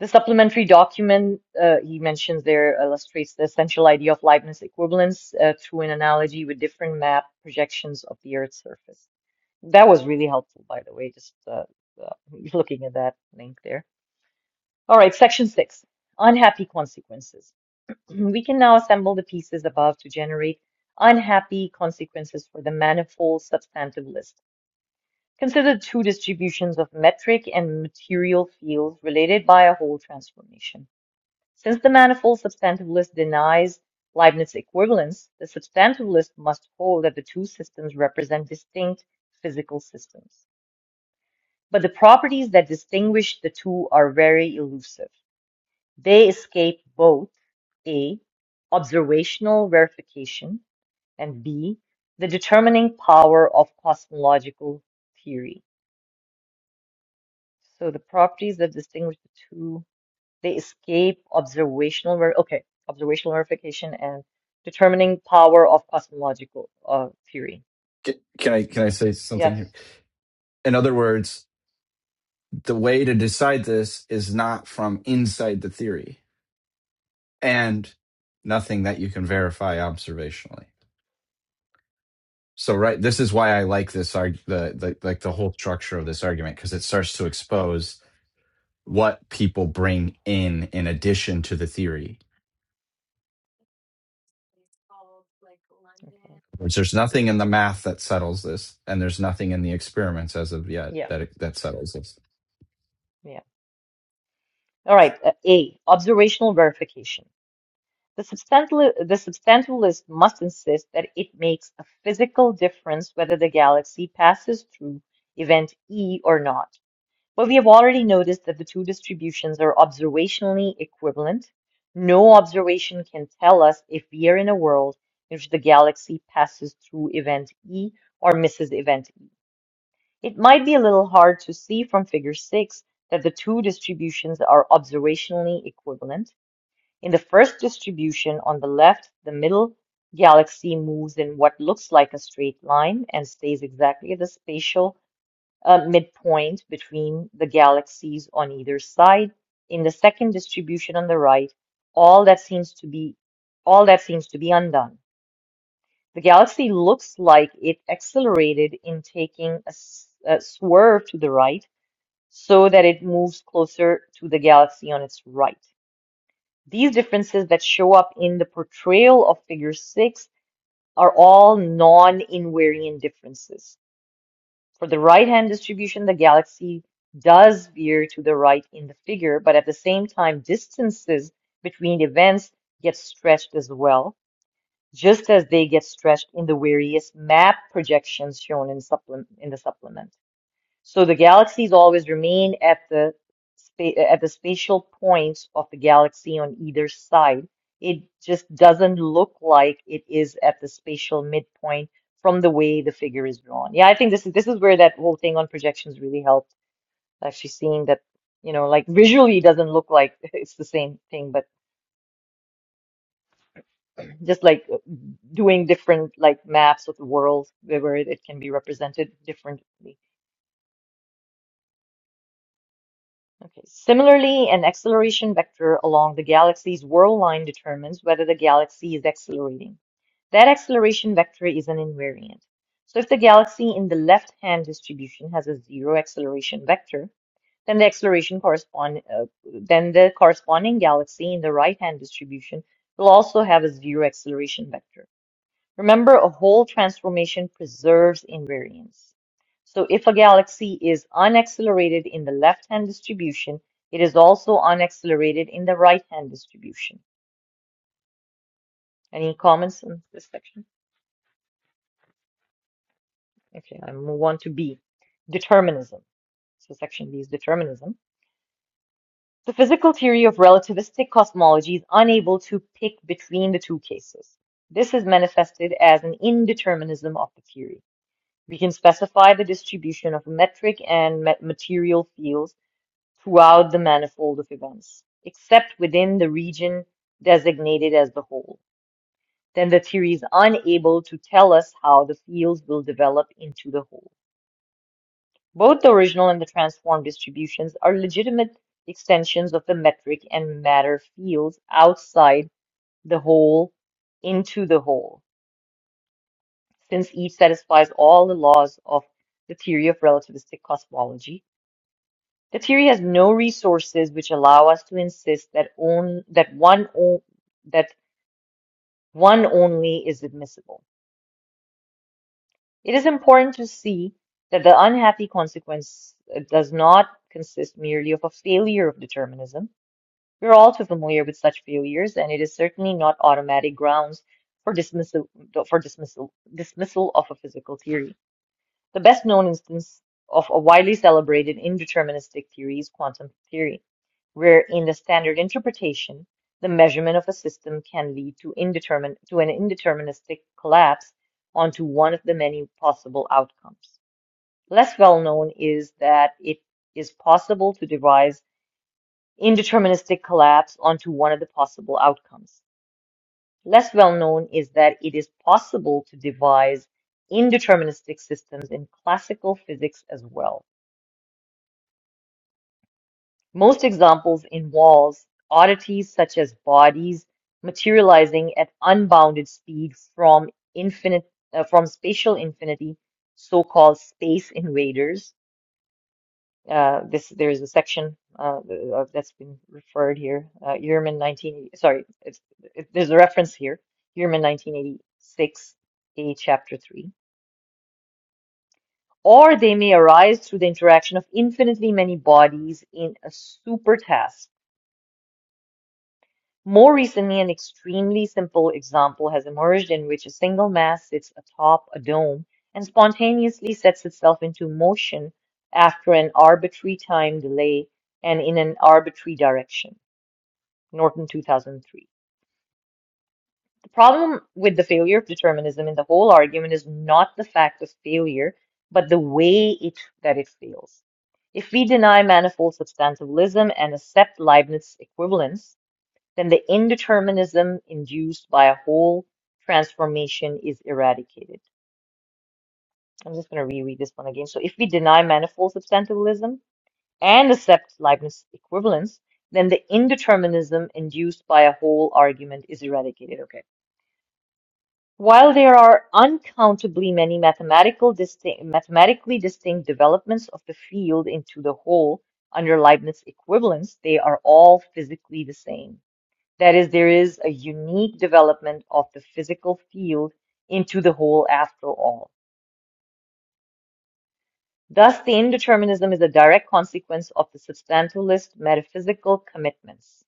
B: The supplementary document uh, he mentions there illustrates the essential idea of Leibniz equivalence uh, through an analogy with different map projections of the Earth's surface. That was really helpful, by the way, just uh, uh, looking at that link there. All right, section six, unhappy consequences. Mm-hmm. We can now assemble the pieces above to generate unhappy consequences for the manifold substantive list. Consider two distributions of metric and material fields related by a whole transformation. Since the manifold substantive list denies Leibniz equivalence, the substantive list must hold that the two systems represent distinct physical systems. But the properties that distinguish the two are very elusive. They escape both A, observational verification, and B, the determining power of cosmological theory. So the properties that distinguish the two, they escape observational ver okay, observational verification and determining power of cosmological uh, theory.
C: Ca- Can I can I say something
B: Yes.
C: here? In other words, the way to decide this is not from inside the theory and nothing that you can verify observationally. So right, this is why I like this arg- the, the like the whole structure of this argument because it starts to expose what people bring in in addition to the theory.
B: Okay.
C: There's nothing in the math that settles this, and there's nothing in the experiments as of yet
B: Yeah.
C: that that settles this.
B: Yeah. All right. Uh, A, observational verification. The substantial, the substantialist must insist that it makes a physical difference whether the galaxy passes through event E or not. But we have already noticed that the two distributions are observationally equivalent. No observation can tell us if we are in a world in which the galaxy passes through event E or misses event E. It might be a little hard to see from figure 6 that the two distributions are observationally equivalent. In the first distribution on the left, the middle galaxy moves in what looks like a straight line and stays exactly at the spatial uh, midpoint between the galaxies on either side. In the second distribution on the right, all that seems to be all that seems to be undone. The galaxy looks like it accelerated in taking a, s- a swerve to the right so that it moves closer to the galaxy on its right. These differences that show up in the portrayal of figure 6 are all non-invariant differences. For the right-hand distribution, the galaxy does veer to the right in the figure, but at the same time, distances between events get stretched as well, just as they get stretched in the various map projections shown in, supplem- in the supplement. So the galaxies always remain at the spa at the spatial points of the galaxy on either side. It just doesn't look like it is at the spatial midpoint from the way the figure is drawn. Yeah, I think this is this is where that whole thing on projections really helped. Actually seeing that, you know, like visually it doesn't look like it's the same thing, but just like uh, doing different like maps of the world where where it can be represented differently. Okay. Similarly, an acceleration vector along the galaxy's whirl line determines whether the galaxy is accelerating. That acceleration vector is an invariant. So if the galaxy in the left-hand distribution has a zero acceleration vector, then the acceleration correspond uh, then the corresponding galaxy in the right-hand distribution will also have a zero acceleration vector. Remember, a whole transformation preserves invariance. So if a galaxy is unaccelerated in the left-hand distribution, it is also unaccelerated in the right-hand distribution. Any comments on this section? Okay, I move on to B, determinism. So section B is determinism. The physical theory of relativistic cosmology is unable to pick between the two cases. This is manifested as an indeterminism of the theory. We can specify the distribution of metric and ma- material fields throughout the manifold of events, except within the region designated as the whole. Then the theory is unable to tell us how the fields will develop into the whole. Both the original and the transformed distributions are legitimate extensions of the metric and matter fields outside the whole into the whole, since each satisfies all the laws of the theory of relativistic cosmology The theory has no resources which allow us to insist that on, that one o- that one only is admissible. It is important to see that the unhappy consequence uh, does not consist merely of a failure of determinism. We are all too familiar with such failures, and it is certainly not automatic grounds for dismissal for dismissal dismissal of a physical theory. The best known instance of a widely celebrated indeterministic theory is quantum theory, where in the standard interpretation, the measurement of a system can lead to indetermin to an indeterministic collapse onto one of the many possible outcomes. Less well known is that it is possible to devise indeterministic collapse onto one of the possible outcomes. Less well known is that it is possible to devise indeterministic systems in classical physics as well. Most examples involve oddities such as bodies materializing at unbounded speeds from infinite uh, from spatial infinity, so-called space invaders. Uh, this there is a section uh, uh, that's been referred here. Uh, Ehrman 19, sorry, it's, it, there's a reference here. Ehrman 1986, A chapter 3 or they may arise through the interaction of infinitely many bodies in a supertask. More recently, an extremely simple example has emerged in which a single mass sits atop a dome and spontaneously sets itself into motion after an arbitrary time delay and in an arbitrary direction. Norton 2003. The problem with the failure of determinism in the whole argument is not the fact of failure, but the way it, that it fails. If we deny manifold substantivalism and accept Leibniz's equivalence, then the indeterminism induced by a whole transformation is eradicated. I'm just going to reread this one again. So if we deny manifold substantivalism and accept Leibniz equivalence, then the indeterminism induced by a whole argument is eradicated. Okay. While there are uncountably many mathematical distinct, mathematically distinct developments of the field into the whole under Leibniz equivalence, they are all physically the same. That is, there is a unique development of the physical field into the whole after all. Thus, the indeterminism is a direct consequence of the substantialist metaphysical commitments.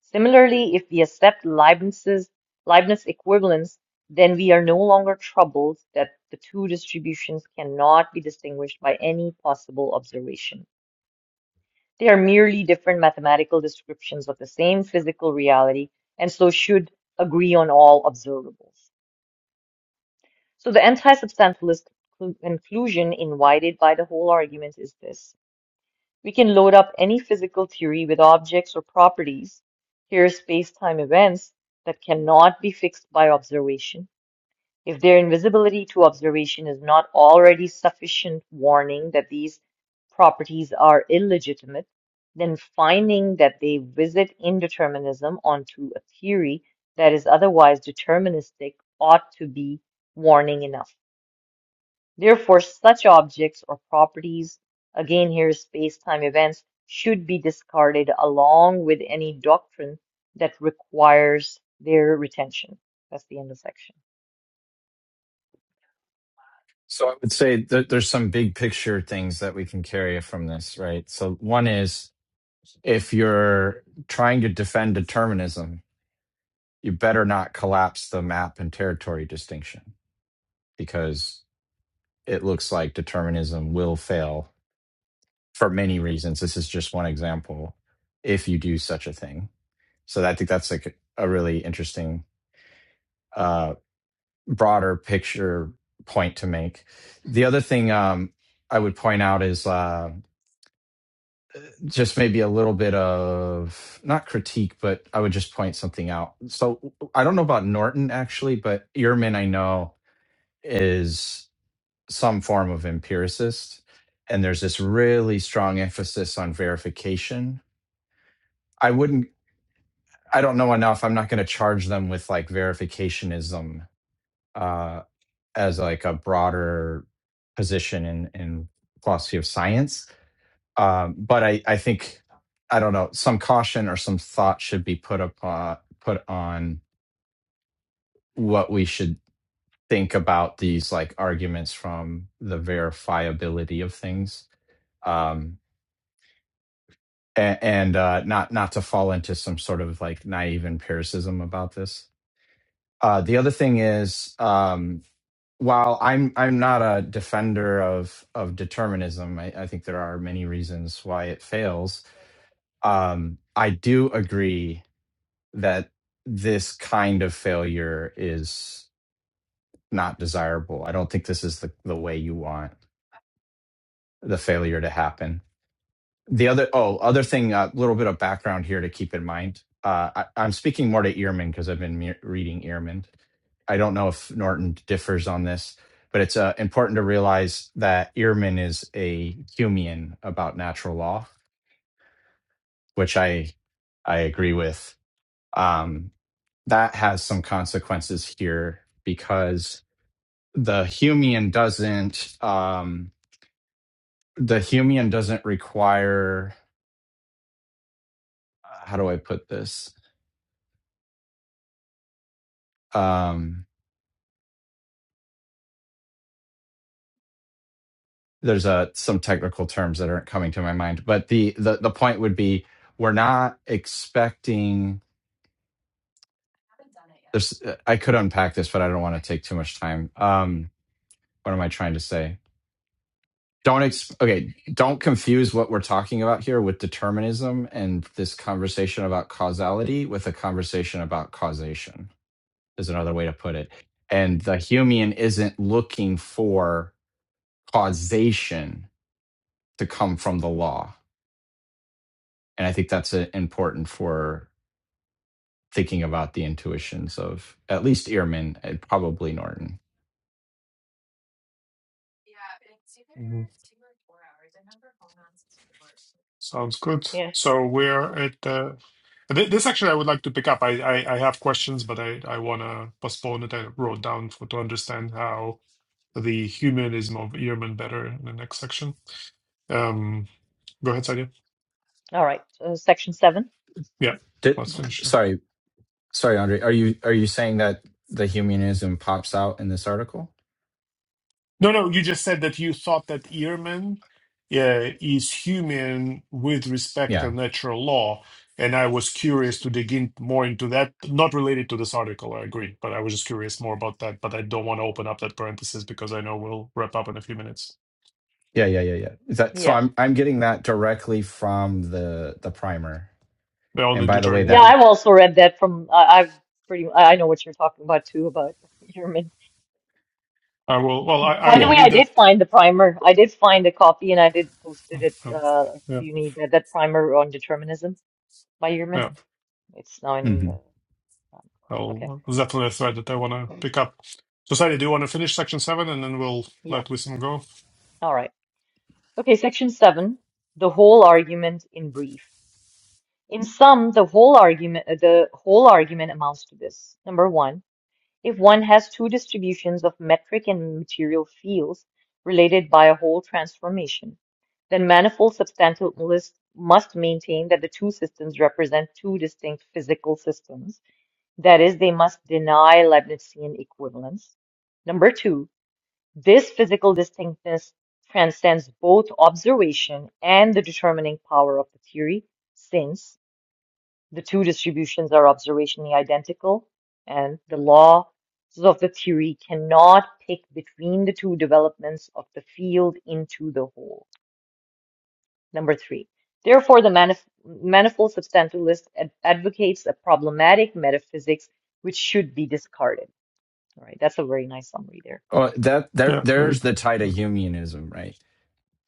B: Similarly, if we accept Leibniz's Leibniz equivalence, then we are no longer troubled that the two distributions cannot be distinguished by any possible observation. They are merely different mathematical descriptions of the same physical reality, and so should agree on all observables. So the anti-substantialist clu- conclusion invited by the whole argument is this. We can load up any physical theory with objects or properties, here space-time events, that cannot be fixed by observation, if their invisibility to observation is not already sufficient warning that these properties are illegitimate, then finding that they visit indeterminism onto a theory that is otherwise deterministic ought to be warning enough. Therefore, such objects or properties, again here space-time events, should be discarded along with any doctrine that requires their retention. That's the end of section.
C: So I would say that there's some big picture things that we can carry from this, right? So one is if you're trying to defend determinism, you better not collapse the map and territory distinction because it looks like determinism will fail for many reasons. This is just one example if you do such a thing So I think that's like a really interesting, uh, broader picture point to make. The other thing um, I would point out is uh, just maybe a little bit of not critique, but I would just point something out. So I don't know about Norton actually, but Ehrman I know is some form of empiricist. And there's this really strong emphasis on verification. I wouldn't, I don't know enough. I'm not going to charge them with like verificationism Uh, as like a broader position in in philosophy of science. Um, but I I think I don't know some caution or some thought should be put upon put on what we should think about these like arguments from the verifiability of things. Um, and, and uh, not not to fall into some sort of like naive empiricism about this. Uh, the other thing is, um, while I'm I'm not a defender of of determinism, I, I think there are many reasons why it fails. Um, I do agree that this kind of failure is not desirable. I don't think this is the, the way you want the failure to happen. The other, oh, other thing, a uh, little bit of background here to keep in mind. Uh, I, I'm speaking more to Ehrman because I've been me- reading Ehrman. I don't know if Norton differs on this, but it's uh, important to realize that Ehrman is a Humean about natural law, which I I agree with. Um, that has some consequences here because the Humean doesn't um, the Humean doesn't require how do I put this? Um, there's a some technical terms that aren't coming to my mind, but the the the point would be we're not expecting. There's uh, I could unpack this, but I don't want to take too much time. Um, what am I trying to say? Don't ex- okay. Don't confuse what we're talking about here with determinism and this conversation about causality with a conversation about causation. Is another way to put it. And the Humean isn't looking for causation to come from the law and I think that's uh, important for thinking about the intuitions of at least Ehrman and probably Norton.
D: Mhm. Sounds good.
B: Yeah.
D: So we're at the. thi- This actually, I would like to pick up. I I, I have questions, but I I want to postpone it. I wrote down for to understand how the humanism of Ehrman better in the next section. Um, go ahead, Sadia.
B: All right. Uh, section seven.
D: Yeah,
C: Did,
D: let's finish.
C: sorry, sorry, Andre. Are you are you saying that the humanism pops out in this article?
D: No, no, you just said that you thought that Ehrman uh, is human with respect to
C: Yeah,
D: natural law, and I was curious to dig in more into that. Not related to this article, I agree, but I was just curious more about that. But I don't want to open up that parenthesis because I know we'll wrap up in a few minutes.
C: yeah, yeah, yeah, yeah. Is that so?
B: Yes.
C: I'm I'm getting that directly from the the primer.
D: Well,
C: And
D: in
C: by the
D: Deuter,
C: way,
D: in
B: Yeah,
C: that
D: Deuter.
B: I've also read that from. I I've pretty. I I know what you're talking about too about Human.
D: I will. Well, I, I
B: By the
D: will
C: yeah.
B: way, I
D: read that.
B: did find the primer. I did find a copy, and I did posted it.
D: Um,
B: Uh, if
D: Yeah,
B: you need that, that primer on determinism by Yerman.
D: yeah.
B: It's now in.
C: hmm
B: Uh, um, okay.
D: I'll it's definitely a thread that I want to pick up. Society, do you want to finish section seven, and then we'll
B: Yeah.
D: let Wisdom go?
B: All right. Okay, section seven, the whole argument in brief. In sum, the whole argument, uh, the whole argument amounts to this. Number one, if one has two distributions of metric and material fields related by a whole transformation, then manifold substantialists must maintain that the two systems represent two distinct physical systems. That is, they must deny Leibnizian equivalence. Number two, This physical distinctness transcends both observation and the determining power of the theory, since the two distributions are observationally identical and the laws of the theory cannot pick between the two developments of the field into the whole. Number three. Therefore, the manif- manifold substantialist ad- advocates a problematic metaphysics which should be discarded. All right, that's a very nice summary there.
C: Oh, that there
D: Yeah,
C: there's
D: very
C: the tie to
D: good.
C: humanism, right?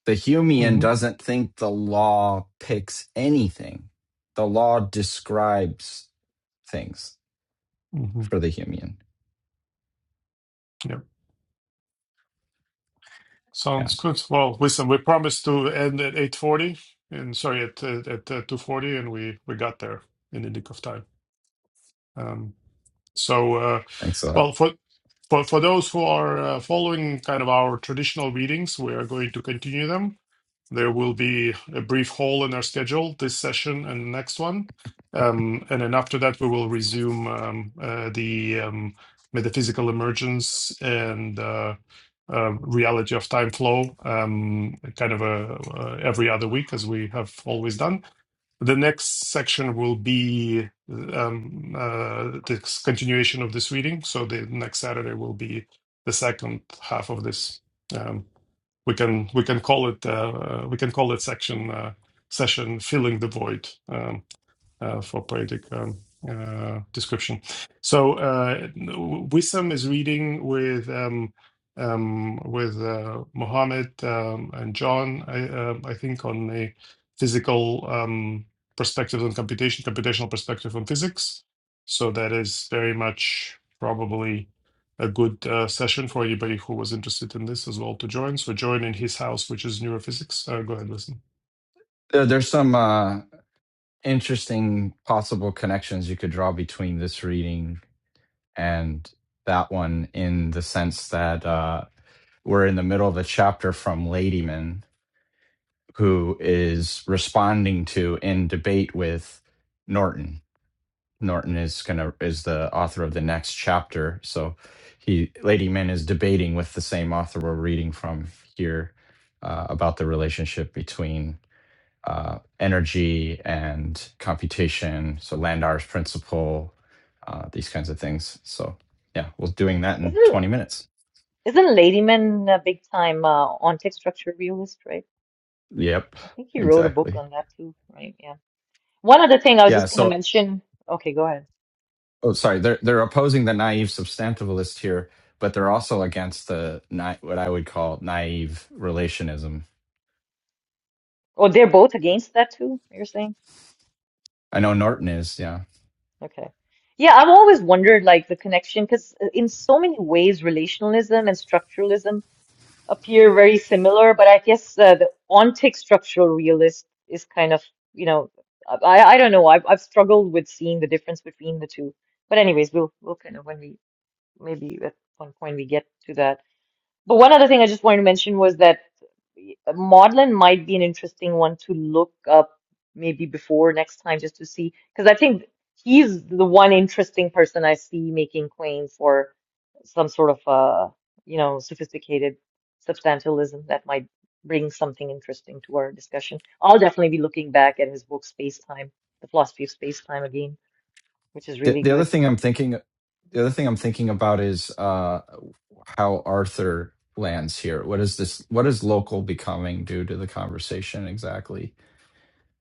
C: the Humean
D: hmm
C: doesn't think the law picks anything. The law describes things for the Humean.
D: Yeah.
C: Yeah,
D: Sounds good. Well, listen, we promised to end at 8:40 and sorry, at uh, at uh, 2:40 and we we got there in the nick of time. Um so uh
C: thanks a lot.
D: well for for for those who are uh, following kind of our traditional readings, we are going to continue them. There will be a brief hole in our schedule, this session and the next one. Um, and then after that, we will resume um, uh, the um, metaphysical emergence and uh, uh, reality of time flow, um, kind of a, uh, every other week, as we have always done. The next section will be um, uh, the continuation of this reading. So the next Saturday will be the second half of this. Um, we can we can call it uh, we can call it section uh, session filling the void. Um, uh, for poetic um, uh, description. So uh, Wissam is reading with um, um, with uh, Mohammed um, and John, I, um I think, on a physical um, perspective on computation, computational perspective on physics. So that is very much probably a good uh, session for anybody who was interested in this as well to join. So join in his house, which is neurophysics. Uh, go ahead, listen.
C: There, there's some uh, interesting possible connections you could draw between this reading and that one in the sense that uh, we're in the middle of a chapter from Ladyman, who is responding to in debate with Norton Norton is gonna is the author of the next chapter. So he Ladyman is debating with the same author we're reading from here uh, about the relationship between uh, energy and computation. So Landauer's principle, uh, these kinds of things. So yeah, we're doing that
B: Isn't
C: in
B: it?
C: 20 minutes.
B: Isn't Ladyman a big time uh, on text structure realist, right?
C: Yep,
B: I think he wrote a book
C: exactly.
B: on that too, right? Yeah. One other thing I was
C: Yeah.
B: just going to
C: So
B: mention. Okay, go ahead.
C: oh, sorry, they're they're opposing the naive substantivalist here but they're also against the ni- what I would call naive relationism.
B: Oh, they're both against that too, you're saying?
C: I know Norton is. Yeah.
B: Okay. Yeah, I've always wondered like the connection because in so many ways, relationalism and structuralism appear very similar, but I guess uh, the ontic structural realist is kind of, you know, I, I don't know. I've, I've struggled with seeing the difference between the two. But anyways, we'll we'll kind of when we maybe at one point we get to that. But one other thing I just wanted to mention was that uh, Maudlin might be an interesting one to look up maybe before next time just to see, because I think he's the one interesting person I see making claim for some sort of uh, you know, sophisticated substantialism that might bring something interesting to our discussion. I'll definitely be looking back at his book Space Time, The Philosophy of Space Time again, which is
C: The,
B: really
C: the
B: good.
C: other thing I'm thinking, the other thing I'm thinking about is uh, how Arthur lands here. What is this? What is local becoming due to the conversation exactly?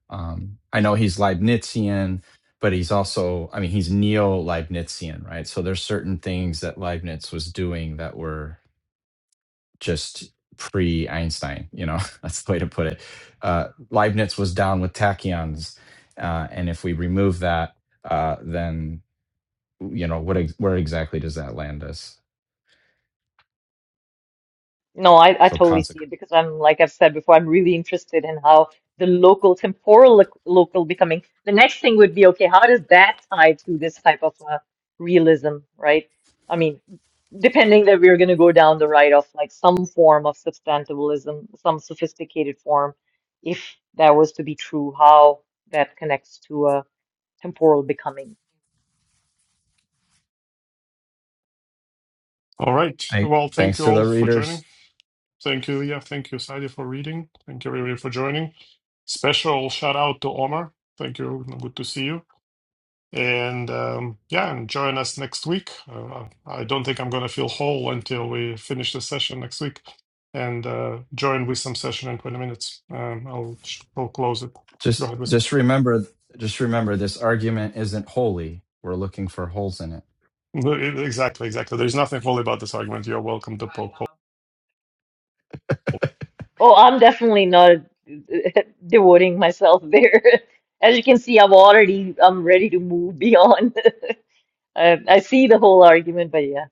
C: Um, I know he's Leibnizian, but he's also, I mean, he's neo Leibnizian, right? So there's certain things that Leibniz was doing that were just pre Einstein. You know, that's the way to put it. Uh, Leibniz was down with tachyons, uh, and if we remove that, uh, then you know what ex- where exactly does that land us
B: No, I, I
C: so
B: totally see
C: consequent
B: it because I'm, like I've said before, I'm really interested in how the local temporal loc local becoming. The next thing would be, okay, how does that tie to this type of uh, realism, right? I mean, depending that we're going to go down the right of like some form of substantivalism, some sophisticated form, if that was to be true, how that connects to a temporal becoming.
D: All right. Well, thank
C: thanks
D: you
C: to the
D: all for joining.
C: readers
D: Thank you. Yeah, thank you, Sadia, for reading. Thank you, everybody, for joining. Special shout out to Omar. Thank you. Good to see you. And um, yeah, and join us next week. Uh, I don't think I'm going to feel whole until we finish the session next week. And uh, join Wisdom session in 20 minutes. Um, I'll, I'll close it. Go
C: just
D: ahead, Wisdom.
C: just remember just remember this argument isn't holy we're looking for holes in it
D: No, e- Exactly, exactly. There's nothing fully about this argument. You're welcome to poke holes
B: Oh, I'm definitely not devoting myself there. As you can see, I'm already I'm ready to move beyond. I, I see the whole argument, but yeah,